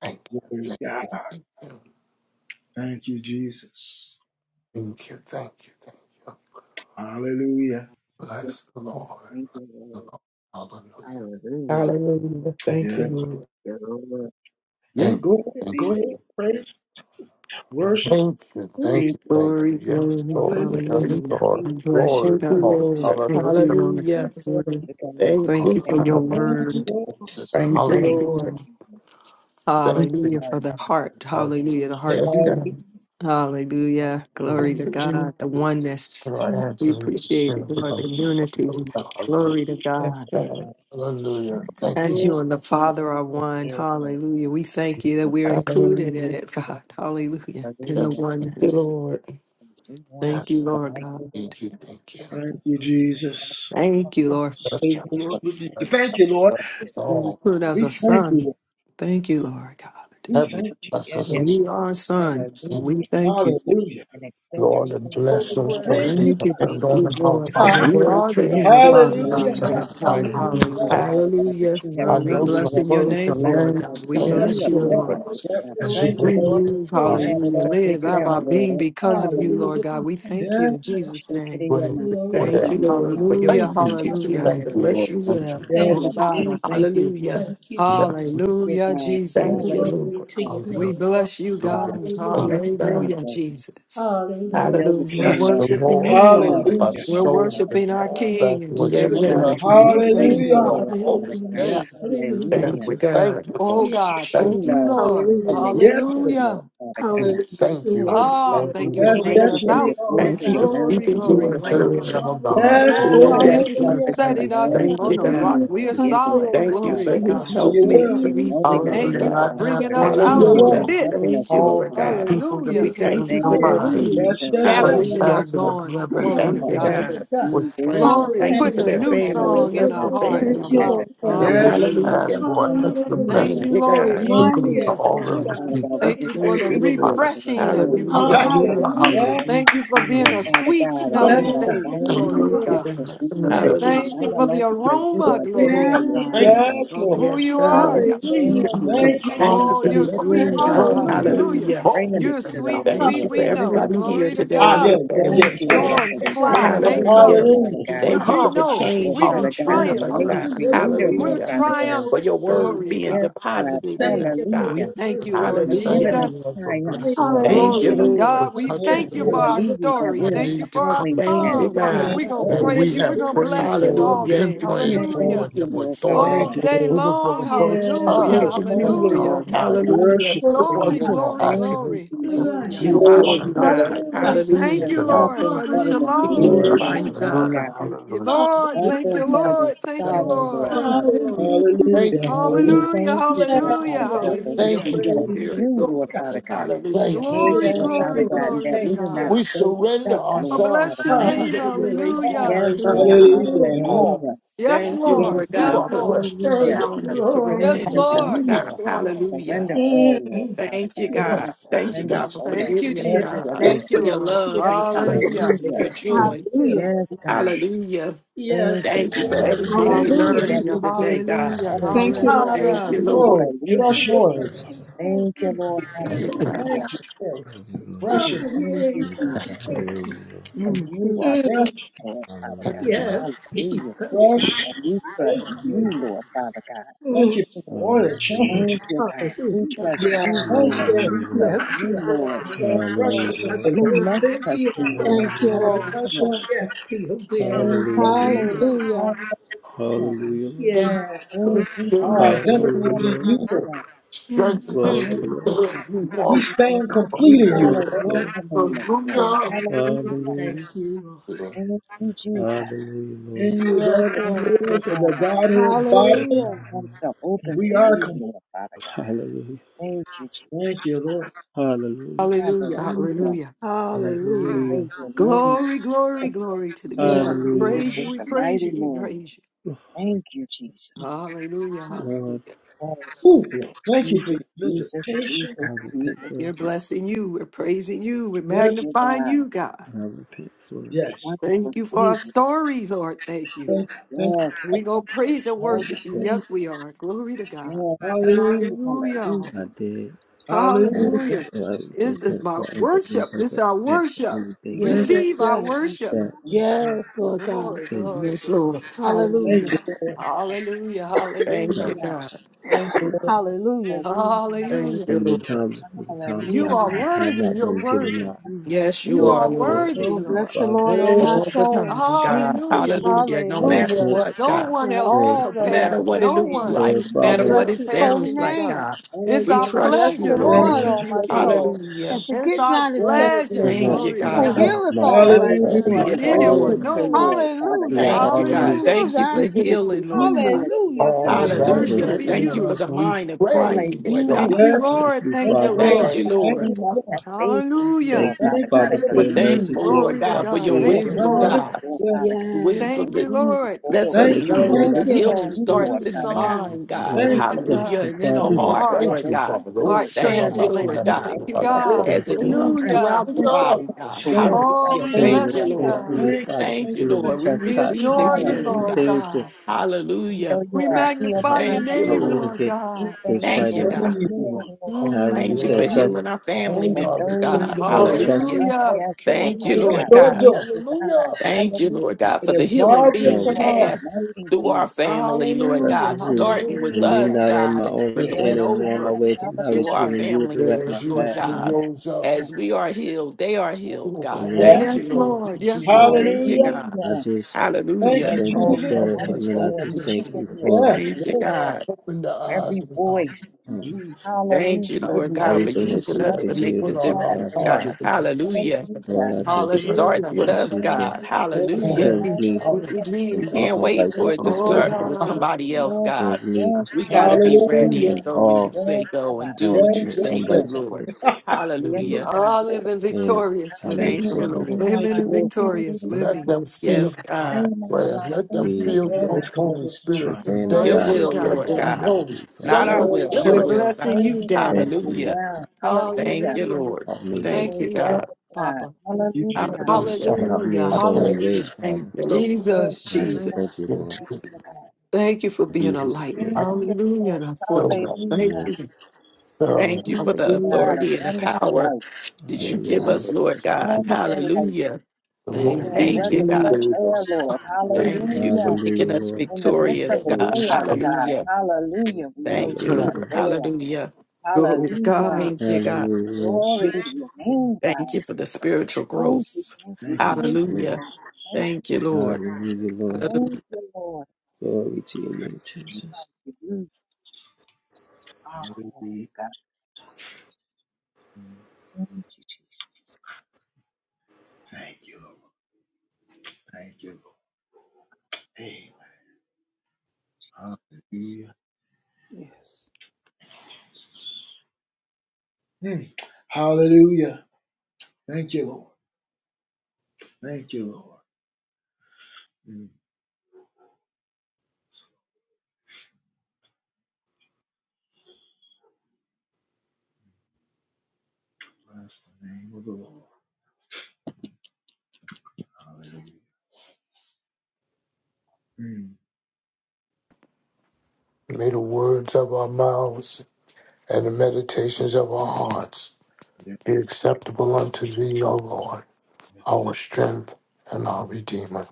[SPEAKER 5] Thank
[SPEAKER 1] Glory
[SPEAKER 5] you.
[SPEAKER 1] to God.
[SPEAKER 5] Thank you. Thank you.
[SPEAKER 1] Thank you, Jesus.
[SPEAKER 5] Thank you. Thank you. Thank you.
[SPEAKER 1] Hallelujah.
[SPEAKER 4] Yes,
[SPEAKER 5] Bless the Lord.
[SPEAKER 4] Thank you,
[SPEAKER 5] The
[SPEAKER 4] Lord.
[SPEAKER 5] Lord. Hallelujah.
[SPEAKER 4] Hallelujah.
[SPEAKER 3] Hallelujah. Thank
[SPEAKER 1] Yes.
[SPEAKER 3] you, Lord.
[SPEAKER 4] Dear Lord,
[SPEAKER 1] Yeah,
[SPEAKER 5] Thank
[SPEAKER 1] go
[SPEAKER 5] you.
[SPEAKER 1] ahead. Go
[SPEAKER 5] Thank
[SPEAKER 4] thank
[SPEAKER 5] you.
[SPEAKER 1] ahead.
[SPEAKER 4] you. God.
[SPEAKER 1] Praise, worship.
[SPEAKER 5] Thank you. Thank
[SPEAKER 4] Ooh,
[SPEAKER 2] Glory,
[SPEAKER 5] you. Thank
[SPEAKER 4] Jesus,
[SPEAKER 2] glory,
[SPEAKER 5] you. Yes,
[SPEAKER 2] glory,
[SPEAKER 5] Lord.
[SPEAKER 1] Hallelujah.
[SPEAKER 5] Yes,
[SPEAKER 3] Glory.
[SPEAKER 2] hallelujah.
[SPEAKER 5] Lord.
[SPEAKER 2] We
[SPEAKER 4] Jesus.
[SPEAKER 2] bless you,
[SPEAKER 5] Glory,
[SPEAKER 3] Thank you,
[SPEAKER 5] God.
[SPEAKER 2] God.
[SPEAKER 3] Lord.
[SPEAKER 2] Thank
[SPEAKER 5] Hallelujah.
[SPEAKER 2] you, Lord.
[SPEAKER 3] Hallelujah.
[SPEAKER 4] Ooh,
[SPEAKER 2] for
[SPEAKER 4] glory
[SPEAKER 2] it.
[SPEAKER 4] to God. We
[SPEAKER 3] Thank
[SPEAKER 2] Thank
[SPEAKER 3] you,
[SPEAKER 4] just
[SPEAKER 2] you
[SPEAKER 5] Father.
[SPEAKER 2] for
[SPEAKER 4] thank
[SPEAKER 2] your
[SPEAKER 4] you.
[SPEAKER 3] Father.
[SPEAKER 2] word.
[SPEAKER 5] Jesus.
[SPEAKER 4] We
[SPEAKER 3] Thank you,
[SPEAKER 4] praise
[SPEAKER 2] Thank
[SPEAKER 5] Hallelujah.
[SPEAKER 4] you.
[SPEAKER 2] you,
[SPEAKER 3] Lord.
[SPEAKER 2] God.
[SPEAKER 4] Lord. And
[SPEAKER 5] Thank you,
[SPEAKER 2] Hallelujah
[SPEAKER 4] you are the
[SPEAKER 2] for
[SPEAKER 4] King
[SPEAKER 2] the heart.
[SPEAKER 4] of
[SPEAKER 5] Lord.
[SPEAKER 4] all the
[SPEAKER 2] Hallelujah. The heart.
[SPEAKER 3] Bless God.
[SPEAKER 4] things. Oh,
[SPEAKER 2] Hallelujah.
[SPEAKER 4] we
[SPEAKER 2] Glory to
[SPEAKER 3] Hallelujah.
[SPEAKER 2] God. The oneness.
[SPEAKER 5] Your
[SPEAKER 2] We
[SPEAKER 5] answer you
[SPEAKER 4] thank
[SPEAKER 2] appreciate it,
[SPEAKER 5] shared with
[SPEAKER 2] Lord, the
[SPEAKER 5] us.
[SPEAKER 4] you.
[SPEAKER 2] unity.
[SPEAKER 5] Hallelujah. Hallelujah.
[SPEAKER 2] Glory to
[SPEAKER 4] Thank you,
[SPEAKER 3] Bless
[SPEAKER 2] God.
[SPEAKER 3] God.
[SPEAKER 4] God.
[SPEAKER 5] Hallelujah.
[SPEAKER 4] We
[SPEAKER 5] Thank you.
[SPEAKER 2] As you
[SPEAKER 1] Hallelujah.
[SPEAKER 4] don't
[SPEAKER 2] and the
[SPEAKER 4] just want to
[SPEAKER 2] Father
[SPEAKER 4] open
[SPEAKER 2] are one.
[SPEAKER 4] the door for
[SPEAKER 2] Hallelujah.
[SPEAKER 4] Father
[SPEAKER 2] We thank you that
[SPEAKER 5] Jesus.
[SPEAKER 2] we're included in
[SPEAKER 3] Hallelujah.
[SPEAKER 2] it,
[SPEAKER 4] God.
[SPEAKER 2] God. Hallelujah. In the
[SPEAKER 4] Hallelujah.
[SPEAKER 5] Yes.
[SPEAKER 3] Thank you,
[SPEAKER 2] oneness.
[SPEAKER 3] Lord.
[SPEAKER 4] Because we want
[SPEAKER 2] Thank
[SPEAKER 4] to
[SPEAKER 2] you,
[SPEAKER 5] Yes.
[SPEAKER 4] be
[SPEAKER 2] Lord
[SPEAKER 4] like you,
[SPEAKER 2] God.
[SPEAKER 4] Lord.
[SPEAKER 5] Thank you.
[SPEAKER 4] Hallelujah.
[SPEAKER 5] Thank you.
[SPEAKER 1] Thank you,
[SPEAKER 4] Father,
[SPEAKER 1] Jesus.
[SPEAKER 2] Thank you, Lord,
[SPEAKER 5] Bless
[SPEAKER 1] Thank
[SPEAKER 5] you.
[SPEAKER 1] you, Lord. We give-
[SPEAKER 5] Bless
[SPEAKER 1] Thank
[SPEAKER 5] you,
[SPEAKER 1] you, Lord.
[SPEAKER 5] bless us
[SPEAKER 2] for including
[SPEAKER 5] all.
[SPEAKER 2] us as a
[SPEAKER 1] We thank you,
[SPEAKER 4] you.
[SPEAKER 2] son.
[SPEAKER 1] Lord.
[SPEAKER 2] Thank you, Lord God.
[SPEAKER 1] We
[SPEAKER 5] Heaven
[SPEAKER 1] thank you.
[SPEAKER 5] bless
[SPEAKER 4] Yes,
[SPEAKER 5] us
[SPEAKER 3] Yes.
[SPEAKER 5] all.
[SPEAKER 2] We
[SPEAKER 4] Jesus.
[SPEAKER 2] are sons. We
[SPEAKER 4] Hallelujah.
[SPEAKER 2] thank you.
[SPEAKER 1] Hallelujah.
[SPEAKER 4] And extend
[SPEAKER 5] Lord, and
[SPEAKER 4] ourselves,
[SPEAKER 5] bless
[SPEAKER 4] Lord
[SPEAKER 5] those
[SPEAKER 4] Father
[SPEAKER 1] Thank
[SPEAKER 4] God.
[SPEAKER 5] persons
[SPEAKER 1] you.
[SPEAKER 2] Thank
[SPEAKER 5] that
[SPEAKER 2] you,
[SPEAKER 1] Jesus.
[SPEAKER 5] we
[SPEAKER 2] Father.
[SPEAKER 3] Thank
[SPEAKER 4] David,
[SPEAKER 5] thought
[SPEAKER 3] you,
[SPEAKER 4] you
[SPEAKER 5] about
[SPEAKER 3] Lord, for
[SPEAKER 4] extend
[SPEAKER 3] your
[SPEAKER 6] Hallelujah.
[SPEAKER 5] once.
[SPEAKER 2] We
[SPEAKER 4] yourself
[SPEAKER 3] word
[SPEAKER 2] are
[SPEAKER 4] to
[SPEAKER 2] the
[SPEAKER 4] us, Lord
[SPEAKER 3] transforming
[SPEAKER 2] unified
[SPEAKER 4] Father.
[SPEAKER 5] first
[SPEAKER 3] us,
[SPEAKER 1] Hallelujah.
[SPEAKER 2] body
[SPEAKER 5] time.
[SPEAKER 3] God.
[SPEAKER 2] of Christ.
[SPEAKER 4] Lord
[SPEAKER 5] Hallelujah.
[SPEAKER 2] Hallelujah.
[SPEAKER 4] Father God, that
[SPEAKER 3] Hallelujah.
[SPEAKER 4] you have
[SPEAKER 5] I
[SPEAKER 2] Lord, we're
[SPEAKER 5] know
[SPEAKER 4] created
[SPEAKER 5] some
[SPEAKER 4] us
[SPEAKER 2] blessing your
[SPEAKER 4] to
[SPEAKER 5] words
[SPEAKER 2] name
[SPEAKER 5] and
[SPEAKER 4] bless
[SPEAKER 2] for it,
[SPEAKER 5] names
[SPEAKER 2] God.
[SPEAKER 4] and to
[SPEAKER 2] We
[SPEAKER 5] came to
[SPEAKER 3] Yes,
[SPEAKER 4] be
[SPEAKER 1] Yep,
[SPEAKER 2] bless
[SPEAKER 4] a
[SPEAKER 2] you,
[SPEAKER 1] yep,
[SPEAKER 5] my
[SPEAKER 2] Lord.
[SPEAKER 3] Lord.
[SPEAKER 4] blessing, Lord
[SPEAKER 5] eyes
[SPEAKER 1] yep.
[SPEAKER 4] Father
[SPEAKER 5] as you
[SPEAKER 1] Thank
[SPEAKER 4] God.
[SPEAKER 1] you,
[SPEAKER 5] bring
[SPEAKER 2] We
[SPEAKER 5] me
[SPEAKER 1] Lord.
[SPEAKER 5] into
[SPEAKER 2] move,
[SPEAKER 4] You
[SPEAKER 6] Praise
[SPEAKER 1] Thank
[SPEAKER 4] had
[SPEAKER 5] my
[SPEAKER 1] you.
[SPEAKER 4] it
[SPEAKER 6] the
[SPEAKER 2] hallelujah,
[SPEAKER 4] all
[SPEAKER 3] Thank
[SPEAKER 2] live,
[SPEAKER 4] figured
[SPEAKER 3] you,
[SPEAKER 2] have
[SPEAKER 4] out,
[SPEAKER 2] our
[SPEAKER 3] God.
[SPEAKER 2] being
[SPEAKER 4] Lord.
[SPEAKER 2] because of
[SPEAKER 6] Father.
[SPEAKER 2] you,
[SPEAKER 4] Hallelujah.
[SPEAKER 2] Lord
[SPEAKER 6] Hallelujah.
[SPEAKER 2] God. We thank
[SPEAKER 1] Yeah,
[SPEAKER 2] you in Jesus' name.
[SPEAKER 4] Shukriya,
[SPEAKER 5] grave
[SPEAKER 6] We Thank
[SPEAKER 4] shukriya,
[SPEAKER 6] you, Lord. Glory to
[SPEAKER 3] Thank you,
[SPEAKER 5] prayer.
[SPEAKER 3] Lord,
[SPEAKER 4] shukriya,
[SPEAKER 3] for your
[SPEAKER 5] Thank
[SPEAKER 2] Hallelujah,
[SPEAKER 3] word
[SPEAKER 5] you.
[SPEAKER 6] God.
[SPEAKER 3] teaching
[SPEAKER 2] hallelujah.
[SPEAKER 3] us to
[SPEAKER 5] Thank you,
[SPEAKER 4] shukriya.
[SPEAKER 3] bless
[SPEAKER 5] Lord.
[SPEAKER 3] you
[SPEAKER 5] Thank
[SPEAKER 3] well.
[SPEAKER 6] Thank
[SPEAKER 2] Oh,
[SPEAKER 1] yes.
[SPEAKER 6] you,
[SPEAKER 2] God,
[SPEAKER 5] you.
[SPEAKER 2] I
[SPEAKER 6] Jesus.
[SPEAKER 4] Hallelujah.
[SPEAKER 2] thank you.
[SPEAKER 3] Hallelujah.
[SPEAKER 6] Thank you, Jesus.
[SPEAKER 4] Thank
[SPEAKER 5] Yes, Lord.
[SPEAKER 4] you,
[SPEAKER 2] Hallelujah,
[SPEAKER 4] God.
[SPEAKER 1] Thank
[SPEAKER 3] Thank
[SPEAKER 2] Jesus.
[SPEAKER 1] you.
[SPEAKER 3] you,
[SPEAKER 6] Glory
[SPEAKER 3] Lord.
[SPEAKER 6] to
[SPEAKER 4] Hallelujah.
[SPEAKER 6] your
[SPEAKER 5] Hallelujah.
[SPEAKER 2] We
[SPEAKER 6] name. Lord.
[SPEAKER 2] bless you,
[SPEAKER 5] Thank
[SPEAKER 2] God.
[SPEAKER 6] Hallelujah.
[SPEAKER 5] you.
[SPEAKER 4] Yes,
[SPEAKER 3] Yes, God.
[SPEAKER 2] Hallelujah,
[SPEAKER 4] Jesus.
[SPEAKER 2] Jesus.
[SPEAKER 4] We
[SPEAKER 6] Hallelujah.
[SPEAKER 4] know it's no
[SPEAKER 2] We're
[SPEAKER 1] *laughs*
[SPEAKER 3] Hallelujah.
[SPEAKER 5] That's
[SPEAKER 4] love
[SPEAKER 5] the
[SPEAKER 7] Yes,
[SPEAKER 4] like
[SPEAKER 2] worshiping
[SPEAKER 4] the
[SPEAKER 5] Lord,
[SPEAKER 2] you,
[SPEAKER 4] love,
[SPEAKER 2] Lord.
[SPEAKER 5] my
[SPEAKER 4] Lord
[SPEAKER 1] Hallelujah.
[SPEAKER 2] We're
[SPEAKER 6] Hallelujah.
[SPEAKER 4] Father
[SPEAKER 5] soul,
[SPEAKER 4] God.
[SPEAKER 5] and
[SPEAKER 2] worshiping our
[SPEAKER 5] all
[SPEAKER 2] King
[SPEAKER 5] that
[SPEAKER 2] in
[SPEAKER 5] was
[SPEAKER 4] You
[SPEAKER 2] spirit
[SPEAKER 7] Lord.
[SPEAKER 3] Yes,
[SPEAKER 5] in
[SPEAKER 2] and
[SPEAKER 4] are the
[SPEAKER 2] in
[SPEAKER 3] Lord.
[SPEAKER 5] us.
[SPEAKER 2] truth.
[SPEAKER 5] We
[SPEAKER 4] great
[SPEAKER 2] We
[SPEAKER 5] praise
[SPEAKER 2] thank
[SPEAKER 6] Hallelujah.
[SPEAKER 2] you,
[SPEAKER 1] Hallelujah.
[SPEAKER 4] example,
[SPEAKER 5] the
[SPEAKER 4] Lord
[SPEAKER 2] Lord.
[SPEAKER 4] Father
[SPEAKER 5] holy
[SPEAKER 4] God.
[SPEAKER 6] Hallelujah.
[SPEAKER 2] Yeah.
[SPEAKER 5] name,
[SPEAKER 6] Hallelujah.
[SPEAKER 5] and
[SPEAKER 3] Thank
[SPEAKER 4] Hallelujah.
[SPEAKER 5] we
[SPEAKER 3] you,
[SPEAKER 5] thank
[SPEAKER 3] God.
[SPEAKER 5] you,
[SPEAKER 2] Oh,
[SPEAKER 5] Lord.
[SPEAKER 6] Yes,
[SPEAKER 2] God,
[SPEAKER 5] Thank
[SPEAKER 2] thank
[SPEAKER 4] True
[SPEAKER 5] you,
[SPEAKER 2] you,
[SPEAKER 5] Lord.
[SPEAKER 4] love and
[SPEAKER 2] Lord.
[SPEAKER 4] true
[SPEAKER 7] Hallelujah.
[SPEAKER 6] you
[SPEAKER 5] Thank you.
[SPEAKER 4] relationship,
[SPEAKER 5] Lord.
[SPEAKER 1] Yes, Lord.
[SPEAKER 2] Hallelujah.
[SPEAKER 4] Lord Father God.
[SPEAKER 5] We
[SPEAKER 7] Hallelujah.
[SPEAKER 5] thank
[SPEAKER 6] the
[SPEAKER 5] you. We
[SPEAKER 6] word,
[SPEAKER 2] Oh,
[SPEAKER 6] Lord
[SPEAKER 5] thank you.
[SPEAKER 4] We
[SPEAKER 2] thank you for
[SPEAKER 1] Yes,
[SPEAKER 4] just
[SPEAKER 5] We
[SPEAKER 7] Oh,
[SPEAKER 4] thank
[SPEAKER 5] thank
[SPEAKER 6] Jesus.
[SPEAKER 2] bringing
[SPEAKER 7] bless
[SPEAKER 1] yes,
[SPEAKER 4] you
[SPEAKER 2] us
[SPEAKER 7] your
[SPEAKER 4] for
[SPEAKER 1] yes.
[SPEAKER 7] name,
[SPEAKER 4] your
[SPEAKER 2] out.
[SPEAKER 6] Oh,
[SPEAKER 4] grace
[SPEAKER 7] Lord
[SPEAKER 3] Thank
[SPEAKER 4] and
[SPEAKER 3] you
[SPEAKER 4] your
[SPEAKER 3] for
[SPEAKER 6] Lord.
[SPEAKER 7] God.
[SPEAKER 2] Glory,
[SPEAKER 5] you.
[SPEAKER 3] speaking
[SPEAKER 4] mercy,
[SPEAKER 2] glory,
[SPEAKER 4] Lord
[SPEAKER 3] to
[SPEAKER 5] Hallelujah
[SPEAKER 3] us,
[SPEAKER 5] to
[SPEAKER 4] Father
[SPEAKER 2] glory.
[SPEAKER 5] the
[SPEAKER 4] God.
[SPEAKER 3] Lord.
[SPEAKER 5] Lamb of
[SPEAKER 6] Hallelujah.
[SPEAKER 5] God.
[SPEAKER 1] Yes,
[SPEAKER 5] We
[SPEAKER 3] The
[SPEAKER 7] Oh,
[SPEAKER 1] Lord.
[SPEAKER 5] thank you.
[SPEAKER 4] So
[SPEAKER 1] Yes.
[SPEAKER 2] Thank you for
[SPEAKER 3] ambassador,
[SPEAKER 7] hallelujah.
[SPEAKER 4] unselfish in
[SPEAKER 3] God.
[SPEAKER 5] We
[SPEAKER 2] setting us
[SPEAKER 4] all of
[SPEAKER 5] thank
[SPEAKER 3] Thank
[SPEAKER 4] your
[SPEAKER 3] you,
[SPEAKER 2] on
[SPEAKER 5] you.
[SPEAKER 2] a
[SPEAKER 5] We
[SPEAKER 3] God.
[SPEAKER 2] rock.
[SPEAKER 4] ways
[SPEAKER 5] thank
[SPEAKER 2] We
[SPEAKER 4] and
[SPEAKER 2] are
[SPEAKER 6] Hallelujah.
[SPEAKER 7] Thank
[SPEAKER 5] you.
[SPEAKER 7] you,
[SPEAKER 4] giving,
[SPEAKER 2] solid.
[SPEAKER 4] Lord
[SPEAKER 7] Lord.
[SPEAKER 3] Thank you
[SPEAKER 2] Glory
[SPEAKER 4] Father
[SPEAKER 3] for
[SPEAKER 2] to
[SPEAKER 4] God,
[SPEAKER 3] his
[SPEAKER 1] Yes
[SPEAKER 2] God.
[SPEAKER 1] to your
[SPEAKER 3] helpmate,
[SPEAKER 1] will.
[SPEAKER 4] and
[SPEAKER 6] Hallelujah.
[SPEAKER 3] Teresa,
[SPEAKER 4] knowing us,
[SPEAKER 3] Lord
[SPEAKER 2] Thank
[SPEAKER 5] Hallelujah.
[SPEAKER 4] Lord
[SPEAKER 2] you
[SPEAKER 5] And
[SPEAKER 2] for
[SPEAKER 3] God.
[SPEAKER 5] I
[SPEAKER 4] Father
[SPEAKER 2] bringing
[SPEAKER 5] ask
[SPEAKER 4] God,
[SPEAKER 1] Yes
[SPEAKER 2] us
[SPEAKER 5] once
[SPEAKER 6] Oh,
[SPEAKER 1] to
[SPEAKER 2] out
[SPEAKER 7] Thank
[SPEAKER 5] again,
[SPEAKER 2] of
[SPEAKER 7] you,
[SPEAKER 2] a
[SPEAKER 1] your way.
[SPEAKER 3] Hallelujah.
[SPEAKER 4] and
[SPEAKER 5] Lord,
[SPEAKER 7] Lord.
[SPEAKER 2] pit.
[SPEAKER 4] helping us,
[SPEAKER 3] Thank you,
[SPEAKER 4] Lord
[SPEAKER 3] Lord
[SPEAKER 5] all
[SPEAKER 4] Father
[SPEAKER 5] the
[SPEAKER 3] God.
[SPEAKER 4] God.
[SPEAKER 5] people that
[SPEAKER 3] We
[SPEAKER 7] Yeah.
[SPEAKER 2] Hallelujah.
[SPEAKER 3] thank
[SPEAKER 5] came
[SPEAKER 3] you
[SPEAKER 4] Thank
[SPEAKER 5] to
[SPEAKER 3] for their
[SPEAKER 4] you,
[SPEAKER 5] mind,
[SPEAKER 6] yes.
[SPEAKER 7] Hallelujah.
[SPEAKER 1] Yes,
[SPEAKER 3] team.
[SPEAKER 4] Jesus.
[SPEAKER 1] yes,
[SPEAKER 5] as
[SPEAKER 1] yes.
[SPEAKER 2] Establishing our
[SPEAKER 3] Hallelujah.
[SPEAKER 4] Hallelujah.
[SPEAKER 5] Ambassador
[SPEAKER 2] goings.
[SPEAKER 5] Reverend
[SPEAKER 6] Yes,
[SPEAKER 2] Glory
[SPEAKER 3] Thank
[SPEAKER 2] to
[SPEAKER 4] For
[SPEAKER 3] you,
[SPEAKER 5] Anthony
[SPEAKER 2] God.
[SPEAKER 4] always
[SPEAKER 3] God.
[SPEAKER 6] God,
[SPEAKER 5] was
[SPEAKER 4] being there,
[SPEAKER 5] praying.
[SPEAKER 4] Lord
[SPEAKER 2] Glory,
[SPEAKER 3] Thank
[SPEAKER 4] Father
[SPEAKER 3] you
[SPEAKER 7] Hallelujah.
[SPEAKER 2] putting
[SPEAKER 3] for
[SPEAKER 2] a
[SPEAKER 3] their
[SPEAKER 4] God.
[SPEAKER 6] we
[SPEAKER 2] new
[SPEAKER 3] family.
[SPEAKER 2] song in
[SPEAKER 3] Bless
[SPEAKER 2] our
[SPEAKER 4] Hallelujah.
[SPEAKER 3] their
[SPEAKER 2] heart and
[SPEAKER 3] family,
[SPEAKER 2] our
[SPEAKER 7] Thank you,
[SPEAKER 4] As
[SPEAKER 3] Lord.
[SPEAKER 4] a
[SPEAKER 2] mouth.
[SPEAKER 7] Lord
[SPEAKER 4] friend
[SPEAKER 5] that
[SPEAKER 7] God,
[SPEAKER 1] Yes,
[SPEAKER 5] we
[SPEAKER 4] indeed
[SPEAKER 2] Hallelujah.
[SPEAKER 5] ask
[SPEAKER 4] and
[SPEAKER 3] Hallelujah.
[SPEAKER 4] a
[SPEAKER 5] for
[SPEAKER 4] friend
[SPEAKER 5] an
[SPEAKER 4] of
[SPEAKER 5] extra
[SPEAKER 2] Thank
[SPEAKER 4] Jesus,
[SPEAKER 3] Thank
[SPEAKER 2] you,
[SPEAKER 5] blessings
[SPEAKER 3] you,
[SPEAKER 7] for
[SPEAKER 4] Father
[SPEAKER 2] Lord
[SPEAKER 3] God.
[SPEAKER 4] God.
[SPEAKER 5] to
[SPEAKER 1] Lord.
[SPEAKER 5] go
[SPEAKER 2] Jesus.
[SPEAKER 7] reminding
[SPEAKER 5] to
[SPEAKER 7] us,
[SPEAKER 5] all
[SPEAKER 7] Lord
[SPEAKER 4] Lord
[SPEAKER 5] of us
[SPEAKER 7] God.
[SPEAKER 4] Father God, we
[SPEAKER 5] people.
[SPEAKER 2] Thank
[SPEAKER 6] praise
[SPEAKER 2] you
[SPEAKER 4] just
[SPEAKER 2] for
[SPEAKER 6] you.
[SPEAKER 3] Thank
[SPEAKER 2] the
[SPEAKER 3] you,
[SPEAKER 4] appreciate
[SPEAKER 5] All
[SPEAKER 3] Lord.
[SPEAKER 5] right.
[SPEAKER 4] the Lord
[SPEAKER 2] refreshing of you,
[SPEAKER 4] knowing
[SPEAKER 2] you
[SPEAKER 4] you,
[SPEAKER 3] Hallelujah.
[SPEAKER 1] *laughs*
[SPEAKER 4] Lord
[SPEAKER 2] are, God.
[SPEAKER 4] Father
[SPEAKER 5] Hallelujah,
[SPEAKER 4] God.
[SPEAKER 6] Hallelujah,
[SPEAKER 7] Hallelujah.
[SPEAKER 1] yes, yes,
[SPEAKER 5] hallelujah,
[SPEAKER 2] Thank you for being
[SPEAKER 4] Lord
[SPEAKER 2] a
[SPEAKER 5] hallelujah.
[SPEAKER 4] Father
[SPEAKER 2] sweet
[SPEAKER 4] God, if
[SPEAKER 2] smelling
[SPEAKER 4] we are
[SPEAKER 1] God.
[SPEAKER 7] Yeah.
[SPEAKER 2] Savior.
[SPEAKER 4] alone in
[SPEAKER 5] Thank you
[SPEAKER 4] this
[SPEAKER 2] Glory
[SPEAKER 5] for
[SPEAKER 2] to
[SPEAKER 3] Thank
[SPEAKER 6] hallelujah,
[SPEAKER 7] Yeah.
[SPEAKER 3] you,
[SPEAKER 2] God.
[SPEAKER 4] darkness,
[SPEAKER 5] this
[SPEAKER 3] God.
[SPEAKER 4] we know
[SPEAKER 1] Mm,
[SPEAKER 4] that we
[SPEAKER 5] intercessions.
[SPEAKER 2] Thank
[SPEAKER 4] are
[SPEAKER 3] Hallelujah.
[SPEAKER 2] you
[SPEAKER 4] not
[SPEAKER 2] for the
[SPEAKER 6] hallelujah.
[SPEAKER 4] alone because you
[SPEAKER 2] aroma,
[SPEAKER 4] are
[SPEAKER 6] Thank
[SPEAKER 2] glory
[SPEAKER 4] there,
[SPEAKER 2] to
[SPEAKER 6] you,
[SPEAKER 4] Lord
[SPEAKER 6] thank
[SPEAKER 2] God,
[SPEAKER 7] Yeah.
[SPEAKER 4] Father
[SPEAKER 5] Thank you.
[SPEAKER 4] God.
[SPEAKER 1] yes,
[SPEAKER 2] of
[SPEAKER 5] Thank
[SPEAKER 1] Lord.
[SPEAKER 2] who
[SPEAKER 5] you.
[SPEAKER 3] Yes,
[SPEAKER 2] you
[SPEAKER 6] you,
[SPEAKER 4] So
[SPEAKER 2] are.
[SPEAKER 4] we
[SPEAKER 3] God.
[SPEAKER 2] God.
[SPEAKER 5] You
[SPEAKER 4] thank
[SPEAKER 5] said
[SPEAKER 7] Hallelujah.
[SPEAKER 5] we
[SPEAKER 6] Jesus.
[SPEAKER 4] you,
[SPEAKER 5] can
[SPEAKER 4] Lord
[SPEAKER 1] Thank you,
[SPEAKER 4] Father
[SPEAKER 3] Thank
[SPEAKER 5] come
[SPEAKER 4] God,
[SPEAKER 3] you
[SPEAKER 1] Jesus.
[SPEAKER 2] Oh,
[SPEAKER 3] for
[SPEAKER 5] to
[SPEAKER 4] for
[SPEAKER 2] you're
[SPEAKER 3] this
[SPEAKER 5] your
[SPEAKER 4] lifting
[SPEAKER 2] sweet,
[SPEAKER 4] us
[SPEAKER 3] room,
[SPEAKER 6] Thank
[SPEAKER 4] out
[SPEAKER 2] God.
[SPEAKER 4] of
[SPEAKER 3] God.
[SPEAKER 6] you,
[SPEAKER 4] the
[SPEAKER 5] throne
[SPEAKER 7] Hallelujah.
[SPEAKER 4] darkness,
[SPEAKER 2] Hallelujah.
[SPEAKER 3] Hallelujah.
[SPEAKER 6] Jesus.
[SPEAKER 4] bringing
[SPEAKER 5] boldly
[SPEAKER 4] us
[SPEAKER 2] You're
[SPEAKER 4] to
[SPEAKER 5] and
[SPEAKER 4] the
[SPEAKER 2] sweet,
[SPEAKER 5] thou.
[SPEAKER 4] light,
[SPEAKER 3] Thank
[SPEAKER 2] sweet,
[SPEAKER 3] you
[SPEAKER 4] Lord
[SPEAKER 3] for
[SPEAKER 2] we
[SPEAKER 4] Father
[SPEAKER 2] know.
[SPEAKER 4] God.
[SPEAKER 5] We
[SPEAKER 3] everybody
[SPEAKER 6] Hallelujah.
[SPEAKER 3] here
[SPEAKER 2] Glory to
[SPEAKER 3] today
[SPEAKER 1] Ah,
[SPEAKER 4] We
[SPEAKER 3] and
[SPEAKER 2] God.
[SPEAKER 1] yeah,
[SPEAKER 4] just
[SPEAKER 3] their
[SPEAKER 1] yeah, yeah.
[SPEAKER 4] thank
[SPEAKER 6] Thank
[SPEAKER 3] families,
[SPEAKER 4] you,
[SPEAKER 6] you,
[SPEAKER 1] That-
[SPEAKER 4] Lord,
[SPEAKER 3] Lord.
[SPEAKER 5] have
[SPEAKER 4] for
[SPEAKER 2] Storms,
[SPEAKER 6] Lord.
[SPEAKER 4] the
[SPEAKER 6] Thank
[SPEAKER 2] clouds,
[SPEAKER 6] you
[SPEAKER 2] they
[SPEAKER 5] come
[SPEAKER 4] universe,
[SPEAKER 6] for
[SPEAKER 5] in.
[SPEAKER 6] your
[SPEAKER 4] Lord
[SPEAKER 3] Hallelujah.
[SPEAKER 5] We
[SPEAKER 6] love,
[SPEAKER 2] coming.
[SPEAKER 5] could
[SPEAKER 4] Father
[SPEAKER 1] Hallelujah.
[SPEAKER 5] just
[SPEAKER 4] God.
[SPEAKER 2] But
[SPEAKER 3] Thank you
[SPEAKER 2] we
[SPEAKER 6] mighty
[SPEAKER 3] for
[SPEAKER 5] come
[SPEAKER 3] the
[SPEAKER 5] to
[SPEAKER 2] know
[SPEAKER 6] God.
[SPEAKER 5] the
[SPEAKER 4] Lord
[SPEAKER 3] change
[SPEAKER 2] we're
[SPEAKER 3] in
[SPEAKER 2] going
[SPEAKER 4] Father
[SPEAKER 2] to
[SPEAKER 3] each
[SPEAKER 4] God,
[SPEAKER 3] one
[SPEAKER 6] Thank
[SPEAKER 4] the
[SPEAKER 5] hallelujah,
[SPEAKER 3] of
[SPEAKER 2] triumph
[SPEAKER 3] us,
[SPEAKER 6] you
[SPEAKER 5] hallelujah.
[SPEAKER 2] over
[SPEAKER 4] mighty
[SPEAKER 6] for
[SPEAKER 3] God.
[SPEAKER 2] you.
[SPEAKER 6] your
[SPEAKER 4] creator, Lord
[SPEAKER 2] We're
[SPEAKER 6] grace,
[SPEAKER 3] Hallelujah.
[SPEAKER 4] Father God.
[SPEAKER 6] Lord.
[SPEAKER 3] For
[SPEAKER 2] triumphant.
[SPEAKER 3] your
[SPEAKER 5] Thank
[SPEAKER 3] word
[SPEAKER 2] Glory to
[SPEAKER 5] you.
[SPEAKER 3] being
[SPEAKER 4] Yes,
[SPEAKER 2] God.
[SPEAKER 5] Thank
[SPEAKER 4] God,
[SPEAKER 5] you.
[SPEAKER 3] deposited in
[SPEAKER 6] Thank you
[SPEAKER 3] us,
[SPEAKER 6] for
[SPEAKER 3] God.
[SPEAKER 2] We
[SPEAKER 4] hallelujah.
[SPEAKER 6] your
[SPEAKER 2] thank
[SPEAKER 5] And
[SPEAKER 2] you,
[SPEAKER 5] I
[SPEAKER 6] mercy,
[SPEAKER 2] Lord
[SPEAKER 5] would
[SPEAKER 4] For
[SPEAKER 6] Lord.
[SPEAKER 5] thank
[SPEAKER 4] giving
[SPEAKER 3] Hallelujah.
[SPEAKER 4] us
[SPEAKER 5] you
[SPEAKER 2] Jesus.
[SPEAKER 5] Lord, for
[SPEAKER 4] triumph,
[SPEAKER 6] Thank
[SPEAKER 5] blessing
[SPEAKER 6] you,
[SPEAKER 3] Thank
[SPEAKER 4] Lord.
[SPEAKER 5] those,
[SPEAKER 7] Hallelujah.
[SPEAKER 3] you,
[SPEAKER 2] Glory to
[SPEAKER 3] Lord.
[SPEAKER 5] for
[SPEAKER 2] God. We
[SPEAKER 6] Jesus.
[SPEAKER 1] Thank you,
[SPEAKER 5] touching
[SPEAKER 6] Thank
[SPEAKER 2] thank you for
[SPEAKER 6] you
[SPEAKER 5] those
[SPEAKER 6] for
[SPEAKER 1] Lord.
[SPEAKER 2] our
[SPEAKER 6] your
[SPEAKER 4] Hallelujah,
[SPEAKER 6] love.
[SPEAKER 4] that
[SPEAKER 2] story.
[SPEAKER 4] we
[SPEAKER 5] I
[SPEAKER 4] are
[SPEAKER 6] Lord.
[SPEAKER 2] Thank you
[SPEAKER 4] not
[SPEAKER 5] need
[SPEAKER 2] for
[SPEAKER 5] to
[SPEAKER 2] our
[SPEAKER 4] always
[SPEAKER 5] come to
[SPEAKER 3] Thank
[SPEAKER 4] down.
[SPEAKER 5] you
[SPEAKER 3] you,
[SPEAKER 2] song.
[SPEAKER 6] Thank
[SPEAKER 4] We
[SPEAKER 6] you,
[SPEAKER 4] are
[SPEAKER 3] God.
[SPEAKER 1] Thank you,
[SPEAKER 2] We're
[SPEAKER 4] not
[SPEAKER 6] God.
[SPEAKER 2] going to
[SPEAKER 5] that
[SPEAKER 4] always
[SPEAKER 1] Lord.
[SPEAKER 6] Thank
[SPEAKER 2] praise
[SPEAKER 5] we
[SPEAKER 2] you. We're
[SPEAKER 4] low,
[SPEAKER 5] have
[SPEAKER 6] you.
[SPEAKER 2] going to
[SPEAKER 4] Lord
[SPEAKER 5] prayed
[SPEAKER 4] Father
[SPEAKER 2] bless
[SPEAKER 4] God.
[SPEAKER 2] you
[SPEAKER 5] for,
[SPEAKER 2] all
[SPEAKER 3] Hallelujah.
[SPEAKER 5] been
[SPEAKER 2] day.
[SPEAKER 3] We
[SPEAKER 4] We
[SPEAKER 5] praying
[SPEAKER 4] just
[SPEAKER 6] Thank
[SPEAKER 5] for,
[SPEAKER 2] Hallelujah.
[SPEAKER 4] thank
[SPEAKER 5] and
[SPEAKER 4] you,
[SPEAKER 5] that
[SPEAKER 6] you.
[SPEAKER 5] were
[SPEAKER 4] Lord
[SPEAKER 5] thought
[SPEAKER 4] Father
[SPEAKER 2] all
[SPEAKER 1] Thank
[SPEAKER 5] of
[SPEAKER 4] God.
[SPEAKER 1] you,
[SPEAKER 2] day
[SPEAKER 1] Lord.
[SPEAKER 5] even for
[SPEAKER 2] long.
[SPEAKER 5] the first
[SPEAKER 6] Yes,
[SPEAKER 2] Hallelujah.
[SPEAKER 4] We
[SPEAKER 3] submit
[SPEAKER 4] just
[SPEAKER 5] time
[SPEAKER 6] Lord.
[SPEAKER 3] to
[SPEAKER 5] it
[SPEAKER 6] we
[SPEAKER 3] you,
[SPEAKER 4] thank
[SPEAKER 5] came
[SPEAKER 4] you,
[SPEAKER 5] to
[SPEAKER 6] Thank
[SPEAKER 5] our
[SPEAKER 4] Lord
[SPEAKER 2] Hallelujah.
[SPEAKER 3] Lord.
[SPEAKER 6] you for
[SPEAKER 4] Father
[SPEAKER 5] minds.
[SPEAKER 1] We
[SPEAKER 4] God.
[SPEAKER 6] life.
[SPEAKER 3] Hallelujah.
[SPEAKER 1] worship,
[SPEAKER 6] Oh,
[SPEAKER 5] It
[SPEAKER 1] Lord.
[SPEAKER 2] Glory,
[SPEAKER 1] you.
[SPEAKER 4] We
[SPEAKER 5] wasn't
[SPEAKER 6] God.
[SPEAKER 4] just
[SPEAKER 5] no
[SPEAKER 2] glory,
[SPEAKER 4] thank you,
[SPEAKER 5] accident.
[SPEAKER 2] glory.
[SPEAKER 5] It
[SPEAKER 4] Jesus.
[SPEAKER 6] Thank
[SPEAKER 5] was
[SPEAKER 1] We
[SPEAKER 2] Hallelujah.
[SPEAKER 3] We
[SPEAKER 5] you
[SPEAKER 6] you,
[SPEAKER 3] follow
[SPEAKER 1] worship,
[SPEAKER 3] you,
[SPEAKER 5] calling
[SPEAKER 4] Hallelujah.
[SPEAKER 5] us to
[SPEAKER 1] Lord.
[SPEAKER 6] Jesus.
[SPEAKER 3] God.
[SPEAKER 2] We
[SPEAKER 7] Hallelujah.
[SPEAKER 6] God.
[SPEAKER 2] thank
[SPEAKER 5] intercede
[SPEAKER 3] Hallelujah.
[SPEAKER 4] Because
[SPEAKER 5] for
[SPEAKER 2] you,
[SPEAKER 5] them.
[SPEAKER 4] life
[SPEAKER 2] Lord,
[SPEAKER 4] is
[SPEAKER 2] for the
[SPEAKER 4] better than
[SPEAKER 3] We
[SPEAKER 1] We
[SPEAKER 6] Hallelujah.
[SPEAKER 2] shalom.
[SPEAKER 4] pain,
[SPEAKER 5] Hallelujah,
[SPEAKER 3] glorify
[SPEAKER 1] worship.
[SPEAKER 4] Lord
[SPEAKER 3] you,
[SPEAKER 4] Father
[SPEAKER 3] God.
[SPEAKER 5] hallelujah,
[SPEAKER 4] God.
[SPEAKER 2] Thank you,
[SPEAKER 5] hallelujah.
[SPEAKER 2] Lord.
[SPEAKER 4] Life
[SPEAKER 2] Thank you,
[SPEAKER 4] is
[SPEAKER 6] Hallelujah.
[SPEAKER 4] better than
[SPEAKER 2] Lord. Thank you,
[SPEAKER 5] Thank
[SPEAKER 4] sorrow,
[SPEAKER 5] you.
[SPEAKER 4] Lord
[SPEAKER 2] Lord.
[SPEAKER 5] Lord.
[SPEAKER 7] Thank
[SPEAKER 4] Father
[SPEAKER 7] you,
[SPEAKER 4] God.
[SPEAKER 7] Lord.
[SPEAKER 6] Hallelujah.
[SPEAKER 5] Thank
[SPEAKER 1] Hallelujah,
[SPEAKER 5] you for
[SPEAKER 4] And we
[SPEAKER 1] hallelujah.
[SPEAKER 5] giving
[SPEAKER 2] Hallelujah.
[SPEAKER 5] us
[SPEAKER 4] thank you,
[SPEAKER 5] this
[SPEAKER 4] Lord
[SPEAKER 6] Yes,
[SPEAKER 5] mission.
[SPEAKER 4] Father
[SPEAKER 2] Hallelujah.
[SPEAKER 4] God,
[SPEAKER 3] Thank
[SPEAKER 6] Lord.
[SPEAKER 3] you
[SPEAKER 4] for
[SPEAKER 6] We
[SPEAKER 3] for
[SPEAKER 4] what
[SPEAKER 3] your
[SPEAKER 5] Thank
[SPEAKER 2] Hallelujah.
[SPEAKER 4] you
[SPEAKER 5] you
[SPEAKER 3] Holy
[SPEAKER 4] get us
[SPEAKER 5] for
[SPEAKER 6] praise you,
[SPEAKER 3] Spirit,
[SPEAKER 4] through,
[SPEAKER 6] oh,
[SPEAKER 4] Lord
[SPEAKER 3] Lord.
[SPEAKER 6] God.
[SPEAKER 4] Father God.
[SPEAKER 3] Hallelujah.
[SPEAKER 5] Thank you.
[SPEAKER 1] Thank you,
[SPEAKER 2] Glory,
[SPEAKER 4] Lord
[SPEAKER 1] thank
[SPEAKER 6] Yes,
[SPEAKER 1] you.
[SPEAKER 4] Father
[SPEAKER 2] glory,
[SPEAKER 4] God,
[SPEAKER 6] Lord.
[SPEAKER 4] and
[SPEAKER 2] glory
[SPEAKER 4] that
[SPEAKER 2] to
[SPEAKER 4] we
[SPEAKER 6] Thank
[SPEAKER 4] do not
[SPEAKER 6] you.
[SPEAKER 5] We
[SPEAKER 2] God.
[SPEAKER 4] stay
[SPEAKER 5] surrender
[SPEAKER 4] stuck,
[SPEAKER 2] Oh,
[SPEAKER 4] Lord
[SPEAKER 5] ourselves
[SPEAKER 4] Father
[SPEAKER 2] bless
[SPEAKER 5] to
[SPEAKER 2] your
[SPEAKER 3] Thank
[SPEAKER 5] you.
[SPEAKER 4] God.
[SPEAKER 6] Father,
[SPEAKER 2] name.
[SPEAKER 3] you
[SPEAKER 5] Lord.
[SPEAKER 3] for your grace and your
[SPEAKER 6] God,
[SPEAKER 2] Hallelujah.
[SPEAKER 4] Yes,
[SPEAKER 3] mercy,
[SPEAKER 6] thank
[SPEAKER 4] God.
[SPEAKER 3] God.
[SPEAKER 1] Hallelujah,
[SPEAKER 6] you.
[SPEAKER 1] hallelujah.
[SPEAKER 5] All
[SPEAKER 4] Hallelujah.
[SPEAKER 2] Yes,
[SPEAKER 3] Thank you,
[SPEAKER 6] We
[SPEAKER 4] Yes,
[SPEAKER 5] to
[SPEAKER 2] Lord.
[SPEAKER 3] Lord
[SPEAKER 5] you,
[SPEAKER 2] Yes,
[SPEAKER 3] God,
[SPEAKER 4] Lord.
[SPEAKER 5] our
[SPEAKER 3] for
[SPEAKER 2] Lord.
[SPEAKER 5] precious
[SPEAKER 4] Hallelujah.
[SPEAKER 6] thank
[SPEAKER 3] allowing
[SPEAKER 6] you,
[SPEAKER 3] us
[SPEAKER 5] Savior.
[SPEAKER 3] to
[SPEAKER 6] Lord.
[SPEAKER 4] Thank
[SPEAKER 2] Yes,
[SPEAKER 3] repent,
[SPEAKER 4] you, God.
[SPEAKER 2] Lord.
[SPEAKER 3] Lord God.
[SPEAKER 2] Yes,
[SPEAKER 5] Hallelujah.
[SPEAKER 2] Lord.
[SPEAKER 3] Hallelujah.
[SPEAKER 4] Surrender
[SPEAKER 5] Hallelujah.
[SPEAKER 4] all, Lord,
[SPEAKER 6] Mm.
[SPEAKER 4] Father
[SPEAKER 3] Thank you,
[SPEAKER 4] God. We
[SPEAKER 6] Yes,
[SPEAKER 5] Yes,
[SPEAKER 3] God.
[SPEAKER 4] just
[SPEAKER 5] Lord.
[SPEAKER 3] Thank you,
[SPEAKER 4] surrender
[SPEAKER 3] God, for
[SPEAKER 5] Yes, Lord.
[SPEAKER 4] all.
[SPEAKER 2] Thank you,
[SPEAKER 3] forgiveness,
[SPEAKER 1] Yes,
[SPEAKER 4] Thank
[SPEAKER 6] yes,
[SPEAKER 2] Jesus.
[SPEAKER 4] you,
[SPEAKER 3] God,
[SPEAKER 5] Thank
[SPEAKER 2] Thank
[SPEAKER 4] Lord.
[SPEAKER 5] you.
[SPEAKER 3] for
[SPEAKER 2] you,
[SPEAKER 3] your
[SPEAKER 6] yes,
[SPEAKER 2] Lord.
[SPEAKER 3] love and
[SPEAKER 6] yes,
[SPEAKER 5] Thank you.
[SPEAKER 6] yes,
[SPEAKER 2] Hallelujah.
[SPEAKER 3] kindness and
[SPEAKER 4] Hallelujah.
[SPEAKER 3] your
[SPEAKER 6] yes, we
[SPEAKER 5] Thank
[SPEAKER 3] joy.
[SPEAKER 7] Hallelujah.
[SPEAKER 6] will.
[SPEAKER 4] Yes, God.
[SPEAKER 3] Hallelujah.
[SPEAKER 4] Thank
[SPEAKER 6] Yes, we
[SPEAKER 4] you,
[SPEAKER 3] Thank you
[SPEAKER 4] God.
[SPEAKER 3] for
[SPEAKER 6] will wait.
[SPEAKER 3] everything
[SPEAKER 1] Thank
[SPEAKER 3] we
[SPEAKER 8] Hallelujah,
[SPEAKER 1] you,
[SPEAKER 4] And
[SPEAKER 7] Hallelujah.
[SPEAKER 3] learned
[SPEAKER 4] that
[SPEAKER 2] Hallelujah,
[SPEAKER 3] here
[SPEAKER 1] Jesus.
[SPEAKER 4] we give
[SPEAKER 3] today,
[SPEAKER 4] it to
[SPEAKER 3] God.
[SPEAKER 2] hallelujah,
[SPEAKER 4] others,
[SPEAKER 7] Thank
[SPEAKER 4] Lord,
[SPEAKER 8] hallelujah,
[SPEAKER 7] you, Lord.
[SPEAKER 4] Father
[SPEAKER 3] Thank
[SPEAKER 4] God.
[SPEAKER 2] hallelujah,
[SPEAKER 3] you,
[SPEAKER 6] Hallelujah.
[SPEAKER 3] Lord.
[SPEAKER 1] Oh,
[SPEAKER 6] Thank you for
[SPEAKER 4] Hallelujah.
[SPEAKER 1] fresh
[SPEAKER 6] your
[SPEAKER 1] oil. Lord.
[SPEAKER 6] precious Holy
[SPEAKER 4] Thank you, Lord.
[SPEAKER 3] Thank
[SPEAKER 6] Spirit,
[SPEAKER 3] you,
[SPEAKER 6] oh
[SPEAKER 5] you.
[SPEAKER 3] God.
[SPEAKER 6] God.
[SPEAKER 4] Hallelujah.
[SPEAKER 1] Thank you, Lord.
[SPEAKER 4] We
[SPEAKER 8] Jesus,
[SPEAKER 1] Fresh,
[SPEAKER 4] just
[SPEAKER 6] Oh,
[SPEAKER 4] thank
[SPEAKER 6] yeah,
[SPEAKER 4] you, Jesus.
[SPEAKER 8] hallelujah,
[SPEAKER 5] Thank
[SPEAKER 6] God,
[SPEAKER 5] you.
[SPEAKER 6] thank you.
[SPEAKER 8] hallelujah,
[SPEAKER 4] For you
[SPEAKER 7] Mhm.
[SPEAKER 4] are the
[SPEAKER 1] fresh,
[SPEAKER 4] King,
[SPEAKER 6] Mm.
[SPEAKER 8] hallelujah, hallelujah,
[SPEAKER 4] Lord, Father
[SPEAKER 5] Thank
[SPEAKER 4] God.
[SPEAKER 6] Yes,
[SPEAKER 4] Hallelujah.
[SPEAKER 6] Jesus,
[SPEAKER 1] fresh.
[SPEAKER 4] And we trust you,
[SPEAKER 6] thank you.
[SPEAKER 4] Lord, Father God.
[SPEAKER 1] Thank
[SPEAKER 6] Mm.
[SPEAKER 1] you for the oil change.
[SPEAKER 4] Thank
[SPEAKER 8] hallelujah,
[SPEAKER 4] you, God. We
[SPEAKER 6] Hallelujah.
[SPEAKER 4] trust you,
[SPEAKER 1] Thank
[SPEAKER 4] Lord.
[SPEAKER 1] you,
[SPEAKER 4] We
[SPEAKER 6] Yes,
[SPEAKER 1] Jesus.
[SPEAKER 4] trust
[SPEAKER 6] yes,
[SPEAKER 4] you, Lord.
[SPEAKER 7] Yes,
[SPEAKER 6] yes.
[SPEAKER 1] for
[SPEAKER 7] yes,
[SPEAKER 1] precious is
[SPEAKER 7] yes.
[SPEAKER 1] in
[SPEAKER 6] My
[SPEAKER 1] the
[SPEAKER 8] hallelujah,
[SPEAKER 4] We
[SPEAKER 1] Lord.
[SPEAKER 6] soul
[SPEAKER 4] must
[SPEAKER 6] says
[SPEAKER 4] trust you,
[SPEAKER 6] yes, oh
[SPEAKER 4] Lord.
[SPEAKER 7] Thank
[SPEAKER 6] God.
[SPEAKER 7] you,
[SPEAKER 1] The
[SPEAKER 7] Lord.
[SPEAKER 4] Hallelujah.
[SPEAKER 1] pressure,
[SPEAKER 6] Yes, to your will.
[SPEAKER 4] Thank you,
[SPEAKER 6] Yes,
[SPEAKER 8] hallelujah,
[SPEAKER 6] Lord.
[SPEAKER 4] Jesus.
[SPEAKER 7] Hallelujah.
[SPEAKER 4] Hallelujah.
[SPEAKER 5] you.
[SPEAKER 6] Yes,
[SPEAKER 5] Holy
[SPEAKER 6] Lord.
[SPEAKER 4] Thank you,
[SPEAKER 8] hallelujah,
[SPEAKER 1] our
[SPEAKER 5] Spirit,
[SPEAKER 4] Jesus.
[SPEAKER 1] identity is in
[SPEAKER 8] hallelujah,
[SPEAKER 1] you, Lord.
[SPEAKER 4] Hallelujah.
[SPEAKER 6] Mm,
[SPEAKER 5] strengthen us
[SPEAKER 8] glory,
[SPEAKER 6] mm.
[SPEAKER 5] to
[SPEAKER 4] Thank
[SPEAKER 8] Lord,
[SPEAKER 4] you, God.
[SPEAKER 5] serve you
[SPEAKER 1] We
[SPEAKER 5] more.
[SPEAKER 1] stand
[SPEAKER 6] Yes,
[SPEAKER 4] We
[SPEAKER 6] Lord.
[SPEAKER 1] complete
[SPEAKER 8] glory,
[SPEAKER 1] in you,
[SPEAKER 4] follow
[SPEAKER 1] Lord.
[SPEAKER 4] your
[SPEAKER 8] Lord,
[SPEAKER 4] commandments, Lord.
[SPEAKER 8] hallelujah,
[SPEAKER 5] Hallelujah.
[SPEAKER 6] Yes, Lord.
[SPEAKER 4] Hallelujah.
[SPEAKER 6] Thank you, Lord.
[SPEAKER 4] Thank you,
[SPEAKER 8] hallelujah, Lord,
[SPEAKER 4] Jesus.
[SPEAKER 1] In you is
[SPEAKER 7] Yes,
[SPEAKER 1] all the
[SPEAKER 7] Lord.
[SPEAKER 4] Thank
[SPEAKER 1] fullness
[SPEAKER 4] you,
[SPEAKER 1] of the
[SPEAKER 4] God.
[SPEAKER 1] Godhead bodily,
[SPEAKER 4] Our
[SPEAKER 7] Hallelujah.
[SPEAKER 4] hearts are
[SPEAKER 1] and
[SPEAKER 4] open
[SPEAKER 1] we
[SPEAKER 4] for
[SPEAKER 1] are
[SPEAKER 4] you,
[SPEAKER 1] complete.
[SPEAKER 4] Lord, Father
[SPEAKER 8] hallelujah,
[SPEAKER 4] God.
[SPEAKER 8] hallelujah,
[SPEAKER 4] Thank you, Jesus.
[SPEAKER 1] Thank you, Lord.
[SPEAKER 8] hallelujah,
[SPEAKER 2] hallelujah,
[SPEAKER 4] Hallelujah.
[SPEAKER 2] hallelujah.
[SPEAKER 7] Hallelujah.
[SPEAKER 4] Praise your name.
[SPEAKER 2] Glory, glory, glory to the
[SPEAKER 4] The name
[SPEAKER 2] King.
[SPEAKER 4] of
[SPEAKER 2] We
[SPEAKER 7] Yes.
[SPEAKER 4] Jesus
[SPEAKER 2] praise you,
[SPEAKER 4] is
[SPEAKER 8] hallelujah,
[SPEAKER 2] we
[SPEAKER 4] the
[SPEAKER 2] praise
[SPEAKER 4] mighty
[SPEAKER 2] you, we
[SPEAKER 4] name.
[SPEAKER 2] praise you.
[SPEAKER 4] Thank you, Jesus.
[SPEAKER 2] Hallelujah,
[SPEAKER 8] Lord, Lord,
[SPEAKER 2] hallelujah.
[SPEAKER 4] Yes.
[SPEAKER 1] Ooh, Lord. Thank you for
[SPEAKER 4] Jesus,
[SPEAKER 1] your
[SPEAKER 4] Jesus,
[SPEAKER 1] visitation.
[SPEAKER 4] Jesus,
[SPEAKER 8] have a
[SPEAKER 4] Jesus,
[SPEAKER 8] picture.
[SPEAKER 2] We're
[SPEAKER 4] Jesus.
[SPEAKER 2] blessing you, we're praising you, we're
[SPEAKER 4] Thank
[SPEAKER 1] Yes,
[SPEAKER 4] you,
[SPEAKER 2] magnifying
[SPEAKER 4] God.
[SPEAKER 2] you, God.
[SPEAKER 8] I repent for
[SPEAKER 1] yes.
[SPEAKER 4] Wonderful
[SPEAKER 2] Thank you for
[SPEAKER 4] Savior.
[SPEAKER 2] our
[SPEAKER 4] God.
[SPEAKER 2] story, Lord. Thank you.
[SPEAKER 1] Thank you, thank you.
[SPEAKER 4] Yes,
[SPEAKER 2] We go
[SPEAKER 4] God.
[SPEAKER 2] praise and worship
[SPEAKER 4] Like
[SPEAKER 2] you.
[SPEAKER 8] that
[SPEAKER 1] Hallelujah.
[SPEAKER 2] Yes, we are. Glory to
[SPEAKER 4] a-
[SPEAKER 2] God.
[SPEAKER 4] Yes, Lord.
[SPEAKER 1] Hallelujah.
[SPEAKER 2] Hallelujah,
[SPEAKER 8] I
[SPEAKER 4] Hallelujah.
[SPEAKER 8] did. And
[SPEAKER 4] Thank
[SPEAKER 1] Hallelujah.
[SPEAKER 2] hallelujah.
[SPEAKER 8] I
[SPEAKER 2] This
[SPEAKER 4] you.
[SPEAKER 2] is
[SPEAKER 8] repent
[SPEAKER 2] my
[SPEAKER 8] for unbelief
[SPEAKER 2] worship.
[SPEAKER 8] and
[SPEAKER 2] This is
[SPEAKER 8] for,
[SPEAKER 2] our
[SPEAKER 8] for
[SPEAKER 2] worship.
[SPEAKER 8] everything
[SPEAKER 7] Yes,
[SPEAKER 1] Thank
[SPEAKER 4] Lord.
[SPEAKER 8] that
[SPEAKER 7] yes,
[SPEAKER 2] Receive
[SPEAKER 1] you.
[SPEAKER 2] our
[SPEAKER 4] Mm,
[SPEAKER 7] yes.
[SPEAKER 4] mm,
[SPEAKER 2] worship.
[SPEAKER 4] mm,
[SPEAKER 8] that
[SPEAKER 4] mm, mm,
[SPEAKER 7] Yes,
[SPEAKER 4] mm,
[SPEAKER 7] Lord
[SPEAKER 4] mm,
[SPEAKER 7] God.
[SPEAKER 2] Glory,
[SPEAKER 8] and
[SPEAKER 4] mm.
[SPEAKER 2] glory,
[SPEAKER 3] Yes,
[SPEAKER 2] glory.
[SPEAKER 3] Lord.
[SPEAKER 1] Thank
[SPEAKER 7] Hallelujah.
[SPEAKER 1] you,
[SPEAKER 3] Hallelujah.
[SPEAKER 4] Yes,
[SPEAKER 1] Lord.
[SPEAKER 4] Jesus.
[SPEAKER 2] Hallelujah,
[SPEAKER 3] Thank you,
[SPEAKER 8] like
[SPEAKER 2] hallelujah,
[SPEAKER 4] Hallelujah.
[SPEAKER 3] God.
[SPEAKER 1] Thank you, Lord.
[SPEAKER 7] Hallelujah.
[SPEAKER 4] Hallelujah.
[SPEAKER 3] Thank
[SPEAKER 2] hallelujah.
[SPEAKER 3] you,
[SPEAKER 8] and the
[SPEAKER 3] Lord.
[SPEAKER 8] times for
[SPEAKER 4] Hallelujah.
[SPEAKER 8] the times
[SPEAKER 2] You
[SPEAKER 8] that
[SPEAKER 2] are
[SPEAKER 8] I have
[SPEAKER 2] worthy,
[SPEAKER 8] not
[SPEAKER 2] you're
[SPEAKER 8] been given
[SPEAKER 2] worthy.
[SPEAKER 8] my
[SPEAKER 7] Mm.
[SPEAKER 3] Yes, you
[SPEAKER 2] You
[SPEAKER 8] full
[SPEAKER 3] are,
[SPEAKER 2] are
[SPEAKER 4] Hallelujah.
[SPEAKER 3] Lord.
[SPEAKER 8] devotion to
[SPEAKER 2] worthy,
[SPEAKER 7] Oh,
[SPEAKER 8] you,
[SPEAKER 2] Lord.
[SPEAKER 7] bless the
[SPEAKER 8] Father.
[SPEAKER 7] Lord, oh
[SPEAKER 1] Where
[SPEAKER 7] my
[SPEAKER 1] would
[SPEAKER 3] all the
[SPEAKER 1] you
[SPEAKER 7] soul.
[SPEAKER 3] time,
[SPEAKER 4] You,
[SPEAKER 3] God.
[SPEAKER 2] Hallelujah.
[SPEAKER 4] Jesus.
[SPEAKER 3] Hallelujah. No
[SPEAKER 8] I
[SPEAKER 3] matter
[SPEAKER 7] Hallelujah.
[SPEAKER 8] repent
[SPEAKER 3] what,
[SPEAKER 2] No
[SPEAKER 3] God.
[SPEAKER 2] one
[SPEAKER 7] And
[SPEAKER 2] else can
[SPEAKER 8] for
[SPEAKER 7] all
[SPEAKER 3] No
[SPEAKER 7] that is
[SPEAKER 3] matter
[SPEAKER 2] compare.
[SPEAKER 3] what it
[SPEAKER 2] No
[SPEAKER 7] within
[SPEAKER 3] looks
[SPEAKER 7] me.
[SPEAKER 2] one
[SPEAKER 8] for
[SPEAKER 3] like, no
[SPEAKER 7] Oh,
[SPEAKER 3] matter
[SPEAKER 8] Father.
[SPEAKER 4] Hallelujah.
[SPEAKER 3] what
[SPEAKER 7] bless
[SPEAKER 3] it
[SPEAKER 7] his
[SPEAKER 2] compare to
[SPEAKER 7] holy
[SPEAKER 3] sounds
[SPEAKER 2] you,
[SPEAKER 3] like,
[SPEAKER 2] God.
[SPEAKER 7] name.
[SPEAKER 3] God.
[SPEAKER 4] Oh,
[SPEAKER 2] It's
[SPEAKER 3] We
[SPEAKER 4] yes,
[SPEAKER 2] our
[SPEAKER 3] trust
[SPEAKER 7] Bless
[SPEAKER 4] God.
[SPEAKER 3] you,
[SPEAKER 7] the
[SPEAKER 2] pleasure to
[SPEAKER 3] Lord.
[SPEAKER 1] thank
[SPEAKER 7] Lord,
[SPEAKER 2] worship
[SPEAKER 7] O
[SPEAKER 4] Thank
[SPEAKER 2] you,
[SPEAKER 7] my
[SPEAKER 4] you,
[SPEAKER 2] King.
[SPEAKER 4] Lord.
[SPEAKER 7] soul, and
[SPEAKER 3] Hallelujah.
[SPEAKER 2] It's
[SPEAKER 7] forget
[SPEAKER 2] our
[SPEAKER 7] not his
[SPEAKER 4] Yes,
[SPEAKER 2] pleasure,
[SPEAKER 8] You
[SPEAKER 7] benefits,
[SPEAKER 8] want
[SPEAKER 4] Jesus.
[SPEAKER 3] Thank you,
[SPEAKER 2] glory to
[SPEAKER 8] my
[SPEAKER 7] who
[SPEAKER 3] God.
[SPEAKER 1] you?
[SPEAKER 8] my
[SPEAKER 2] God.
[SPEAKER 7] healeth
[SPEAKER 8] my,
[SPEAKER 7] all
[SPEAKER 8] my,
[SPEAKER 7] of our
[SPEAKER 4] Oh,
[SPEAKER 8] all-
[SPEAKER 4] you
[SPEAKER 8] my
[SPEAKER 1] Hallelujah.
[SPEAKER 4] are the
[SPEAKER 2] And
[SPEAKER 7] diseases,
[SPEAKER 3] Yes,
[SPEAKER 4] great
[SPEAKER 8] all of
[SPEAKER 2] anyone,
[SPEAKER 3] Lord.
[SPEAKER 8] me.
[SPEAKER 4] fixer,
[SPEAKER 2] no one.
[SPEAKER 4] Lord, Father
[SPEAKER 8] You
[SPEAKER 7] Hallelujah.
[SPEAKER 4] God.
[SPEAKER 8] want
[SPEAKER 3] Thank you,
[SPEAKER 8] all of
[SPEAKER 7] It
[SPEAKER 3] God.
[SPEAKER 8] me.
[SPEAKER 2] Hallelujah.
[SPEAKER 7] fills
[SPEAKER 3] Thank you for
[SPEAKER 7] our
[SPEAKER 4] We give it to
[SPEAKER 3] healing, Lord
[SPEAKER 4] you,
[SPEAKER 3] God.
[SPEAKER 4] Lord, for that
[SPEAKER 7] hallelujah.
[SPEAKER 4] you
[SPEAKER 8] And
[SPEAKER 5] All
[SPEAKER 7] Thank
[SPEAKER 4] will
[SPEAKER 2] We're
[SPEAKER 1] Yes.
[SPEAKER 7] you,
[SPEAKER 8] Lord, I
[SPEAKER 7] Lord.
[SPEAKER 5] that's
[SPEAKER 4] fix
[SPEAKER 3] Hallelujah.
[SPEAKER 4] it,
[SPEAKER 8] just
[SPEAKER 2] worshiping
[SPEAKER 3] Thank
[SPEAKER 5] within
[SPEAKER 4] Lord.
[SPEAKER 3] you for
[SPEAKER 2] you.
[SPEAKER 3] the
[SPEAKER 5] us, we
[SPEAKER 3] mind of Christ,
[SPEAKER 5] praise
[SPEAKER 3] Lord
[SPEAKER 5] your
[SPEAKER 4] Hallelujah.
[SPEAKER 2] Thank
[SPEAKER 3] God.
[SPEAKER 2] you,
[SPEAKER 1] Yes.
[SPEAKER 8] thank
[SPEAKER 2] Lord.
[SPEAKER 8] you,
[SPEAKER 2] Thank
[SPEAKER 1] Thank you
[SPEAKER 2] you,
[SPEAKER 1] for
[SPEAKER 5] holy
[SPEAKER 8] Father.
[SPEAKER 1] the
[SPEAKER 4] Yes,
[SPEAKER 2] Lord.
[SPEAKER 3] Thank
[SPEAKER 1] money.
[SPEAKER 3] you,
[SPEAKER 5] name.
[SPEAKER 4] God,
[SPEAKER 1] Thank
[SPEAKER 3] Lord.
[SPEAKER 4] we
[SPEAKER 1] you for the
[SPEAKER 4] must have
[SPEAKER 1] money.
[SPEAKER 4] faith in you,
[SPEAKER 2] Hallelujah.
[SPEAKER 8] Thank
[SPEAKER 4] Lord,
[SPEAKER 8] you,
[SPEAKER 4] Father
[SPEAKER 1] Thank you
[SPEAKER 4] God,
[SPEAKER 1] for
[SPEAKER 8] Father,
[SPEAKER 4] and
[SPEAKER 1] the
[SPEAKER 8] for
[SPEAKER 3] We're
[SPEAKER 8] your
[SPEAKER 1] money.
[SPEAKER 8] mercy.
[SPEAKER 4] believe
[SPEAKER 3] thankful,
[SPEAKER 8] Thank
[SPEAKER 3] Lord
[SPEAKER 8] you,
[SPEAKER 2] Glory to
[SPEAKER 3] God,
[SPEAKER 8] Father,
[SPEAKER 3] for
[SPEAKER 8] for
[SPEAKER 2] God.
[SPEAKER 3] your
[SPEAKER 4] for
[SPEAKER 8] your
[SPEAKER 1] The
[SPEAKER 2] Thank
[SPEAKER 4] what
[SPEAKER 2] you
[SPEAKER 5] Thank
[SPEAKER 4] we
[SPEAKER 8] grace.
[SPEAKER 3] wisdom,
[SPEAKER 5] you,
[SPEAKER 2] for it.
[SPEAKER 4] want,
[SPEAKER 1] money.
[SPEAKER 3] God.
[SPEAKER 5] Lord.
[SPEAKER 4] Lord,
[SPEAKER 1] Yeah.
[SPEAKER 4] Father
[SPEAKER 7] Yes.
[SPEAKER 4] God.
[SPEAKER 3] Wisdom
[SPEAKER 2] Thank
[SPEAKER 3] that
[SPEAKER 2] you,
[SPEAKER 4] Believe
[SPEAKER 2] Lord.
[SPEAKER 4] for
[SPEAKER 3] lets
[SPEAKER 4] what we
[SPEAKER 3] us
[SPEAKER 1] Thank
[SPEAKER 8] Thank you,
[SPEAKER 1] you.
[SPEAKER 3] know
[SPEAKER 4] need,
[SPEAKER 3] that
[SPEAKER 1] Thank
[SPEAKER 7] Thank
[SPEAKER 3] the
[SPEAKER 8] Lord.
[SPEAKER 1] you.
[SPEAKER 4] that
[SPEAKER 7] you,
[SPEAKER 4] is
[SPEAKER 1] Thank you.
[SPEAKER 4] of
[SPEAKER 3] healing
[SPEAKER 7] Lord
[SPEAKER 4] you,
[SPEAKER 5] Thank
[SPEAKER 7] Jesus.
[SPEAKER 4] Lord,
[SPEAKER 2] New
[SPEAKER 3] starts
[SPEAKER 5] you.
[SPEAKER 3] in the
[SPEAKER 4] Father
[SPEAKER 5] Thank
[SPEAKER 4] God.
[SPEAKER 5] you.
[SPEAKER 3] mind,
[SPEAKER 2] songs.
[SPEAKER 5] Thank
[SPEAKER 8] And
[SPEAKER 3] God.
[SPEAKER 8] I
[SPEAKER 5] you.
[SPEAKER 1] Thank
[SPEAKER 2] Thank you,
[SPEAKER 8] just
[SPEAKER 1] you.
[SPEAKER 8] thank
[SPEAKER 3] Hallelujah.
[SPEAKER 8] you,
[SPEAKER 4] And
[SPEAKER 2] God.
[SPEAKER 3] And
[SPEAKER 4] we
[SPEAKER 3] in
[SPEAKER 4] go
[SPEAKER 3] the
[SPEAKER 4] not
[SPEAKER 8] Father.
[SPEAKER 5] Ooh,
[SPEAKER 2] New
[SPEAKER 4] place
[SPEAKER 3] heart,
[SPEAKER 4] it
[SPEAKER 2] heart.
[SPEAKER 4] our
[SPEAKER 5] thank
[SPEAKER 3] Lord
[SPEAKER 5] you,
[SPEAKER 4] best
[SPEAKER 3] God.
[SPEAKER 4] and
[SPEAKER 5] Father. Oh,
[SPEAKER 4] bread,
[SPEAKER 2] Heart
[SPEAKER 4] Lord,
[SPEAKER 3] Thank you,
[SPEAKER 5] Shabbat.
[SPEAKER 4] Father God.
[SPEAKER 2] transplant.
[SPEAKER 3] Lord
[SPEAKER 4] But
[SPEAKER 1] Thank
[SPEAKER 3] God,
[SPEAKER 2] Thank
[SPEAKER 1] you
[SPEAKER 4] thank
[SPEAKER 2] you,
[SPEAKER 4] you,
[SPEAKER 1] for the
[SPEAKER 4] God,
[SPEAKER 2] God.
[SPEAKER 4] for
[SPEAKER 1] grace.
[SPEAKER 3] as
[SPEAKER 8] Yes.
[SPEAKER 3] it
[SPEAKER 4] giving us
[SPEAKER 3] moves
[SPEAKER 4] strength
[SPEAKER 2] Hallelujah.
[SPEAKER 3] throughout the
[SPEAKER 5] We
[SPEAKER 1] Thank you
[SPEAKER 5] are.
[SPEAKER 1] for
[SPEAKER 3] body, God.
[SPEAKER 4] to
[SPEAKER 1] understanding.
[SPEAKER 4] work with our
[SPEAKER 2] Oh,
[SPEAKER 3] Hallelujah.
[SPEAKER 2] we
[SPEAKER 4] faith,
[SPEAKER 8] Continue
[SPEAKER 3] Thank
[SPEAKER 8] to
[SPEAKER 2] bless
[SPEAKER 3] you,
[SPEAKER 4] Lord.
[SPEAKER 2] you,
[SPEAKER 8] stand
[SPEAKER 3] Lord.
[SPEAKER 8] for
[SPEAKER 4] Hallelujah.
[SPEAKER 8] me,
[SPEAKER 2] God.
[SPEAKER 1] Thank you.
[SPEAKER 8] Father.
[SPEAKER 3] Thank
[SPEAKER 1] Thank
[SPEAKER 3] you,
[SPEAKER 1] you.
[SPEAKER 8] Continue to
[SPEAKER 3] Lord.
[SPEAKER 1] Thank you.
[SPEAKER 3] We
[SPEAKER 2] We
[SPEAKER 8] chastise
[SPEAKER 3] receive
[SPEAKER 8] me,
[SPEAKER 3] the
[SPEAKER 2] adore you,
[SPEAKER 8] Father.
[SPEAKER 3] healing,
[SPEAKER 2] Lord
[SPEAKER 3] God.
[SPEAKER 4] Hallelujah.
[SPEAKER 8] Continue to
[SPEAKER 2] God.
[SPEAKER 4] We know
[SPEAKER 3] Hallelujah.
[SPEAKER 4] you
[SPEAKER 2] We
[SPEAKER 4] are
[SPEAKER 8] to
[SPEAKER 4] here,
[SPEAKER 2] magnify
[SPEAKER 8] help
[SPEAKER 2] your
[SPEAKER 3] Thank
[SPEAKER 4] Lord.
[SPEAKER 3] you,
[SPEAKER 8] help
[SPEAKER 2] name,
[SPEAKER 8] me to
[SPEAKER 3] Lord.
[SPEAKER 2] Lord
[SPEAKER 8] get
[SPEAKER 4] We
[SPEAKER 2] God.
[SPEAKER 4] thank
[SPEAKER 8] this
[SPEAKER 4] you,
[SPEAKER 3] Thank
[SPEAKER 8] right.
[SPEAKER 3] you,
[SPEAKER 4] Lord,
[SPEAKER 8] And
[SPEAKER 4] for
[SPEAKER 3] God.
[SPEAKER 1] Only you.
[SPEAKER 4] healing,
[SPEAKER 1] Lord.
[SPEAKER 4] Lord,
[SPEAKER 5] Oh,
[SPEAKER 8] uh,
[SPEAKER 4] Father
[SPEAKER 8] you
[SPEAKER 3] Thank
[SPEAKER 2] Mm.
[SPEAKER 3] you for
[SPEAKER 8] said
[SPEAKER 5] Lord,
[SPEAKER 4] God,
[SPEAKER 5] we
[SPEAKER 8] trust,
[SPEAKER 3] healing our
[SPEAKER 5] are,
[SPEAKER 3] family
[SPEAKER 1] Only
[SPEAKER 5] we
[SPEAKER 4] for
[SPEAKER 5] are
[SPEAKER 3] members,
[SPEAKER 5] the
[SPEAKER 4] those
[SPEAKER 3] God.
[SPEAKER 5] kingdom
[SPEAKER 8] said
[SPEAKER 5] world.
[SPEAKER 4] and
[SPEAKER 8] trust,
[SPEAKER 3] Hallelujah.
[SPEAKER 5] We
[SPEAKER 4] us,
[SPEAKER 2] Hallelujah.
[SPEAKER 5] are
[SPEAKER 4] yes, Lord,
[SPEAKER 3] Thank
[SPEAKER 5] kingdom
[SPEAKER 3] you,
[SPEAKER 4] Father
[SPEAKER 1] this is
[SPEAKER 4] God.
[SPEAKER 3] Lord
[SPEAKER 1] your
[SPEAKER 5] children.
[SPEAKER 3] God.
[SPEAKER 4] Thank
[SPEAKER 1] doing.
[SPEAKER 4] you, God.
[SPEAKER 5] Hallelujah.
[SPEAKER 3] Thank you, Lord
[SPEAKER 4] Hallelujah.
[SPEAKER 3] God,
[SPEAKER 1] It
[SPEAKER 3] for the
[SPEAKER 1] is
[SPEAKER 3] healing being
[SPEAKER 1] marvelous
[SPEAKER 4] You
[SPEAKER 8] um,
[SPEAKER 1] and
[SPEAKER 4] are
[SPEAKER 1] all
[SPEAKER 4] the
[SPEAKER 1] right.
[SPEAKER 3] passed
[SPEAKER 4] mighty
[SPEAKER 3] through our
[SPEAKER 4] here.
[SPEAKER 3] family, Lord
[SPEAKER 8] trust
[SPEAKER 2] Hallelujah.
[SPEAKER 3] God,
[SPEAKER 8] in
[SPEAKER 4] Thank
[SPEAKER 8] you,
[SPEAKER 4] you,
[SPEAKER 3] starting with
[SPEAKER 8] and
[SPEAKER 2] Hallelujah.
[SPEAKER 8] lean
[SPEAKER 3] us,
[SPEAKER 4] Jesus.
[SPEAKER 8] not on
[SPEAKER 3] God,
[SPEAKER 8] my
[SPEAKER 3] and
[SPEAKER 8] own
[SPEAKER 1] Yeah.
[SPEAKER 3] trickling
[SPEAKER 4] Yes,
[SPEAKER 8] standing, nor
[SPEAKER 4] God.
[SPEAKER 8] on my
[SPEAKER 3] over
[SPEAKER 8] way to
[SPEAKER 3] to
[SPEAKER 8] knowledge
[SPEAKER 3] our
[SPEAKER 8] you,
[SPEAKER 4] Hallelujah.
[SPEAKER 8] and you will
[SPEAKER 3] family
[SPEAKER 5] That
[SPEAKER 8] direct my
[SPEAKER 5] as
[SPEAKER 3] members,
[SPEAKER 5] you
[SPEAKER 3] Lord
[SPEAKER 8] path.
[SPEAKER 5] see
[SPEAKER 3] God.
[SPEAKER 4] Thank
[SPEAKER 5] rose up,
[SPEAKER 4] you.
[SPEAKER 3] As we are healed, they are
[SPEAKER 4] Lord
[SPEAKER 5] we
[SPEAKER 3] healed,
[SPEAKER 5] will
[SPEAKER 8] So
[SPEAKER 3] God.
[SPEAKER 5] call
[SPEAKER 8] Lord,
[SPEAKER 4] Jesus.
[SPEAKER 3] Thank
[SPEAKER 1] Yes.
[SPEAKER 3] you,
[SPEAKER 2] Yes,
[SPEAKER 5] all
[SPEAKER 3] Lord.
[SPEAKER 2] Lord.
[SPEAKER 5] men to
[SPEAKER 2] Yes,
[SPEAKER 5] you.
[SPEAKER 2] Lord.
[SPEAKER 3] Thank you,
[SPEAKER 1] Hallelujah.
[SPEAKER 3] God.
[SPEAKER 8] I
[SPEAKER 4] Hallelujah.
[SPEAKER 8] just
[SPEAKER 4] And
[SPEAKER 1] Thank
[SPEAKER 3] Hallelujah.
[SPEAKER 4] that
[SPEAKER 1] you,
[SPEAKER 5] Let
[SPEAKER 8] thank
[SPEAKER 4] you
[SPEAKER 8] you
[SPEAKER 4] are
[SPEAKER 5] our
[SPEAKER 1] Jesus.
[SPEAKER 8] for
[SPEAKER 4] so
[SPEAKER 5] loved
[SPEAKER 8] the
[SPEAKER 5] ones
[SPEAKER 8] healing.
[SPEAKER 4] wonderful,
[SPEAKER 8] I
[SPEAKER 4] Lord,
[SPEAKER 5] open
[SPEAKER 8] just
[SPEAKER 4] that
[SPEAKER 5] their
[SPEAKER 4] you
[SPEAKER 8] thank
[SPEAKER 4] can
[SPEAKER 8] you
[SPEAKER 4] hear
[SPEAKER 5] ears,
[SPEAKER 8] for
[SPEAKER 1] Yes,
[SPEAKER 4] every
[SPEAKER 3] Thank you,
[SPEAKER 1] Lord.
[SPEAKER 4] prayer,
[SPEAKER 3] God.
[SPEAKER 5] open their eyes,
[SPEAKER 4] every
[SPEAKER 5] and um,
[SPEAKER 4] voice.
[SPEAKER 1] Thank you,
[SPEAKER 8] um,
[SPEAKER 1] Jesus.
[SPEAKER 3] Thank you,
[SPEAKER 4] Hallelujah.
[SPEAKER 3] Lord
[SPEAKER 5] every
[SPEAKER 3] God, for
[SPEAKER 2] Voice.
[SPEAKER 8] everything
[SPEAKER 4] There's
[SPEAKER 8] that
[SPEAKER 3] using
[SPEAKER 8] you
[SPEAKER 5] person
[SPEAKER 3] us to
[SPEAKER 5] that
[SPEAKER 4] nothing
[SPEAKER 5] you
[SPEAKER 8] continue
[SPEAKER 3] make
[SPEAKER 4] too
[SPEAKER 3] the
[SPEAKER 8] to
[SPEAKER 5] put on
[SPEAKER 8] do,
[SPEAKER 4] small,
[SPEAKER 5] our
[SPEAKER 8] Father.
[SPEAKER 3] difference,
[SPEAKER 4] Lord.
[SPEAKER 1] Thank
[SPEAKER 5] hearts,
[SPEAKER 1] you.
[SPEAKER 3] God.
[SPEAKER 5] to
[SPEAKER 3] Hallelujah.
[SPEAKER 5] recognize the
[SPEAKER 4] Hallelujah.
[SPEAKER 8] Lord, I
[SPEAKER 5] Anthony's
[SPEAKER 8] just
[SPEAKER 3] It
[SPEAKER 5] prayer. Lord.
[SPEAKER 3] starts with
[SPEAKER 4] And
[SPEAKER 8] ask
[SPEAKER 2] Hallelujah.
[SPEAKER 3] us,
[SPEAKER 8] you
[SPEAKER 4] thank
[SPEAKER 8] to.
[SPEAKER 3] God.
[SPEAKER 4] you,
[SPEAKER 1] Oh God.
[SPEAKER 4] Jesus.
[SPEAKER 5] We
[SPEAKER 3] Hallelujah.
[SPEAKER 8] Cleanse
[SPEAKER 5] reach
[SPEAKER 8] me
[SPEAKER 5] out
[SPEAKER 2] Thank you,
[SPEAKER 4] Hallelujah.
[SPEAKER 8] from
[SPEAKER 5] and
[SPEAKER 3] Can't
[SPEAKER 8] all
[SPEAKER 2] Jesus.
[SPEAKER 3] wait for it to
[SPEAKER 4] Glory,
[SPEAKER 8] unrighteousness,
[SPEAKER 1] Yeah,
[SPEAKER 2] Oh,
[SPEAKER 4] glory,
[SPEAKER 3] start
[SPEAKER 8] Father.
[SPEAKER 1] God.
[SPEAKER 3] with
[SPEAKER 4] glory,
[SPEAKER 2] God.
[SPEAKER 3] somebody
[SPEAKER 5] we
[SPEAKER 3] else,
[SPEAKER 4] glory.
[SPEAKER 3] God.
[SPEAKER 8] Cleanse me
[SPEAKER 4] Yes,
[SPEAKER 3] We got to
[SPEAKER 4] Jesus.
[SPEAKER 3] be
[SPEAKER 5] ask
[SPEAKER 3] ready.
[SPEAKER 5] you.
[SPEAKER 3] and
[SPEAKER 8] from
[SPEAKER 1] Hallelujah.
[SPEAKER 3] Go when you
[SPEAKER 8] all
[SPEAKER 3] say
[SPEAKER 4] Yes,
[SPEAKER 3] go and
[SPEAKER 4] God.
[SPEAKER 3] do
[SPEAKER 8] um,
[SPEAKER 3] what
[SPEAKER 4] Thank
[SPEAKER 3] you
[SPEAKER 1] Yes,
[SPEAKER 4] you,
[SPEAKER 1] yes,
[SPEAKER 3] say do,
[SPEAKER 1] yes.
[SPEAKER 4] Jesus.
[SPEAKER 3] Lord.
[SPEAKER 8] unrighteousness
[SPEAKER 4] Yes,
[SPEAKER 5] Lord.
[SPEAKER 3] Hallelujah.
[SPEAKER 4] God.
[SPEAKER 2] Oh, living
[SPEAKER 1] Yes.
[SPEAKER 8] and
[SPEAKER 2] victorious,
[SPEAKER 8] help
[SPEAKER 4] Thank
[SPEAKER 8] me
[SPEAKER 2] living,
[SPEAKER 4] you,
[SPEAKER 3] Thank
[SPEAKER 8] to
[SPEAKER 3] you,
[SPEAKER 2] Lord.
[SPEAKER 3] Lord.
[SPEAKER 1] Thank
[SPEAKER 2] living
[SPEAKER 1] you,
[SPEAKER 4] Yama.
[SPEAKER 2] and
[SPEAKER 1] Lord.
[SPEAKER 4] Thank
[SPEAKER 2] victorious,
[SPEAKER 4] you,
[SPEAKER 5] Let
[SPEAKER 2] living.
[SPEAKER 4] Yama.
[SPEAKER 5] them
[SPEAKER 1] Yes,
[SPEAKER 3] Yes,
[SPEAKER 5] feel
[SPEAKER 4] I
[SPEAKER 3] God.
[SPEAKER 5] our
[SPEAKER 4] am a
[SPEAKER 5] prayers.
[SPEAKER 4] mama.
[SPEAKER 5] Let
[SPEAKER 4] Thank
[SPEAKER 5] them
[SPEAKER 4] you,
[SPEAKER 8] be
[SPEAKER 1] you
[SPEAKER 5] feel your
[SPEAKER 1] always
[SPEAKER 4] Yama.
[SPEAKER 1] cause
[SPEAKER 5] Holy
[SPEAKER 1] us to
[SPEAKER 8] the
[SPEAKER 5] Spirit
[SPEAKER 1] try.
[SPEAKER 8] man of
[SPEAKER 5] today.
[SPEAKER 3] Your
[SPEAKER 2] Bless
[SPEAKER 8] God
[SPEAKER 2] you,
[SPEAKER 8] as
[SPEAKER 3] will,
[SPEAKER 5] Lord.
[SPEAKER 8] you have
[SPEAKER 2] God.
[SPEAKER 5] Let
[SPEAKER 3] Lord
[SPEAKER 4] Hallelujah.
[SPEAKER 8] taught
[SPEAKER 5] them
[SPEAKER 8] me
[SPEAKER 3] God.
[SPEAKER 8] to
[SPEAKER 5] know
[SPEAKER 8] be, Father.
[SPEAKER 3] Not
[SPEAKER 1] You
[SPEAKER 3] our
[SPEAKER 4] Yes,
[SPEAKER 5] something
[SPEAKER 1] always
[SPEAKER 3] will, your
[SPEAKER 4] God.
[SPEAKER 2] We're
[SPEAKER 1] cause
[SPEAKER 5] different.
[SPEAKER 1] us
[SPEAKER 4] We
[SPEAKER 3] will,
[SPEAKER 1] to
[SPEAKER 2] blessing
[SPEAKER 3] God.
[SPEAKER 4] praise
[SPEAKER 1] try.
[SPEAKER 2] you,
[SPEAKER 4] the
[SPEAKER 2] Daddy.
[SPEAKER 4] victory
[SPEAKER 8] Strengthen me,
[SPEAKER 3] Hallelujah.
[SPEAKER 4] now.
[SPEAKER 3] Thank
[SPEAKER 4] Hallelujah.
[SPEAKER 3] you,
[SPEAKER 2] Hallelujah.
[SPEAKER 3] Lord.
[SPEAKER 8] help me.
[SPEAKER 2] Thank
[SPEAKER 3] Thank
[SPEAKER 4] Oh,
[SPEAKER 3] you,
[SPEAKER 2] you
[SPEAKER 4] yes,
[SPEAKER 2] so,
[SPEAKER 3] God.
[SPEAKER 4] God.
[SPEAKER 2] Papa.
[SPEAKER 1] Thank You Jesus.
[SPEAKER 8] You,
[SPEAKER 4] Hallelujah.
[SPEAKER 5] I'm
[SPEAKER 3] Hallelujah.
[SPEAKER 8] you
[SPEAKER 5] sorry.
[SPEAKER 8] help me
[SPEAKER 2] Hallelujah.
[SPEAKER 8] in
[SPEAKER 5] I
[SPEAKER 8] so many
[SPEAKER 5] don't
[SPEAKER 2] Hallelujah.
[SPEAKER 8] ways,
[SPEAKER 3] Thank
[SPEAKER 8] Father.
[SPEAKER 3] you, Lord.
[SPEAKER 1] thank
[SPEAKER 4] Yes,
[SPEAKER 2] Jesus,
[SPEAKER 8] And I
[SPEAKER 4] Jesus.
[SPEAKER 8] just
[SPEAKER 1] you.
[SPEAKER 8] thank
[SPEAKER 2] Jesus.
[SPEAKER 8] you, Lord.
[SPEAKER 5] guilty.
[SPEAKER 4] Thank you, God.
[SPEAKER 2] Thank you for
[SPEAKER 8] In
[SPEAKER 2] being a
[SPEAKER 8] Jesus, I
[SPEAKER 2] light.
[SPEAKER 4] Thank
[SPEAKER 5] I
[SPEAKER 4] you,
[SPEAKER 2] Hallelujah.
[SPEAKER 4] Lord.
[SPEAKER 2] And a
[SPEAKER 5] feel
[SPEAKER 2] fortress.
[SPEAKER 4] Hallelujah.
[SPEAKER 2] Thank
[SPEAKER 8] Amen.
[SPEAKER 2] you.
[SPEAKER 5] thoroughly.
[SPEAKER 3] Thank you
[SPEAKER 4] Thank
[SPEAKER 3] for
[SPEAKER 4] you,
[SPEAKER 3] the
[SPEAKER 2] Hallelujah.
[SPEAKER 4] God. A
[SPEAKER 3] authority and the
[SPEAKER 4] wonderful
[SPEAKER 3] power
[SPEAKER 4] life.
[SPEAKER 3] that
[SPEAKER 5] Yeah,
[SPEAKER 3] you give
[SPEAKER 5] I'm
[SPEAKER 8] Hallelujah.
[SPEAKER 3] us, Lord God.
[SPEAKER 5] I'm
[SPEAKER 4] Wonderful life.
[SPEAKER 3] Hallelujah.
[SPEAKER 5] the
[SPEAKER 2] Thank
[SPEAKER 4] You're a
[SPEAKER 5] morning.
[SPEAKER 2] you,
[SPEAKER 3] Thank
[SPEAKER 8] Hallelujah.
[SPEAKER 4] breath
[SPEAKER 3] you,
[SPEAKER 4] of
[SPEAKER 3] God.
[SPEAKER 5] They
[SPEAKER 2] Jesus.
[SPEAKER 4] fresh air,
[SPEAKER 5] was
[SPEAKER 4] Lord.
[SPEAKER 5] coming.
[SPEAKER 3] Thank you for
[SPEAKER 4] Hallelujah.
[SPEAKER 8] Hallelujah,
[SPEAKER 3] making us
[SPEAKER 8] Lord.
[SPEAKER 4] In the midst
[SPEAKER 5] They
[SPEAKER 3] victorious,
[SPEAKER 4] of the
[SPEAKER 3] God.
[SPEAKER 1] Hallelujah.
[SPEAKER 5] was
[SPEAKER 4] chaos,
[SPEAKER 5] coming.
[SPEAKER 4] God.
[SPEAKER 3] Hallelujah.
[SPEAKER 4] Hallelujah. We know
[SPEAKER 3] Thank you,
[SPEAKER 4] you
[SPEAKER 2] *laughs*
[SPEAKER 4] are
[SPEAKER 3] Lord.
[SPEAKER 8] Hallelujah.
[SPEAKER 4] there.
[SPEAKER 3] Hallelujah.
[SPEAKER 2] Glory to
[SPEAKER 4] Hallelujah.
[SPEAKER 2] God.
[SPEAKER 3] Thank you, God.
[SPEAKER 8] Hallelujah, Lord.
[SPEAKER 4] Glory
[SPEAKER 1] So,
[SPEAKER 4] to your name,
[SPEAKER 3] Thank
[SPEAKER 4] God.
[SPEAKER 3] you for the spiritual
[SPEAKER 4] Thank you,
[SPEAKER 3] growth.
[SPEAKER 4] thank you,
[SPEAKER 1] thank
[SPEAKER 8] Thank
[SPEAKER 1] you,
[SPEAKER 8] you,
[SPEAKER 4] thank you,
[SPEAKER 8] Lord.
[SPEAKER 3] Hallelujah.
[SPEAKER 4] thank you, thank,
[SPEAKER 3] Thank you, Lord.
[SPEAKER 8] Hallelujah, Lord.
[SPEAKER 3] Hallelujah.
[SPEAKER 4] thank you, Lord.
[SPEAKER 8] Glory to your name, Jesus.
[SPEAKER 1] Jesus.
[SPEAKER 4] Thank you. Oh, thank
[SPEAKER 1] Hallelujah.
[SPEAKER 4] you, God. Thank you, Jesus.
[SPEAKER 1] Thank you, Lord. Thank you, Lord. Amen. Hallelujah.
[SPEAKER 7] Yes.
[SPEAKER 1] Mm. Hallelujah. Thank you, Lord. Thank you, Lord. Mm. So bless the name of the Lord. Hallelujah. Mm.
[SPEAKER 5] May the words of our mouths and the meditations of our hearts be acceptable unto thee, O Lord
[SPEAKER 1] Yeah.
[SPEAKER 5] our strength, and our Redeemer.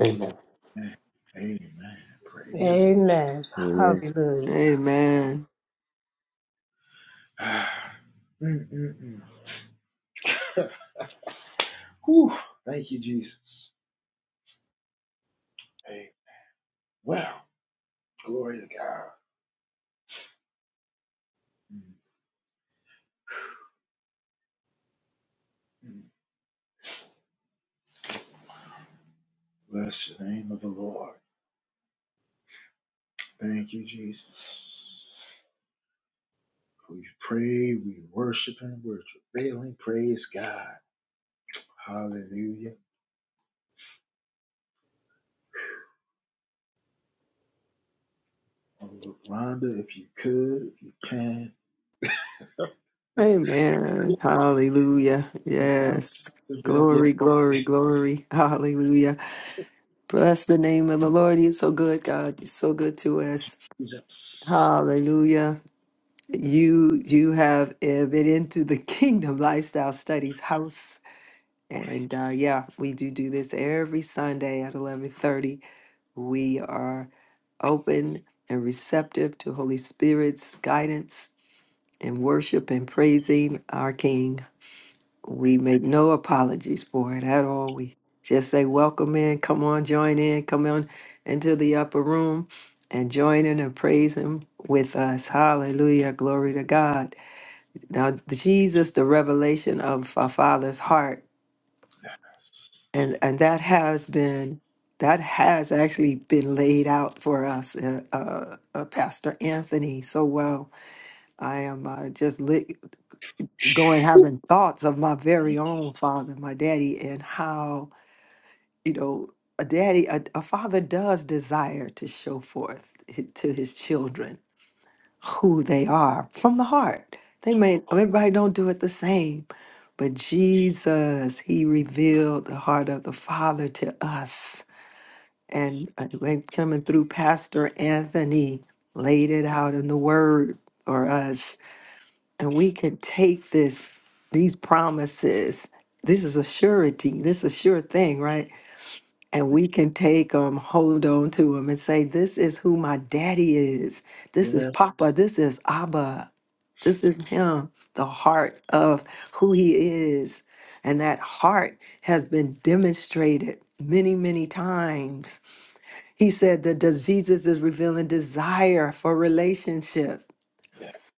[SPEAKER 5] Amen.
[SPEAKER 1] Amen. Amen. Praise
[SPEAKER 7] Amen.
[SPEAKER 1] God.
[SPEAKER 6] Amen.
[SPEAKER 8] Amen.
[SPEAKER 6] Hallelujah.
[SPEAKER 2] Amen.
[SPEAKER 1] Ah. Mm, mm, mm. Whew. Thank you, Jesus. Hey, Well. Glory to God. Mm-hmm. Bless the name of the Lord. Thank you, Jesus. We pray, we worship Him, we're travailing. Praise God. Hallelujah. Rhonda, if you could, if you can.
[SPEAKER 2] Amen. Hallelujah.
[SPEAKER 1] Without
[SPEAKER 2] Yes.
[SPEAKER 1] the death, yes,
[SPEAKER 2] Glory, glory, glory. Hallelujah. Bless the name of the Lord. He's so good, God. You're so good to us.
[SPEAKER 1] Jesus.
[SPEAKER 2] Hallelujah. You you have uh, been into the Kingdom Lifestyle Studies house. And uh, yeah, we do do this every Sunday at 11:30. We are open and receptive to Holy Spirit's guidance and worship and praising our King. We make no apologies for it at all. We just say, Welcome in, come on, join in, come on into the upper room and join in and praise Him with us. Hallelujah. Glory to God. Now, Jesus, the revelation of our Father's heart, and, and that has been. That has actually been laid out for us, uh, uh, uh, Pastor Anthony, so well. I am uh, just lit, going having thoughts of my very own father, my daddy, and how you know a daddy a, a father does desire to show forth hi- to his children who they are from the heart they may everybody don't do it the same but jesus he revealed the heart of the father to us and uh, when coming through pastor anthony laid it out in the word for us and we can take this these promises this is a surety this is a sure thing right and we can take them, hold on to them, and say, This is who my daddy is. This is
[SPEAKER 1] Yes,
[SPEAKER 2] Papa. This is Abba. This is him, the heart of who he is. And that heart has been demonstrated many, many times. He said that does Jesus is revealing desire for relationship.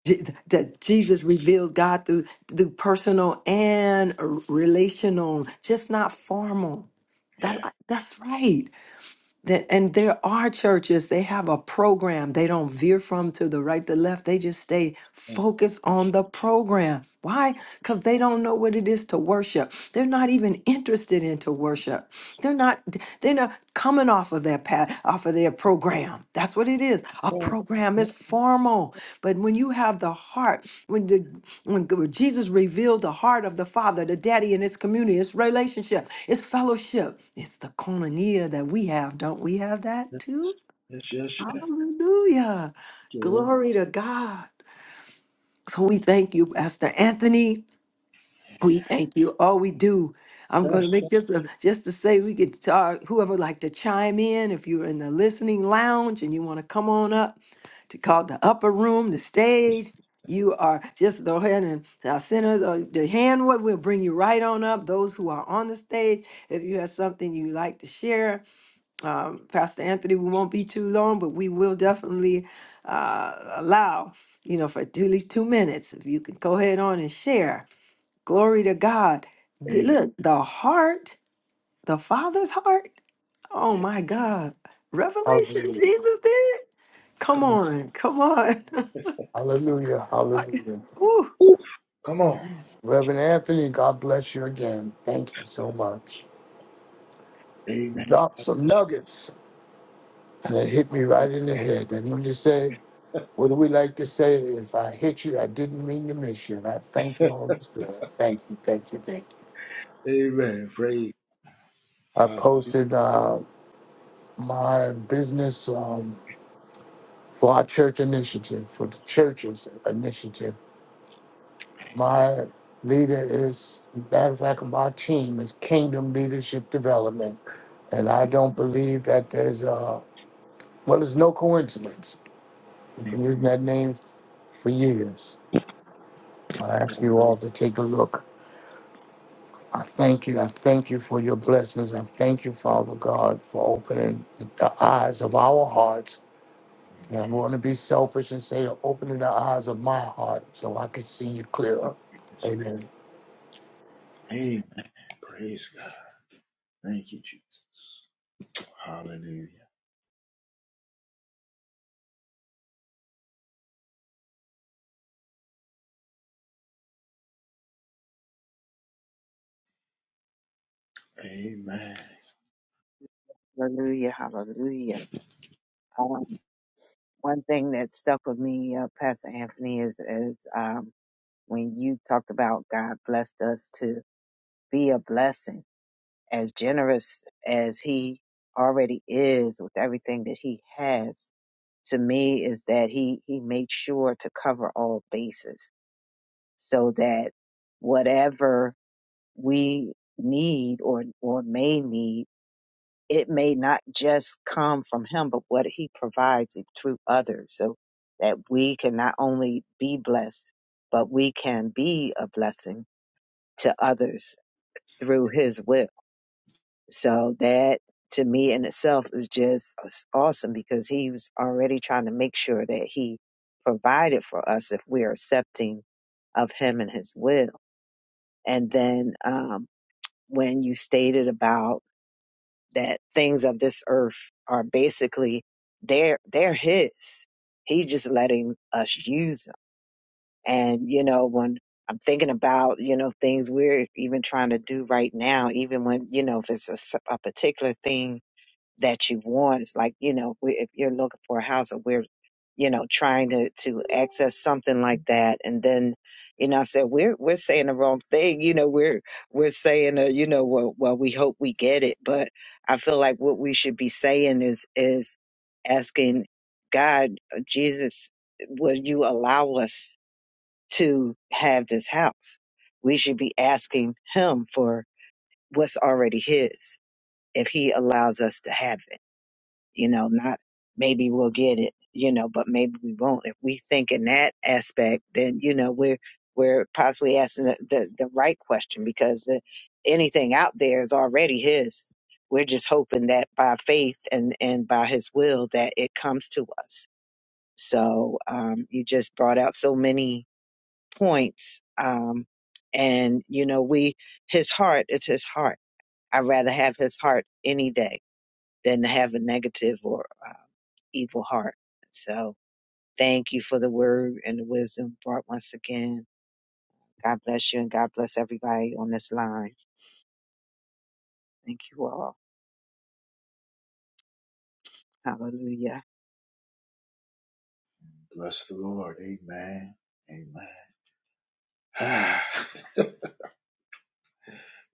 [SPEAKER 2] Je- That Jesus revealed God through through personal and relational, just not formal. That, that's right that, and there are churches, they have a program. They don't veer from to the right, to left. They just stay
[SPEAKER 1] oh,
[SPEAKER 2] focused on the program. Why? Because they don't know what it is to worship. They're not even interested into worship. They're not, they're not coming off of their path, off of their program. That's what it is. A
[SPEAKER 1] oh,
[SPEAKER 2] program is
[SPEAKER 1] oh,
[SPEAKER 2] formal. But when you have the heart, when the when g- Jesus revealed the heart of the Father, the Daddy, and his community, his relationship, his fellowship. It's the koinonia that we have. Don't we have that too?
[SPEAKER 1] yes, yes, yes.
[SPEAKER 2] Hallelujah.
[SPEAKER 1] Lord.
[SPEAKER 2] Glory to God. So we thank you, Pastor Anthony. We thank you. All we do. I'm going
[SPEAKER 1] Yes,
[SPEAKER 2] to make
[SPEAKER 1] yes,
[SPEAKER 2] just a,
[SPEAKER 1] yes.
[SPEAKER 2] just to say we could talk, whoever would like to chime in, if you're in the listening lounge and you want to come on up, to call the upper room, the stage. You are just go ahead and our sinners, uh, the hand what will bring you right on up. Those who are on the stage, if you have something you like to share, um, Pastor Anthony, we won't be too long, but we will definitely uh, allow you know for at least two minutes if you can go ahead on and share. Glory to God. The-
[SPEAKER 1] Amen.
[SPEAKER 2] look, the heart, the Father's heart. Oh my God, Revelation
[SPEAKER 5] Hallelujah.
[SPEAKER 2] Jesus did. Come
[SPEAKER 1] Come on.
[SPEAKER 2] on, come on. *laughs*
[SPEAKER 5] Hallelujah.
[SPEAKER 2] I-
[SPEAKER 5] Hallelujah.
[SPEAKER 2] Ooh.
[SPEAKER 1] Woo.
[SPEAKER 5] Reverend Anthony, God bless you again. Thank you so much.
[SPEAKER 1] Amen.
[SPEAKER 5] Dropped some
[SPEAKER 1] Yes,
[SPEAKER 5] nuggets, and it hit me
[SPEAKER 1] yes.
[SPEAKER 5] right in the head. And when you say, what do we like to say? If I hit you, I didn't mean to miss you. And I thank you, Holy Spirit. Thank you, thank you, thank you.
[SPEAKER 1] Amen. Praise.
[SPEAKER 5] I
[SPEAKER 1] Hallelujah.
[SPEAKER 5] posted uh, my business um, for our church initiative, for the church's initiative My leader is, matter of fact, my team is Kingdom Leadership Development. And I don't believe that there's a, well, there's no coincidence. We've been using that name for years. I ask you all to take a look. I thank you. I thank you for your blessings. I thank you, Father God, for opening the eyes of our hearts. And I'm going to be selfish and say to opening the eyes of my heart so I can see you clearer. Amen.
[SPEAKER 1] Amen. Praise God. Thank you, Jesus. Hallelujah. Amen.
[SPEAKER 4] Hallelujah, hallelujah. Um, one thing that stuck with me, uh, Pastor Anthony, is, is um, when you talked about God blessed us to be a blessing, as generous as He already is with everything that He has, to me is that He He makes sure to cover all bases, so that whatever we need or or may need, it may not just come from Him, but what He provides it through others, so that we can not only be blessed, but we can be a blessing to others through his will. So that to me in itself is just awesome because he was already trying to make sure that he provided for us if we're accepting of him and his will. And then um, when you stated about that things of this earth are basically they're they're his. He's just letting us use it And, you know, when I'm thinking about, you know, things we're even trying to do right now, even when, you know, if it's a, s- a particular thing that you want, it's like, you know, we, if you're looking for a house or we're, you know, trying to, to access something like that. And then, you know, I said, we're, we're saying the wrong thing. You know, we're, we're saying, uh, you know, well, well, we hope we get it. But I feel like what we should be saying is, is asking God, uh, Jesus, will you allow us to have this house. We should be asking him for what's already his if he allows us to have it, you know, not maybe we'll get it, you know, but maybe we won't. If we think in that aspect, then, you know, we're, we're possibly asking the, the, the right question because the, anything out there is already his. We're just hoping that by faith and, and by his will that it comes to us. So, um, you just brought out so many points. Um, and you know, we his heart is his heart. I'd rather have his heart any day than to have a negative or um, evil heart. So thank you for the word and the wisdom brought once again. God bless you and God bless everybody on this line. Thank you all. Hallelujah.
[SPEAKER 1] Bless the Lord. Amen. Amen. *sighs* Ah,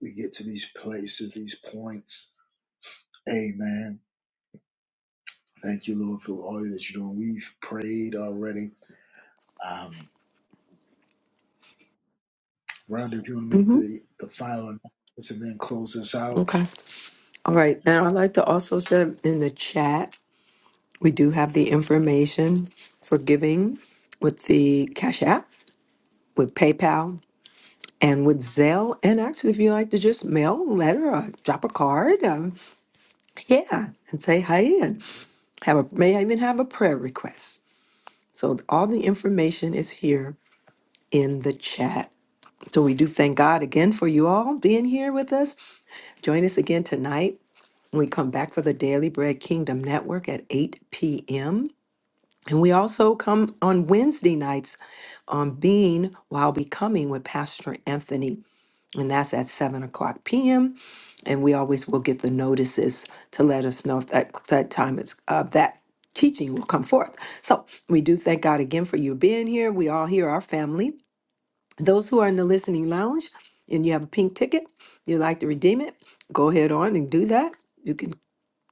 [SPEAKER 1] we get to these places, these points. Amen. Thank you, Lord, for all that you're doing. We've prayed already. Um, Rhonda, if you want to make
[SPEAKER 2] hmm
[SPEAKER 1] the, the final announcements and then close us out.
[SPEAKER 2] Okay. All right. And I'd like to also share in the chat, we do have the information for giving with the Cash App, with PayPal, and with Zelle. And actually, if you like to just mail a letter or drop a card, um, yeah, and say hi. and have a, may I even have a prayer request. So all the information is here in the chat. So we do thank God again for you all being here with us. Join us again tonight We come back for the Daily Bread Kingdom Network at 8 p.m. And we also come on Wednesday nights on Being While Becoming with Pastor Anthony. And that's at 7 o'clock p.m. And we always will get the notices to let us know if that, that time is uh, that teaching will come forth. So we do thank God again for you being here. We all here, our family. Those who are in the listening lounge and you have a pink ticket, you'd like to redeem it, go ahead on and do that. You can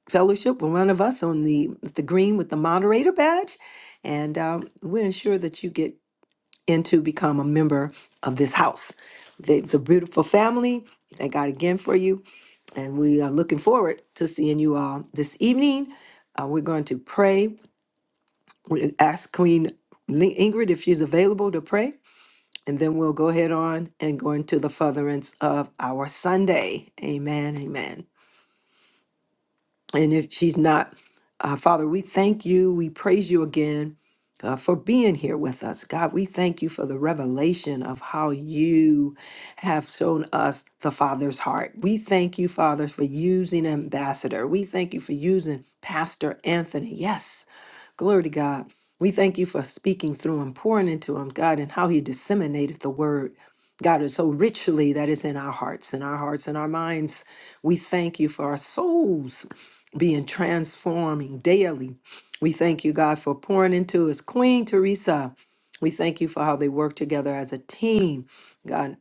[SPEAKER 2] fellowship with one of us on the the green with the moderator badge, and um, we ensure that you get in to become a member of this house. It's a beautiful family. Thank God again for you, and we are looking forward to seeing you all this evening. Uh, we're going to pray. We ask Queen Li- Ingrid if she's available to pray, and then we'll go ahead on and go into the furtherance of our Sunday. Amen. Amen. And if she's not, uh, Father, we thank you. We praise you again uh, for being here with us. God, we thank you for the revelation of how you have shown us the Father's heart. We thank you, Father, for using Ambassador. We thank you for using Pastor Anthony. Yes. Glory to God. We thank you for speaking through him, pouring into him, God, and how he disseminated the word. God, is so richly that is in our hearts, in our hearts, in our minds. We thank you for our souls being transforming daily. We thank you, God, for pouring into us, Queen Teresa. We thank you for how they work together as a team. God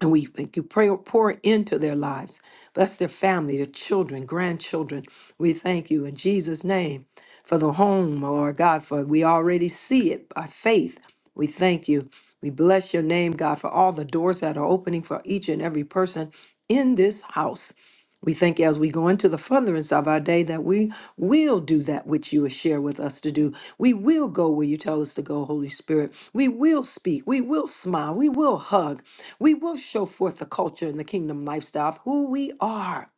[SPEAKER 2] and we thank you pray pour into their lives bless their family their children grandchildren we thank you in jesus name for the home lord god for we already see it by faith we thank you we bless your name god for all the doors that are opening for each and every person in this house we thank you as we go into the furtherance of our day that we will do that which you share with us to do. We will go where you tell us to go, Holy Spirit. We will speak. We will smile. We will hug. We will show forth the culture and the kingdom lifestyle of who we are.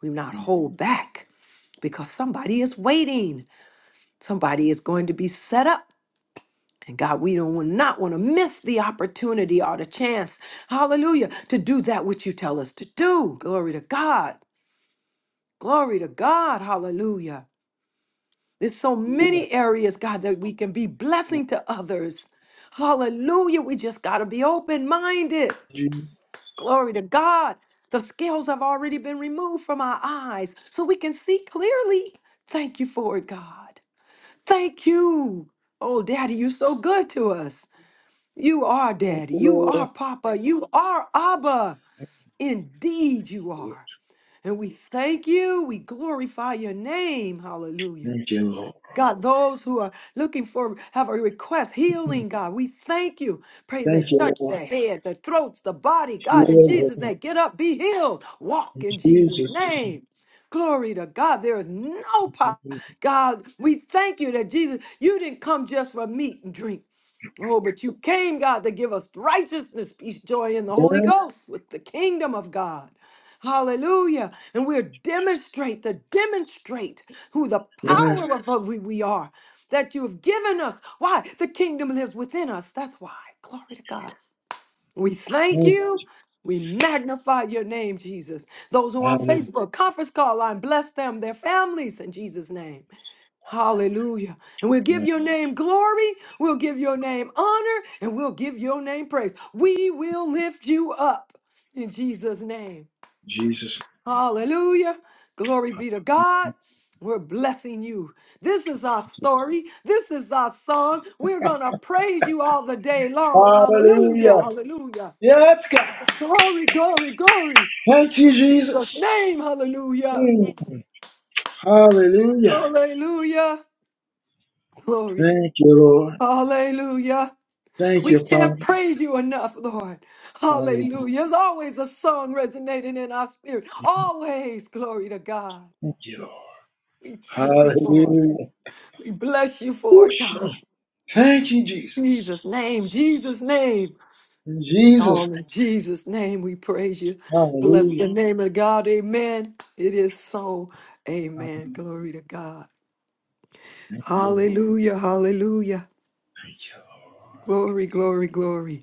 [SPEAKER 2] We not hold back because somebody is waiting. Somebody is going to be set up. And God, we don't not want to miss the opportunity or the chance, hallelujah, to do that which you tell us to do. Glory to God. Glory to God. Hallelujah. There's so
[SPEAKER 1] Yes,
[SPEAKER 2] many areas, God, that we can be blessing to others. Hallelujah. We just got to be open minded.
[SPEAKER 1] Jesus.
[SPEAKER 2] Glory to God. The scales have already been removed from our eyes so we can see clearly. Thank you for it, God. Thank you. Oh, Daddy, you're so good to us. You are
[SPEAKER 1] Thank
[SPEAKER 2] Daddy.
[SPEAKER 1] you,
[SPEAKER 2] You
[SPEAKER 1] Lord.
[SPEAKER 2] are Papa. You are Abba. Indeed, you are. And we thank you. We glorify your name. Hallelujah.
[SPEAKER 1] Thank you, Lord.
[SPEAKER 2] God, those who are looking for, have a request,
[SPEAKER 1] Thank you,
[SPEAKER 2] healing, God, we thank you.
[SPEAKER 1] Lord.
[SPEAKER 2] Pray
[SPEAKER 1] Yes,
[SPEAKER 2] that touch the head, the throats, the body, God, in Jesus' name. Get up, be healed, walk
[SPEAKER 1] In
[SPEAKER 2] in Jesus'
[SPEAKER 1] Jesus.
[SPEAKER 2] name. Glory to God. There is no power.
[SPEAKER 1] name.
[SPEAKER 2] God, we thank you that Jesus, you didn't come just for meat and drink. Oh, but you came, God, to give us righteousness, peace, joy in the Holy Ghost with the kingdom of God. Hallelujah. And we're demonstrate to demonstrate who the
[SPEAKER 1] Yes, yes.
[SPEAKER 2] power of who we are that you have given us. Why? The kingdom lives within us. That's why. Glory to God. We thank you. We magnify your name, Jesus. Those who are on
[SPEAKER 1] Thank
[SPEAKER 2] Facebook, conference call line, bless them, their families in Jesus' name. Hallelujah. And we'll
[SPEAKER 1] you.
[SPEAKER 2] give your name glory, we'll give your name honor, and we'll give your name praise. We will lift you up in Jesus' name.
[SPEAKER 1] Jesus.
[SPEAKER 2] Hallelujah. Glory be to God. We're blessing you. This is our story. This is our song. We're going to praise you all the day long. Hallelujah.
[SPEAKER 1] Hallelujah.
[SPEAKER 2] Hallelujah.
[SPEAKER 1] Yes, God.
[SPEAKER 2] Glory, glory, glory.
[SPEAKER 1] Thank you,
[SPEAKER 2] In Jesus'
[SPEAKER 1] Jesus.
[SPEAKER 2] name. Hallelujah.
[SPEAKER 1] Mm. Hallelujah.
[SPEAKER 2] Hallelujah. Glory.
[SPEAKER 1] Thank you, Lord.
[SPEAKER 2] Hallelujah.
[SPEAKER 1] Thank
[SPEAKER 2] We
[SPEAKER 1] you, Father.
[SPEAKER 2] can't praise you enough, Lord.
[SPEAKER 1] Hallelujah.
[SPEAKER 2] Hallelujah. There's always a song resonating in our spirit. Always glory to God.
[SPEAKER 1] Thank you, Lord.
[SPEAKER 2] We thank you for it.
[SPEAKER 1] Hallelujah.
[SPEAKER 2] We bless you for it, God.
[SPEAKER 1] Whoosh. Thank you, Jesus.
[SPEAKER 2] Jesus' name, Jesus' name. It's
[SPEAKER 1] Jesus.
[SPEAKER 2] all in Jesus' name we praise you. Bless
[SPEAKER 1] Hallelujah.
[SPEAKER 2] the name of God. Amen. It is so.
[SPEAKER 1] Father,
[SPEAKER 2] Amen. Glory to God.
[SPEAKER 1] Thank you.
[SPEAKER 2] Hallelujah. Hallelujah.
[SPEAKER 1] Thank you,
[SPEAKER 2] Glory, glory, glory.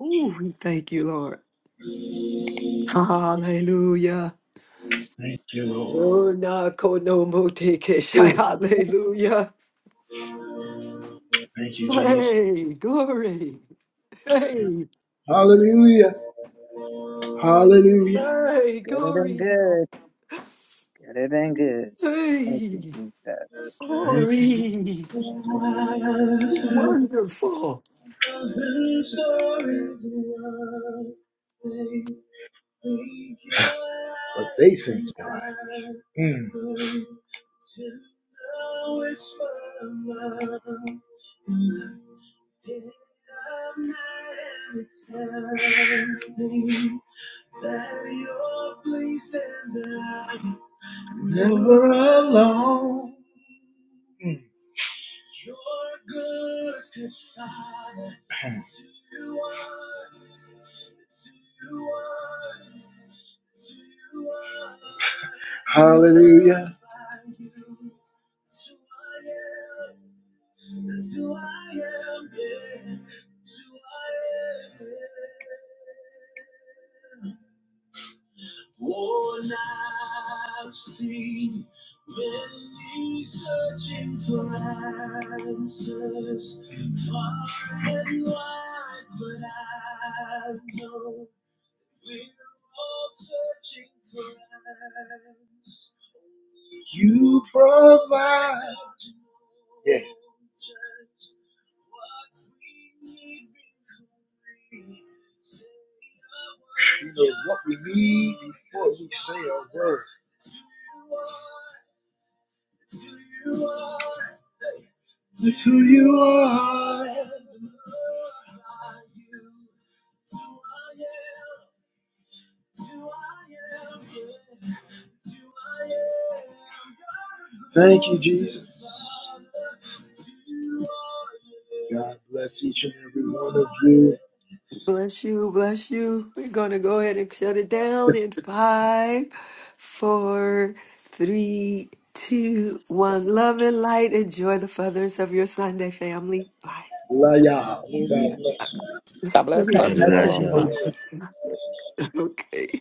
[SPEAKER 2] Ooh, we thank you, Lord. Hallelujah.
[SPEAKER 1] Lord. Thank you,
[SPEAKER 2] Oh,
[SPEAKER 1] Lord.
[SPEAKER 2] na kono mo te ke shai.
[SPEAKER 1] Mm.
[SPEAKER 2] Hallelujah.
[SPEAKER 1] Thank you, Jesus.
[SPEAKER 2] Hey, glory. Hey,
[SPEAKER 1] Hallelujah. Hallelujah.
[SPEAKER 2] hey,
[SPEAKER 4] Gooder than
[SPEAKER 2] glory.
[SPEAKER 4] good. Gooder than good. Thank you,
[SPEAKER 2] Hey,
[SPEAKER 4] Jesus.
[SPEAKER 1] Thank you,
[SPEAKER 2] glory. Wonderful.
[SPEAKER 1] Jesus. *sighs* But they think you're right. Never alone. Hallelujah. You provide. Yeah. That's who you are. Thank you, Jesus. God bless each and every one of you.
[SPEAKER 2] Bless you, bless you. We're going to go ahead and shut it down
[SPEAKER 1] *laughs*
[SPEAKER 2] in five, four, three, two, one. Love and light. Enjoy the feathers of your Sunday family. Bye.
[SPEAKER 1] Love y'all.
[SPEAKER 4] Amen.
[SPEAKER 1] God bless
[SPEAKER 2] *laughs*
[SPEAKER 3] God bless.
[SPEAKER 7] God
[SPEAKER 3] Love
[SPEAKER 8] And
[SPEAKER 2] Blessings.
[SPEAKER 7] bless
[SPEAKER 3] you
[SPEAKER 8] thou
[SPEAKER 3] all.
[SPEAKER 7] everyone.
[SPEAKER 1] you.
[SPEAKER 2] Blessings. Blessings. Okay.